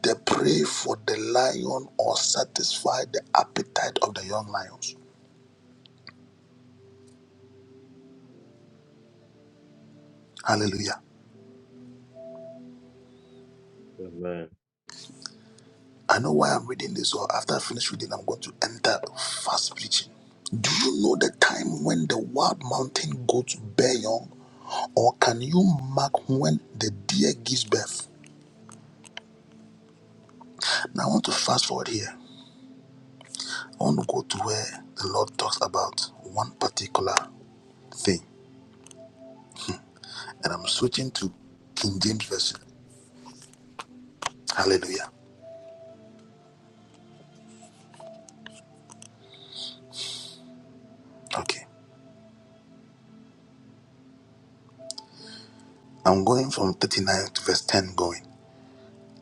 Speaker 2: the prey for the lion or satisfy the appetite of the young lions? Hallelujah.
Speaker 9: Amen.
Speaker 2: I know why I'm reading this, or after I finish reading, I'm going to enter fast preaching. Do you know the time when the wild mountain goats bear young? Or can you mark when the deer gives birth? Now I want to fast forward here. I want to go to where the Lord talks about one particular thing. and I'm switching to King James Version. Hallelujah. Okay. I'm going from 39 to verse 10 going.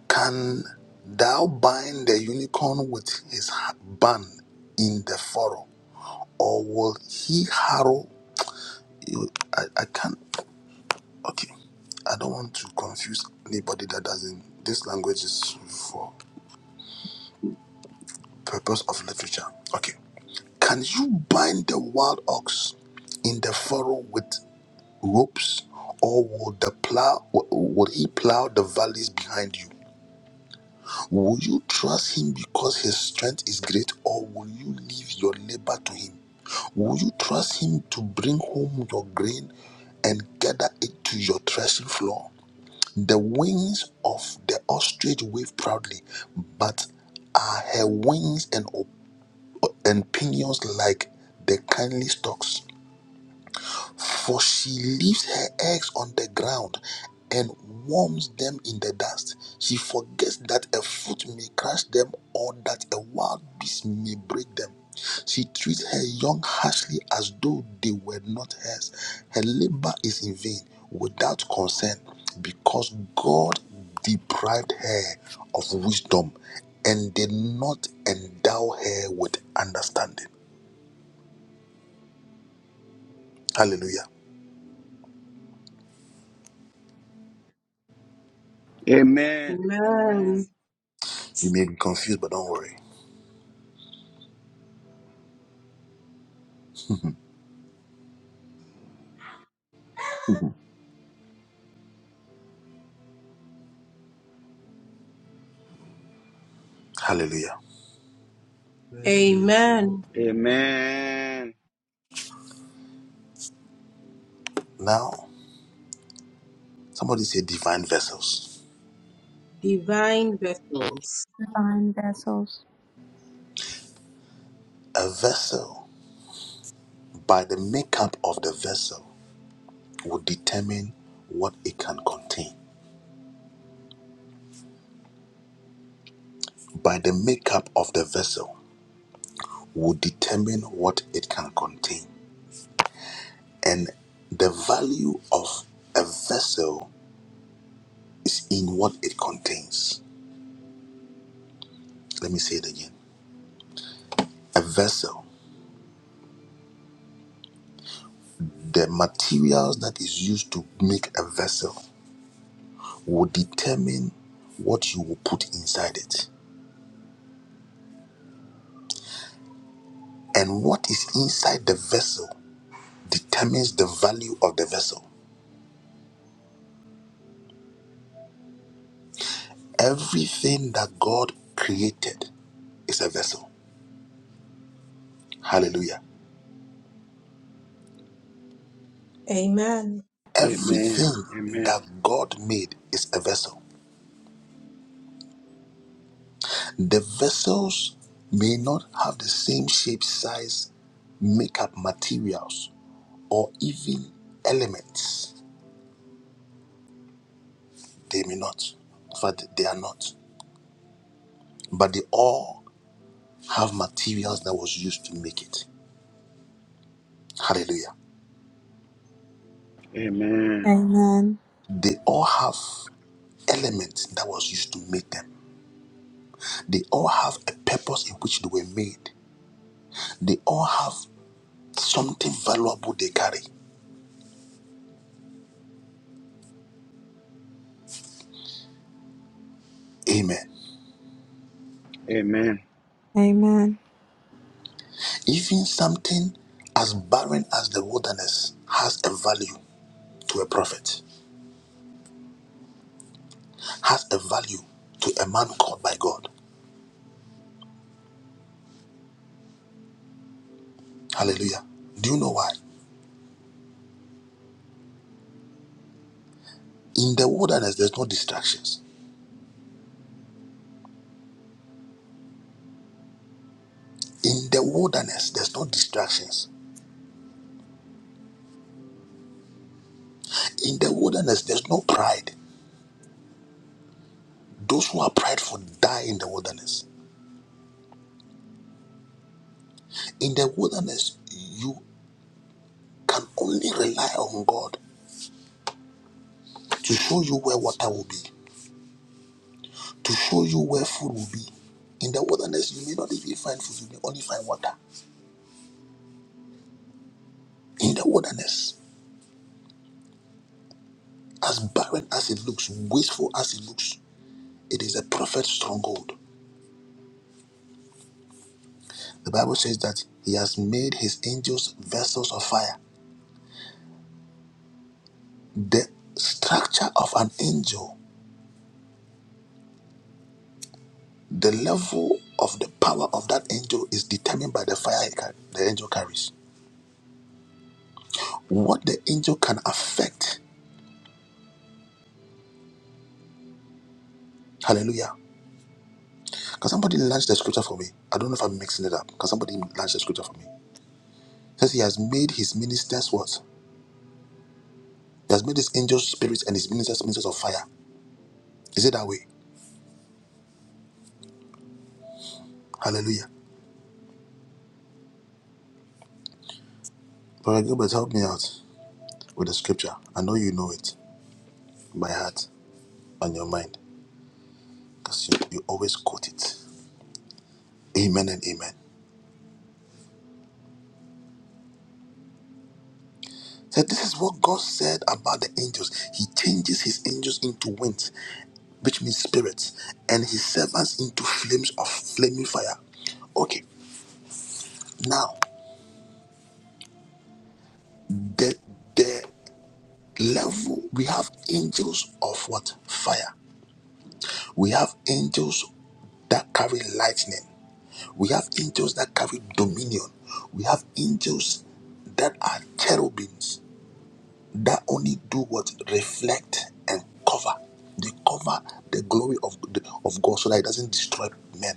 Speaker 2: Can thou bind the unicorn with his ha- band in the furrow? Or will he harrow you? I, I can't. Okay. I don't want to confuse anybody that doesn't. This language is for purpose of literature. Okay. Can you bind the wild ox in the furrow with? ropes, or will the plow will he plow the valleys behind you? Will you trust him because his strength is great, or will you leave your labor to him? Will you trust him to bring home your grain and gather it to your threshing floor? The wings of the ostrich wave proudly, but are her wings and, op- and pinions like the kindly stalks? For she leaves her eggs on the ground and warms them in the dust. She forgets that a foot may crush them or that a wild beast may break them. She treats her young harshly as though they were not hers. Her labor is in vain, without concern, because God deprived her of wisdom and did not endow her with understanding. Hallelujah.
Speaker 1: Amen.
Speaker 8: Amen.
Speaker 1: Amen.
Speaker 2: You may be confused, but don't worry. Hallelujah.
Speaker 8: Amen.
Speaker 1: Amen.
Speaker 2: Now, somebody say divine vessels.
Speaker 8: Divine vessels.
Speaker 6: Divine vessels.
Speaker 2: A vessel, by the makeup of the vessel, will determine what it can contain. By the makeup of the vessel, will determine what it can contain. And the value of a vessel is in what it contains. Let me say it again. A vessel, the materials that is used to make a vessel, will determine what you will put inside it And what is inside the vessel determines the value of the vessel. Everything that God created is a vessel. Hallelujah.
Speaker 8: Amen.
Speaker 1: Amen.
Speaker 2: Everything
Speaker 1: Amen.
Speaker 2: that God made is a vessel. The vessels may not have the same shape, size, makeup, materials, or even elements. They may not. In fact, they are not. But they all have materials that was used to make it. Hallelujah.
Speaker 1: Amen.
Speaker 6: Amen.
Speaker 2: They all have elements that was used to make them. They all have a purpose in which they were made. They all have something valuable they carry. Amen.
Speaker 1: Amen. Amen.
Speaker 6: Amen.
Speaker 2: Even something as barren as the wilderness has a value to a prophet, has a value to a man called by God. Hallelujah. Do you know why? In the wilderness, there's no distractions. In the wilderness, there's no distractions. In the wilderness, there's no pride. Those who are prideful die in the wilderness. In the wilderness, you can only rely on God to show you where water will be, to show you where food will be. In the wilderness, you may not even find food, you may only find water. In the wilderness, as barren as it looks, wasteful as it looks, it is a prophet's stronghold. The Bible says that he has made his angels vessels of fire. The structure of an angel, the level of the power of that angel is determined by the fire he car- the angel carries. what the angel can affect. Hallelujah. Can somebody launch the scripture for me? I don't know if I'm mixing it up. Can somebody launch the scripture for me? It says he has made his ministers what? He has made his angels spirits and his ministers ministers of fire. Is it that way? Hallelujah. Brother Gilbert, help me out with the scripture. I know you know it by heart and your mind because you, you always quote it. Amen and amen. So this is what God said about the angels. He changes his angels into winds. which means spirits, and his servants into flames of flaming fire. Okay, now the the level we have angels of what fire. We have angels that carry lightning. We have angels that carry dominion. We have angels that are cherubims that only do what reflect and cover. They cover the glory of of God so that it doesn't destroy men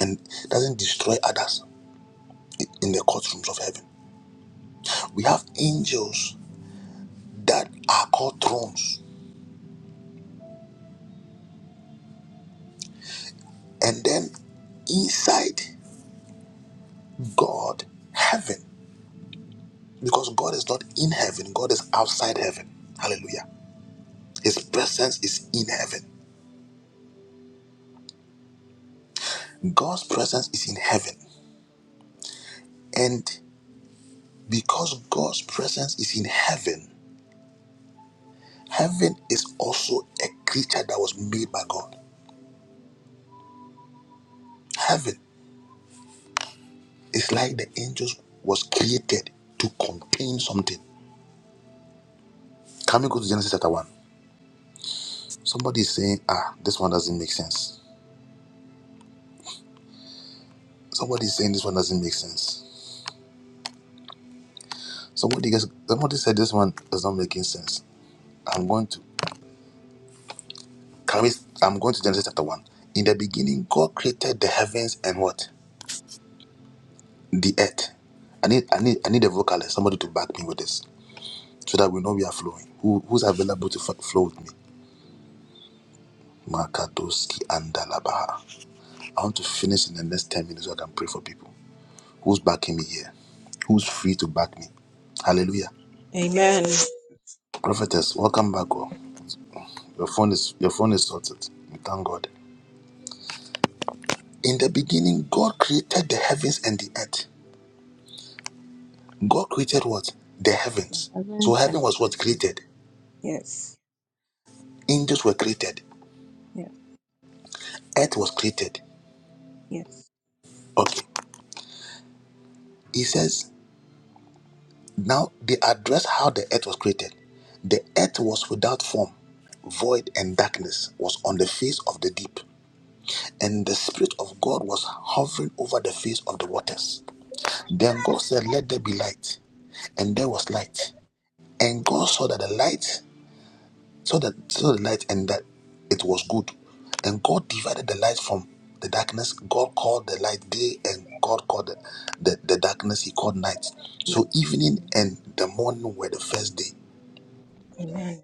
Speaker 2: and doesn't destroy others. in the courtrooms of heaven. We have angels that are called thrones. And then inside God, heaven, because God is not in heaven, God is outside heaven. Hallelujah. His presence is in heaven. God's presence is in heaven. And because God's presence is in heaven, heaven is also a creature that was made by God. Heaven is like the angels was created to contain something. Can we go to Genesis chapter 1? Somebody is saying, ah, this one doesn't make sense. Somebody is saying this one doesn't make sense. Somebody gets, somebody said this one is not making sense. I'm going to can we, I'm going to Genesis chapter one. In the beginning, God created the heavens and what? The earth. I need I need I need a vocalist, somebody to back me with this. So that we know we are flowing. Who who's available to f- flow with me? Makadoski and Dalabaha. I want to finish in the next 10 minutes so I can pray for people. Who's backing me here? Who's free to back me? Hallelujah.
Speaker 8: Amen.
Speaker 2: Prophetess, welcome back. Oh. Your phone is your phone is sorted. We thank God. In the beginning, God created the heavens and the earth. God created what? The heavens.
Speaker 8: Heaven
Speaker 2: So heaven
Speaker 8: and
Speaker 2: was
Speaker 8: earth.
Speaker 2: what created.
Speaker 8: Yes.
Speaker 2: Angels were created.
Speaker 8: Yes.
Speaker 2: Earth was created.
Speaker 8: Yes.
Speaker 2: Okay. He says now they address how the earth was created. The earth was without form, void, and darkness was on the face of the deep, and the Spirit of God was hovering over the face of the waters. Then God said, Let there be light. and there was light. And God saw that the light, saw that saw the light, and that it was good. And God divided the light from the darkness. God called the light day, and God called the, the, the darkness He called night. So
Speaker 8: Amen.
Speaker 2: evening and the morning were the first day.
Speaker 8: Amen.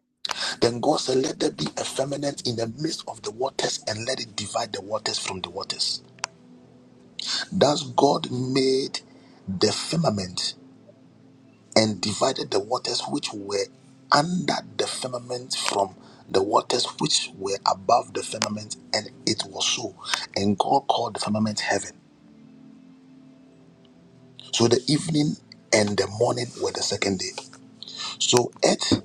Speaker 2: Then God said, Let there be a firmament in the midst of the waters, and let it divide the waters from the waters. Thus God made the firmament and divided the waters which were under the firmament from the waters which were above the firmament, and it was so. And God called the firmament heaven. So the evening and the morning were the second day. So earth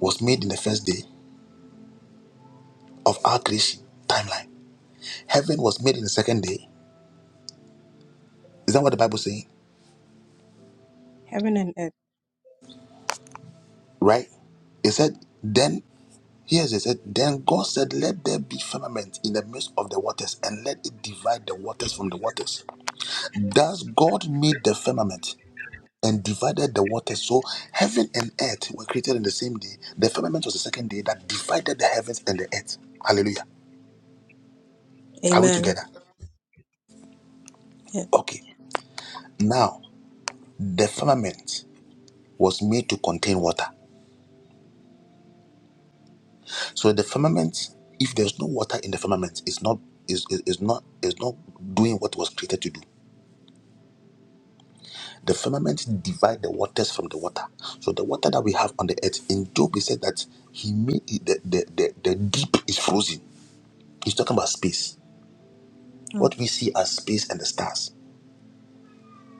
Speaker 2: was made in the first day of our creation timeline. Heaven was made in the second day. Is that what the Bible saying?
Speaker 8: Heaven and earth.
Speaker 2: Right? It said, then, here's it said, then God said, let there be firmament in the midst of the waters, and let it divide the waters from the waters. Thus God made the firmament and divided the waters. So heaven and earth were created in the same day. The firmament was the second day that divided the heavens and the earth. Hallelujah. Are we
Speaker 8: Amen.
Speaker 2: together?
Speaker 8: Yes.
Speaker 2: Okay. Now, the firmament was made to contain water. So the firmament, if there's no water in the firmament, it's not is, is, is not is not doing what it was created to do. The firmament divide the waters from the water. So the water that we have on the earth in Job he said that he made it- the, the, the, the deep is frozen. He's talking about space.
Speaker 8: Mm.
Speaker 2: What we see as space and the stars.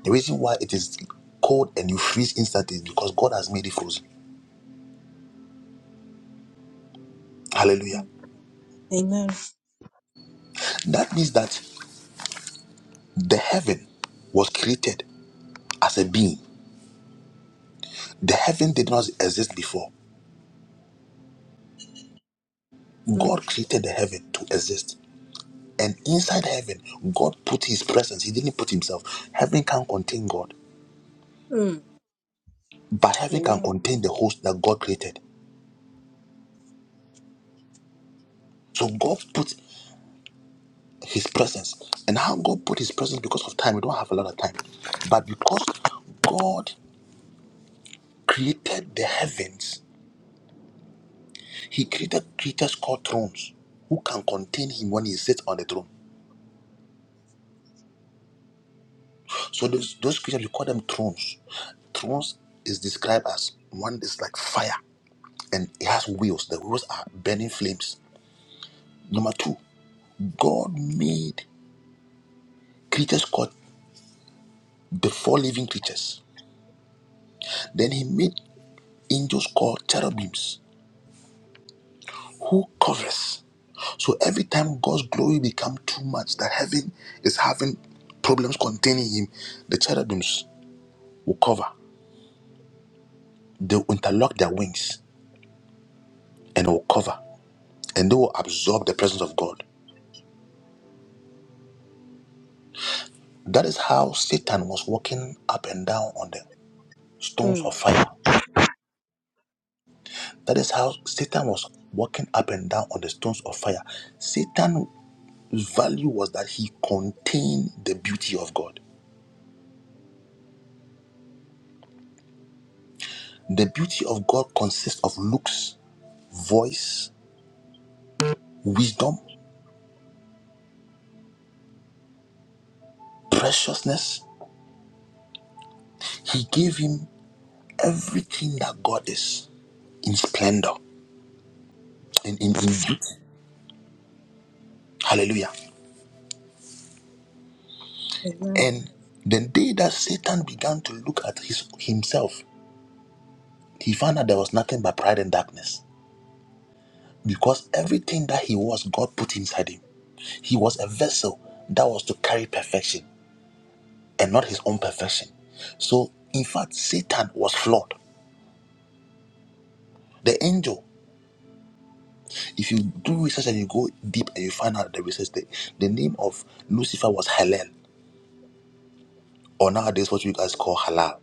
Speaker 2: The reason why it is cold and you freeze instantly is because God has made it frozen. Hallelujah.
Speaker 8: Mm. Amen.
Speaker 2: That means that the heaven was created as a being. The heaven did not exist before.
Speaker 8: Mm.
Speaker 2: God created the heaven to exist. And inside heaven, God put his presence. He didn't put himself. Heaven can contain God,
Speaker 8: Mm.
Speaker 2: but heaven can
Speaker 8: Amen.
Speaker 2: contain the host that God created. So God put his presence and how God put his presence because of time. We don't have a lot of time, but because God created the heavens, he created creatures called thrones who can contain him when he sits on the throne. So those, those creatures, we call them thrones. Thrones is described as one is like fire and it has wheels. The wheels are burning flames. Number two, God made creatures called the four living creatures. Then he made angels called cherubims who covers. So every time God's glory become too much, that heaven is having problems containing him, the cherubims will cover. They will interlock their wings and will cover. And they will absorb the presence of God. That is how Satan was walking up and down on the stones of
Speaker 8: Mm.
Speaker 2: fire. That is how Satan was walking up and down on the stones of fire. Satan's value was that he contained the beauty of God. The beauty of God consists of looks, voice, wisdom, preciousness. He gave him everything that God is in splendor and in, in beauty. Hallelujah.
Speaker 8: Amen.
Speaker 2: And the day that Satan began to look at his himself, he found out there was nothing but pride and darkness. Because everything that he was, God put inside him. He was a vessel that was to carry perfection and not his own perfection. So, in fact, Satan was flawed. The angel If you do research and you go deep and you find out the research, the, the name of Lucifer was Helen, or nowadays what you guys call halal.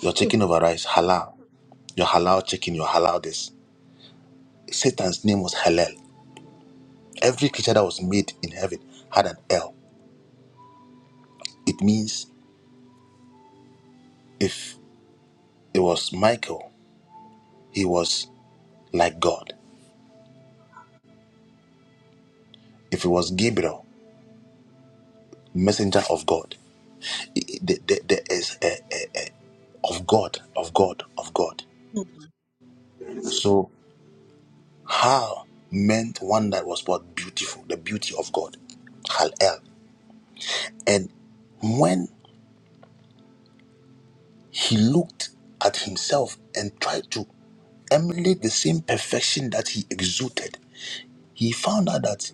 Speaker 2: Your chicken over rice, halal. Your halal chicken, your halal this. Satan's name was Halal. Every creature that was made in heaven had an L. It means if it was Michael, he was like God. If it was Gabriel, messenger of God. I- I- the- the- There is a, a- of God, of God, of God.
Speaker 8: Mm.
Speaker 2: So. Hal meant one that was what beautiful, the beauty of God. Hal El. And when he looked at himself and tried to emulate the same perfection that he exuded, he found out that,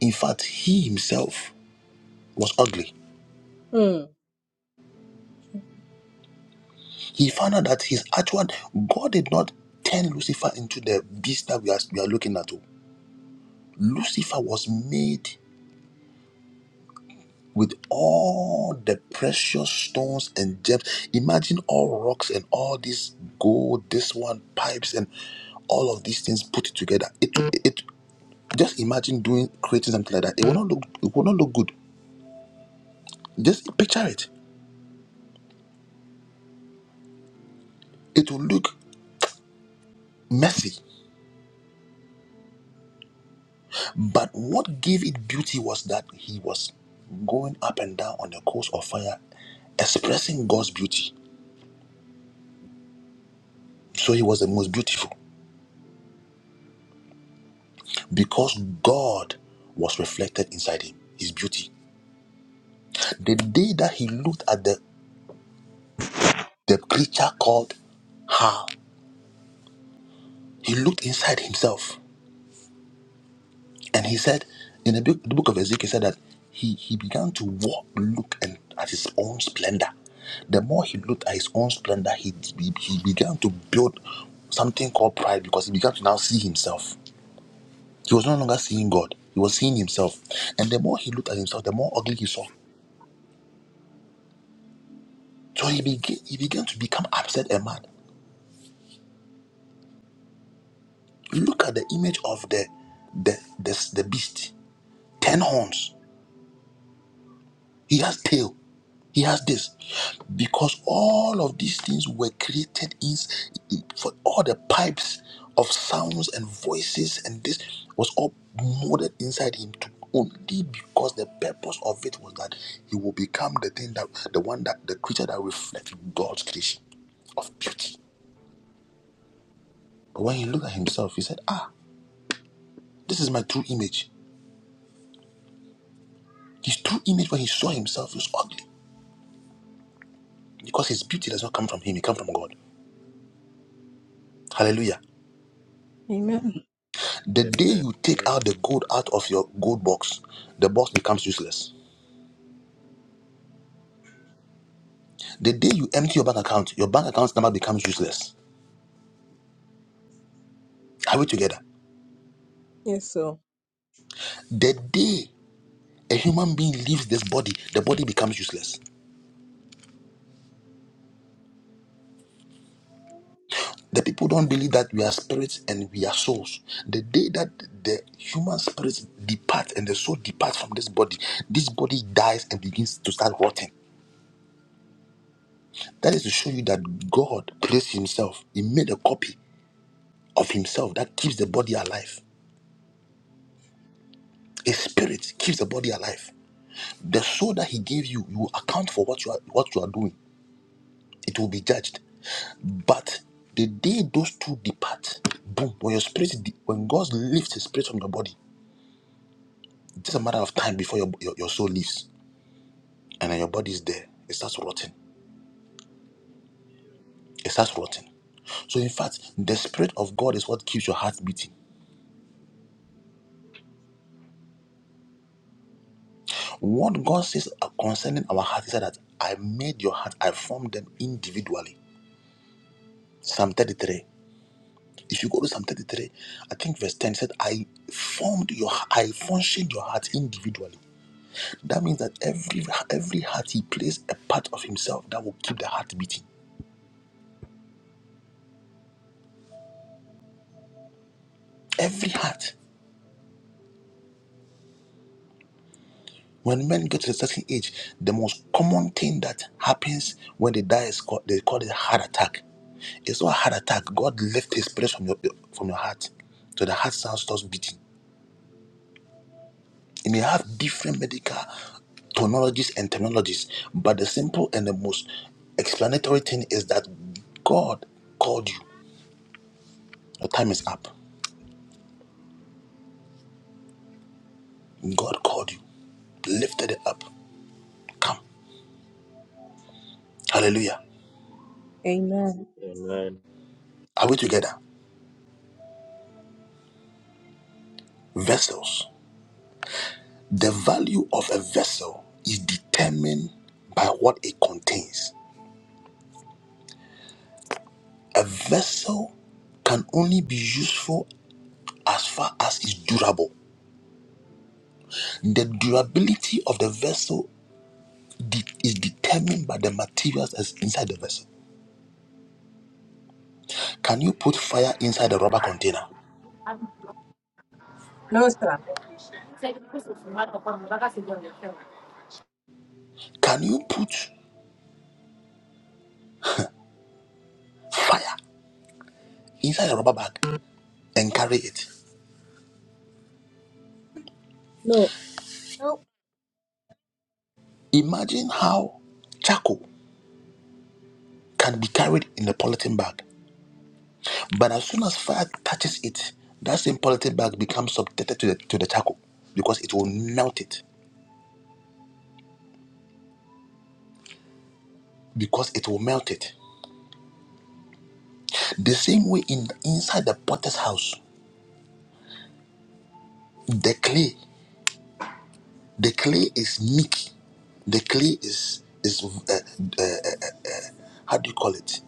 Speaker 2: in fact, he himself was ugly.
Speaker 8: Mm.
Speaker 2: He found out that his actual God did not turn Lucifer into the beast that we are, we are looking at. oh. Lucifer was made. with all the precious stones and gems. Imagine all rocks and all this gold, this one pipes and all of these things put together. It it just imagine doing creating something like that. It will not look it will not look good. Just picture it. It will look messy. But what gave it beauty was that he was going up and down on the coast of fire, expressing God's beauty. So he was the most beautiful because God was reflected inside him, his beauty. The day that he looked at the, the creature called hell, he looked inside himself and he said, in the book, the book of Ezekiel, he said that he, he began to walk, look and at his own splendor. The more he looked at his own splendor, he, he, he began to build something called pride because he began to now see himself. He was no longer seeing God, he was seeing himself. And the more he looked at himself, the more ugly he saw. So he began, he began to become upset and mad. Look at the image of the, the, the, the beast ten horns. He has tail. He has this. Because all of these things were created in, for all the pipes of sounds and voices and this was all molded inside him to only because the purpose of it was that he will become the thing that the one that the creature that reflects God's creation of beauty. But when he looked at himself, he said, Ah, this is my true image. His true image when he saw himself was ugly because his beauty does not come from him, it comes from God. Hallelujah.
Speaker 8: Amen.
Speaker 2: The day
Speaker 9: Amen.
Speaker 2: you take out the gold out of your gold box, the box becomes useless. The day you empty your bank account, your bank account's number becomes useless. Are we together?
Speaker 8: Yes, sir.
Speaker 2: The day a human being leaves this body, the body becomes useless. The people don't believe that we are spirits and we are souls. The day that the human spirits depart and the soul departs from this body, this body dies and begins to start rotting. That is to show you that God placed Himself, He made a copy of Himself that keeps the body alive. His spirit keeps the body alive. The soul that he gave you, you will account for what you are what you are doing. It will be judged. But the day those two depart, boom, when your spirit de- when God lifts his spirit from your body, it's just a matter of time before your, your, your soul leaves. And then your body is there. It starts rotting. It starts rotting. So, in fact, the Spirit of God is what keeps your heart beating. What God says uh, concerning our heart is that I made your heart, I formed them individually. Psalm 33. If you go to Psalm 33, I think verse 10 said, I formed your I functioned your heart individually. That means that every every heart he plays a part of himself that will keep the heart beating. Every heart. When men get to a certain age, the most common thing that happens when they die is called they call it heart attack. It's not a heart attack. God lifts his place from your from your heart. So the heart sound starts beating. It may have different medical terminologies and terminologies, but the simple and the most explanatory thing is that God called you. Your time is up. God called you, lifted it up. Come. Hallelujah.
Speaker 8: Amen.
Speaker 9: Amen.
Speaker 2: Are we together? Vessels. The value of a vessel is determined by what it contains. A vessel can only be useful as far as it's durable. The durability of the vessel de- is determined by the materials that's inside the vessel. Can you put fire inside a rubber container?
Speaker 8: No, sir.
Speaker 2: Can you put fire inside a rubber bag and carry it?
Speaker 8: No. No.
Speaker 2: Imagine how charcoal can be carried in a polythene bag, but as soon as fire touches it, that same polythene bag becomes subjected to the, to the charcoal because it will melt it. Because it will melt it. The same way in inside the potter's house, the clay. The clay is meek. The clay is is uh, uh, how do you call it?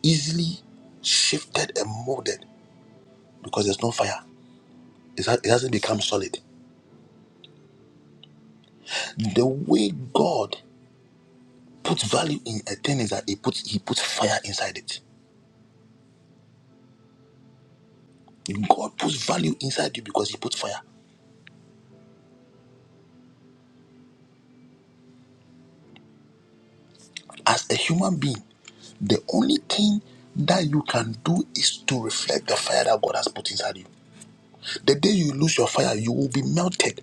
Speaker 2: Easily shifted and molded because there's no fire. It's, ha- it hasn't become solid. The way God puts value in a thing is that He puts He puts fire inside it. God puts value inside you because He puts fire. As a human being, the only thing that you can do is to reflect the fire that God has put inside you. The day you lose your fire, you will be melted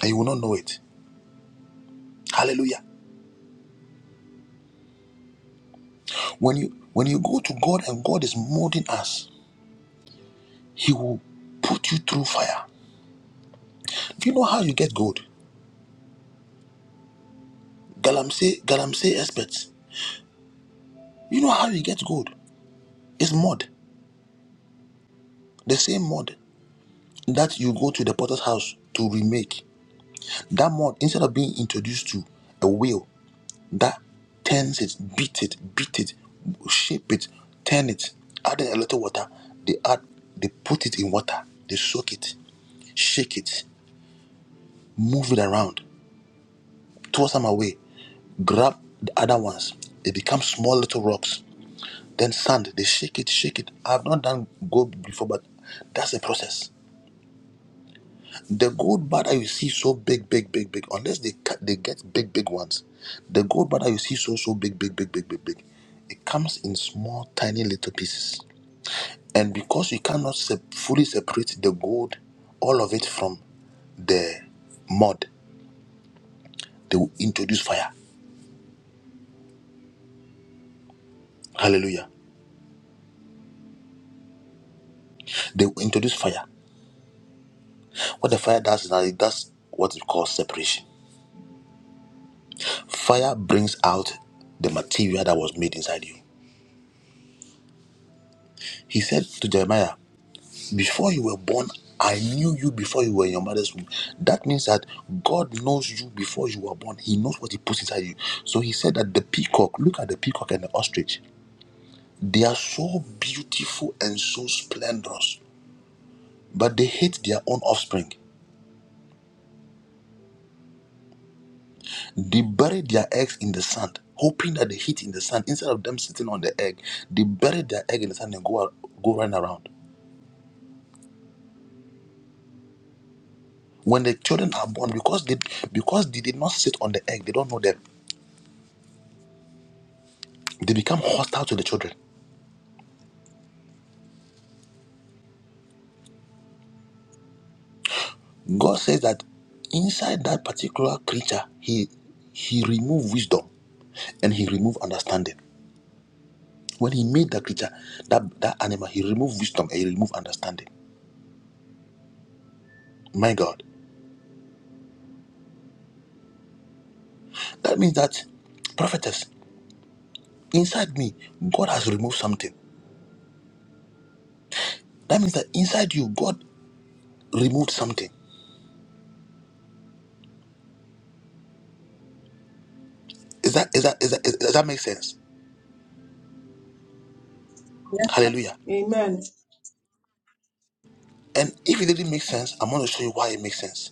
Speaker 2: and you will not know it. Hallelujah. When you when you go to God and God is molding us, He will put you through fire. Do you know how you get gold? Galamsey Galamsey experts. You know how you get gold? It's mud. The same mud that you go to the potter's house to remake. That mud, instead of being introduced to a wheel that turns it, beat it, beat it, shape it, turn it, add in a little water. They add, they put it in water, they soak it, shake it, move it around, toss them away. grab the other ones. They become small little rocks. Then sand, they shake it, shake it. I've not done gold before, but that's the process. The gold bar that you see so big, big, big, big, unless they cut, they get big, big ones. The gold bar that you see so, so big, big, big, big, big, big, it comes in small, tiny little pieces. And because you cannot sep- fully separate the gold, all of it from the mud, they will introduce fire. Hallelujah. They will introduce fire. What the fire does is that it does what is called separation. Fire brings out the material that was made inside you. He said to Jeremiah, Before you were born, I knew you before you were in your mother's womb. That means that God knows you before you were born. He knows what He puts inside you. So He said that the peacock, look at the peacock and the ostrich. They are so beautiful and so splendorous, but they hate their own offspring. They buried their eggs in the sand, hoping that they hit in the sand. Instead of them sitting on the egg, they buried their egg in the sand and go out, go run around. When the children are born, because they because they did not sit on the egg, they don't know them. They become hostile to the children. God says that inside that particular creature, he he removed wisdom and he removed understanding. When he made that creature, that, that animal, he removed wisdom and he removed understanding. My God. That means that prophetess, inside me, God has removed something. That means that inside you, God removed something. Is that is that is that, is, does that make sense?
Speaker 8: Yes, sir.
Speaker 2: Hallelujah.
Speaker 8: Amen.
Speaker 2: And if it didn't make sense, I'm going to show you why it makes sense.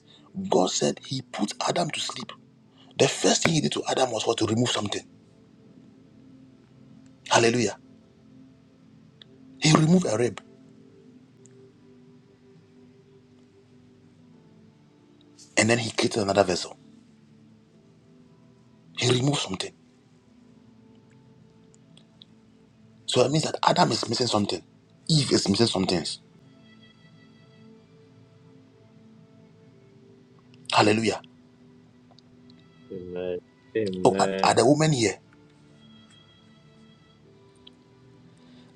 Speaker 2: God said He put Adam to sleep. The first thing He did to Adam was what to remove something. Hallelujah. He removed a rib, and then He created another vessel. He removed something. So that means that Adam is missing something. Eve is missing something. Hallelujah.
Speaker 9: Amen.
Speaker 2: Oh, are, are
Speaker 9: Amen.
Speaker 2: the women here?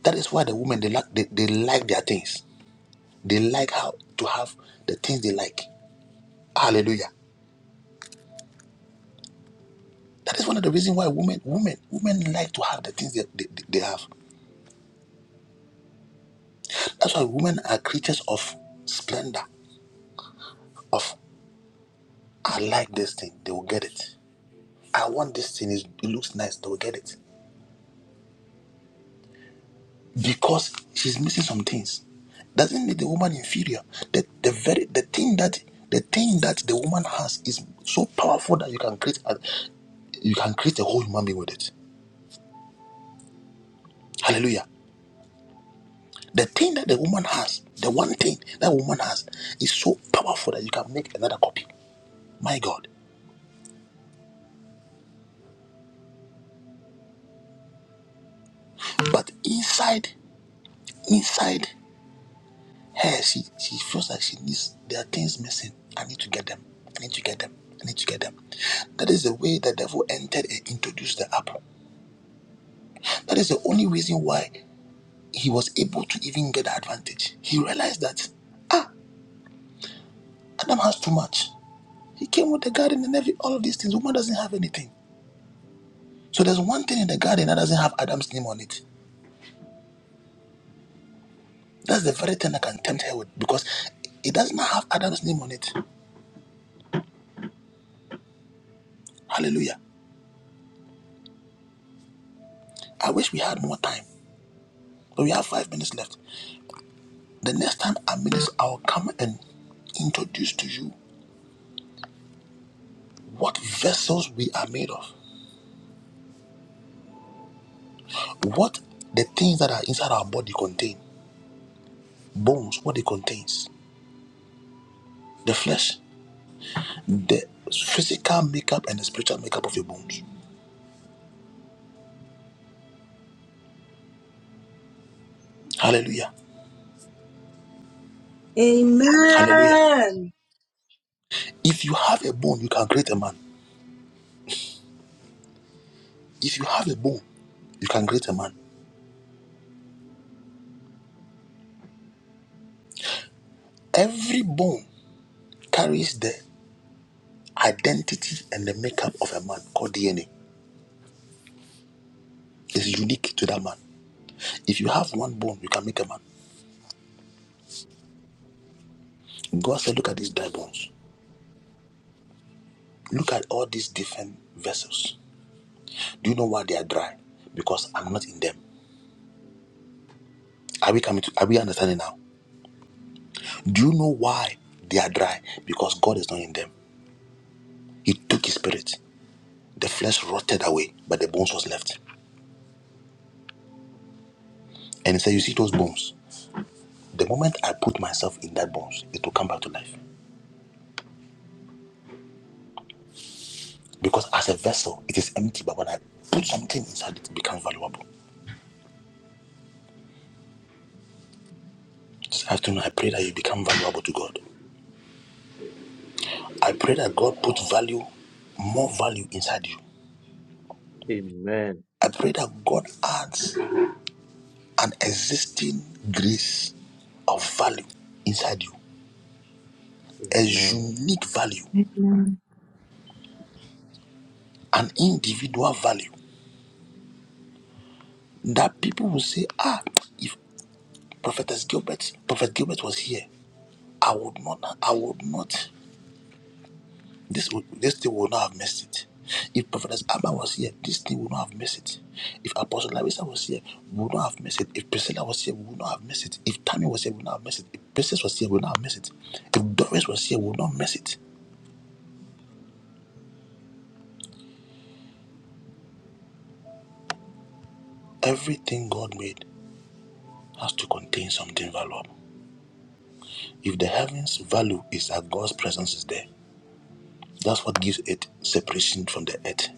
Speaker 2: That is why the women they like they, they like their things. They like how to have the things they like. Hallelujah. That is one of the reasons why women women women like to have the things that they, they, they have. That's why women are creatures of splendor. Of I like this thing, they will get it. I want this thing, it it looks nice, they will get it. Because she's missing some things. Doesn't make the woman inferior. The the very the thing that the thing that the woman has is so powerful that you can create a, you can create a whole human being with it. Hallelujah. The thing that the woman has, the one thing that woman has, is so powerful that you can make another copy. My God. But inside, inside her, she, she feels like she needs, there are things missing. I need to get them. I need to get them. I need to get them. That is the way the devil entered and introduced the app. That is the only reason why he was able to even get the advantage. He realized that Adam has too much. He came with the garden and every all of these things. Woman doesn't have anything. So there's one thing in the garden that doesn't have Adam's name on it. That's the very thing I can tempt her with because it does not have Adam's name on it. Hallelujah. I wish we had more time, but we have five minutes left. The next time I'm minister, I'll come and introduce to you what vessels we are made of, what the things that are inside our body contain, bones, what it contains, the flesh, the physical makeup and the spiritual makeup of your bones. Hallelujah. Hallelujah.
Speaker 8: Amen.
Speaker 2: If you have a bone, you can create a man. If you have a bone, you can create a man. Every bone carries the identity and the makeup of a man called DNA. It's unique to that man. If you have one bone, you can make a man. God said, Look at these dry bones. Look at all these different vessels. Do you know why they are dry? Because I'm not in them. Are we coming to are we understanding now? Do you know why they are dry? Because God is not in them. He took his spirit. The flesh rotted away, but the bones was left. And he said, You see those bones? The moment I put myself in that bones, it will come back to life. Because as a vessel, it is empty, but when I put something inside it, becomes valuable. This afternoon, I pray that you become valuable to God. I pray that God put value, more value inside you.
Speaker 9: Amen.
Speaker 2: I pray that God adds an existing grace of value inside you, a
Speaker 9: Amen.
Speaker 2: unique value,
Speaker 6: Amen.
Speaker 2: an individual value that people will say, ah, if Prophetess Gilbert, Prophet Gilbert was here, I would not, I would not. This would this thing would not have missed it. If Prophetess Abba was here, this thing would not have missed it. If Apostle Larissa was here, we would not have missed it. If Priscilla was here, we would not have missed it. If Tammy was here, we would not have missed it. If Princess was here, we would not have missed it. If Doris was here, we would not miss it. Everything God made has to contain something valuable. If the heavens value is that God's presence is there, that's what gives it separation from the earth.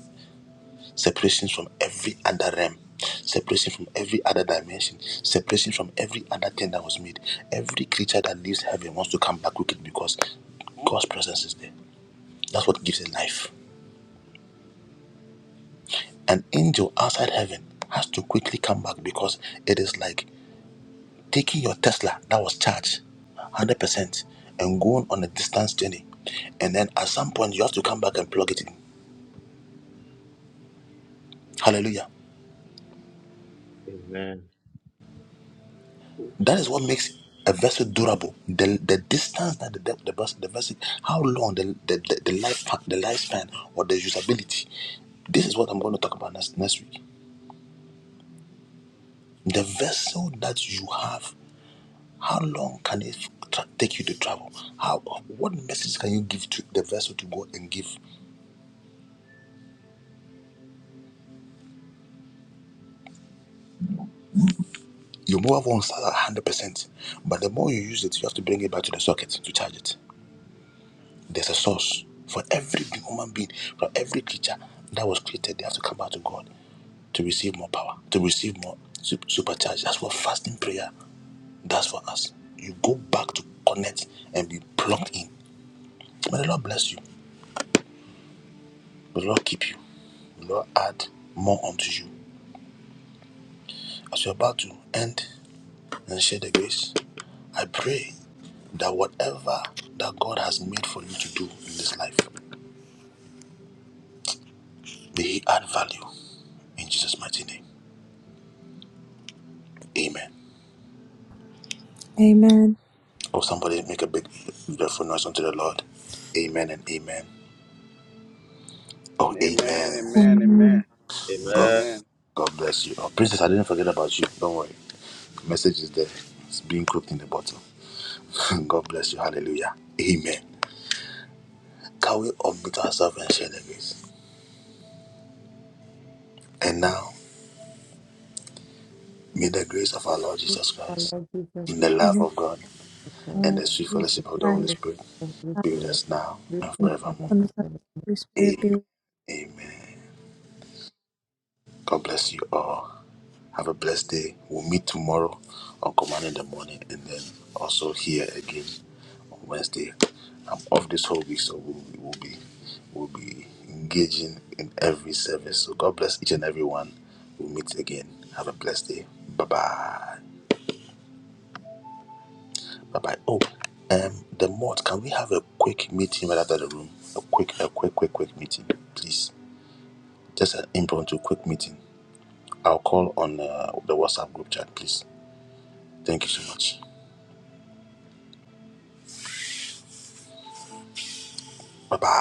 Speaker 2: separation from every other realm, separation from every other dimension, separation from every other thing that was made. Every creature that leaves heaven wants to come back crooked because God's presence is there. That's what gives it life. An angel outside heaven has to quickly come back because it is like taking your Tesla that was charged 100% and going on a distance journey. And then at some point, you have to come back and plug it in. Hallelujah.
Speaker 9: Amen.
Speaker 2: That is what makes a vessel durable. The, the distance that the, the, the, vessel, the vessel, how long the, the, the, the life the lifespan or the usability. This is what I'm going to talk about next, next week. The vessel that you have, how long can it tra- take you to travel? How what message can you give to the vessel to go and give? Your mobile phone starts at 100 percent, but the more you use it, you have to bring it back to the socket to charge it. There's a source for every human being, for every creature that was created. They have to come back to God. to receive more power, to receive more su- supercharge. That's what fasting prayer does for us. You go back to connect and be plugged in. May the Lord bless you. May the Lord keep you. May the Lord add more unto you. As you're about to end and share the grace, I pray that whatever that God has made for you to do in this life, may He add value in Jesus' mighty name. Amen. Oh, somebody make a big, beautiful noise unto the Lord. Amen and amen. Oh, amen.
Speaker 1: Amen.
Speaker 6: Amen.
Speaker 1: Amen.
Speaker 6: Thank
Speaker 2: God,
Speaker 9: Amen.
Speaker 1: Amen.
Speaker 2: God bless you. Oh, Princess, I didn't forget about you. Don't worry. Message is there. It's being cooked in the bottle. God bless you. Hallelujah. Amen. Can we unmute ourselves and share the grace? And now, may the grace of our Lord Jesus
Speaker 3: Our
Speaker 2: Christ,
Speaker 3: Lord Jesus
Speaker 2: the
Speaker 3: Christ,
Speaker 2: love
Speaker 6: you,
Speaker 2: of God,
Speaker 3: God,
Speaker 2: and
Speaker 6: Lord
Speaker 2: the sweet
Speaker 6: Jesus
Speaker 2: fellowship of the
Speaker 3: we
Speaker 2: Holy
Speaker 6: Christ.
Speaker 3: thank
Speaker 2: Spirit
Speaker 3: you
Speaker 6: God,
Speaker 2: be with
Speaker 3: for
Speaker 2: us now
Speaker 3: this
Speaker 2: and
Speaker 3: blessing
Speaker 2: forevermore.
Speaker 6: From the
Speaker 3: of
Speaker 6: Holy Spirit be
Speaker 2: Amen. Amen. God bless you all. Have a blessed day. We'll meet tomorrow on Command in the Morning and then also here again on Wednesday. I'm off this whole week, so we'll, we'll be we'll be engaging in every service. So God bless each and every one. We'll meet again. Have a blessed day. Bye bye. Bye bye. Oh, um, the mod, can we have a quick meeting right after the room? A quick, a quick, quick, quick meeting, please. Just an impromptu quick meeting. I'll call on uh, the WhatsApp group chat, please. Thank you so much. Bye bye.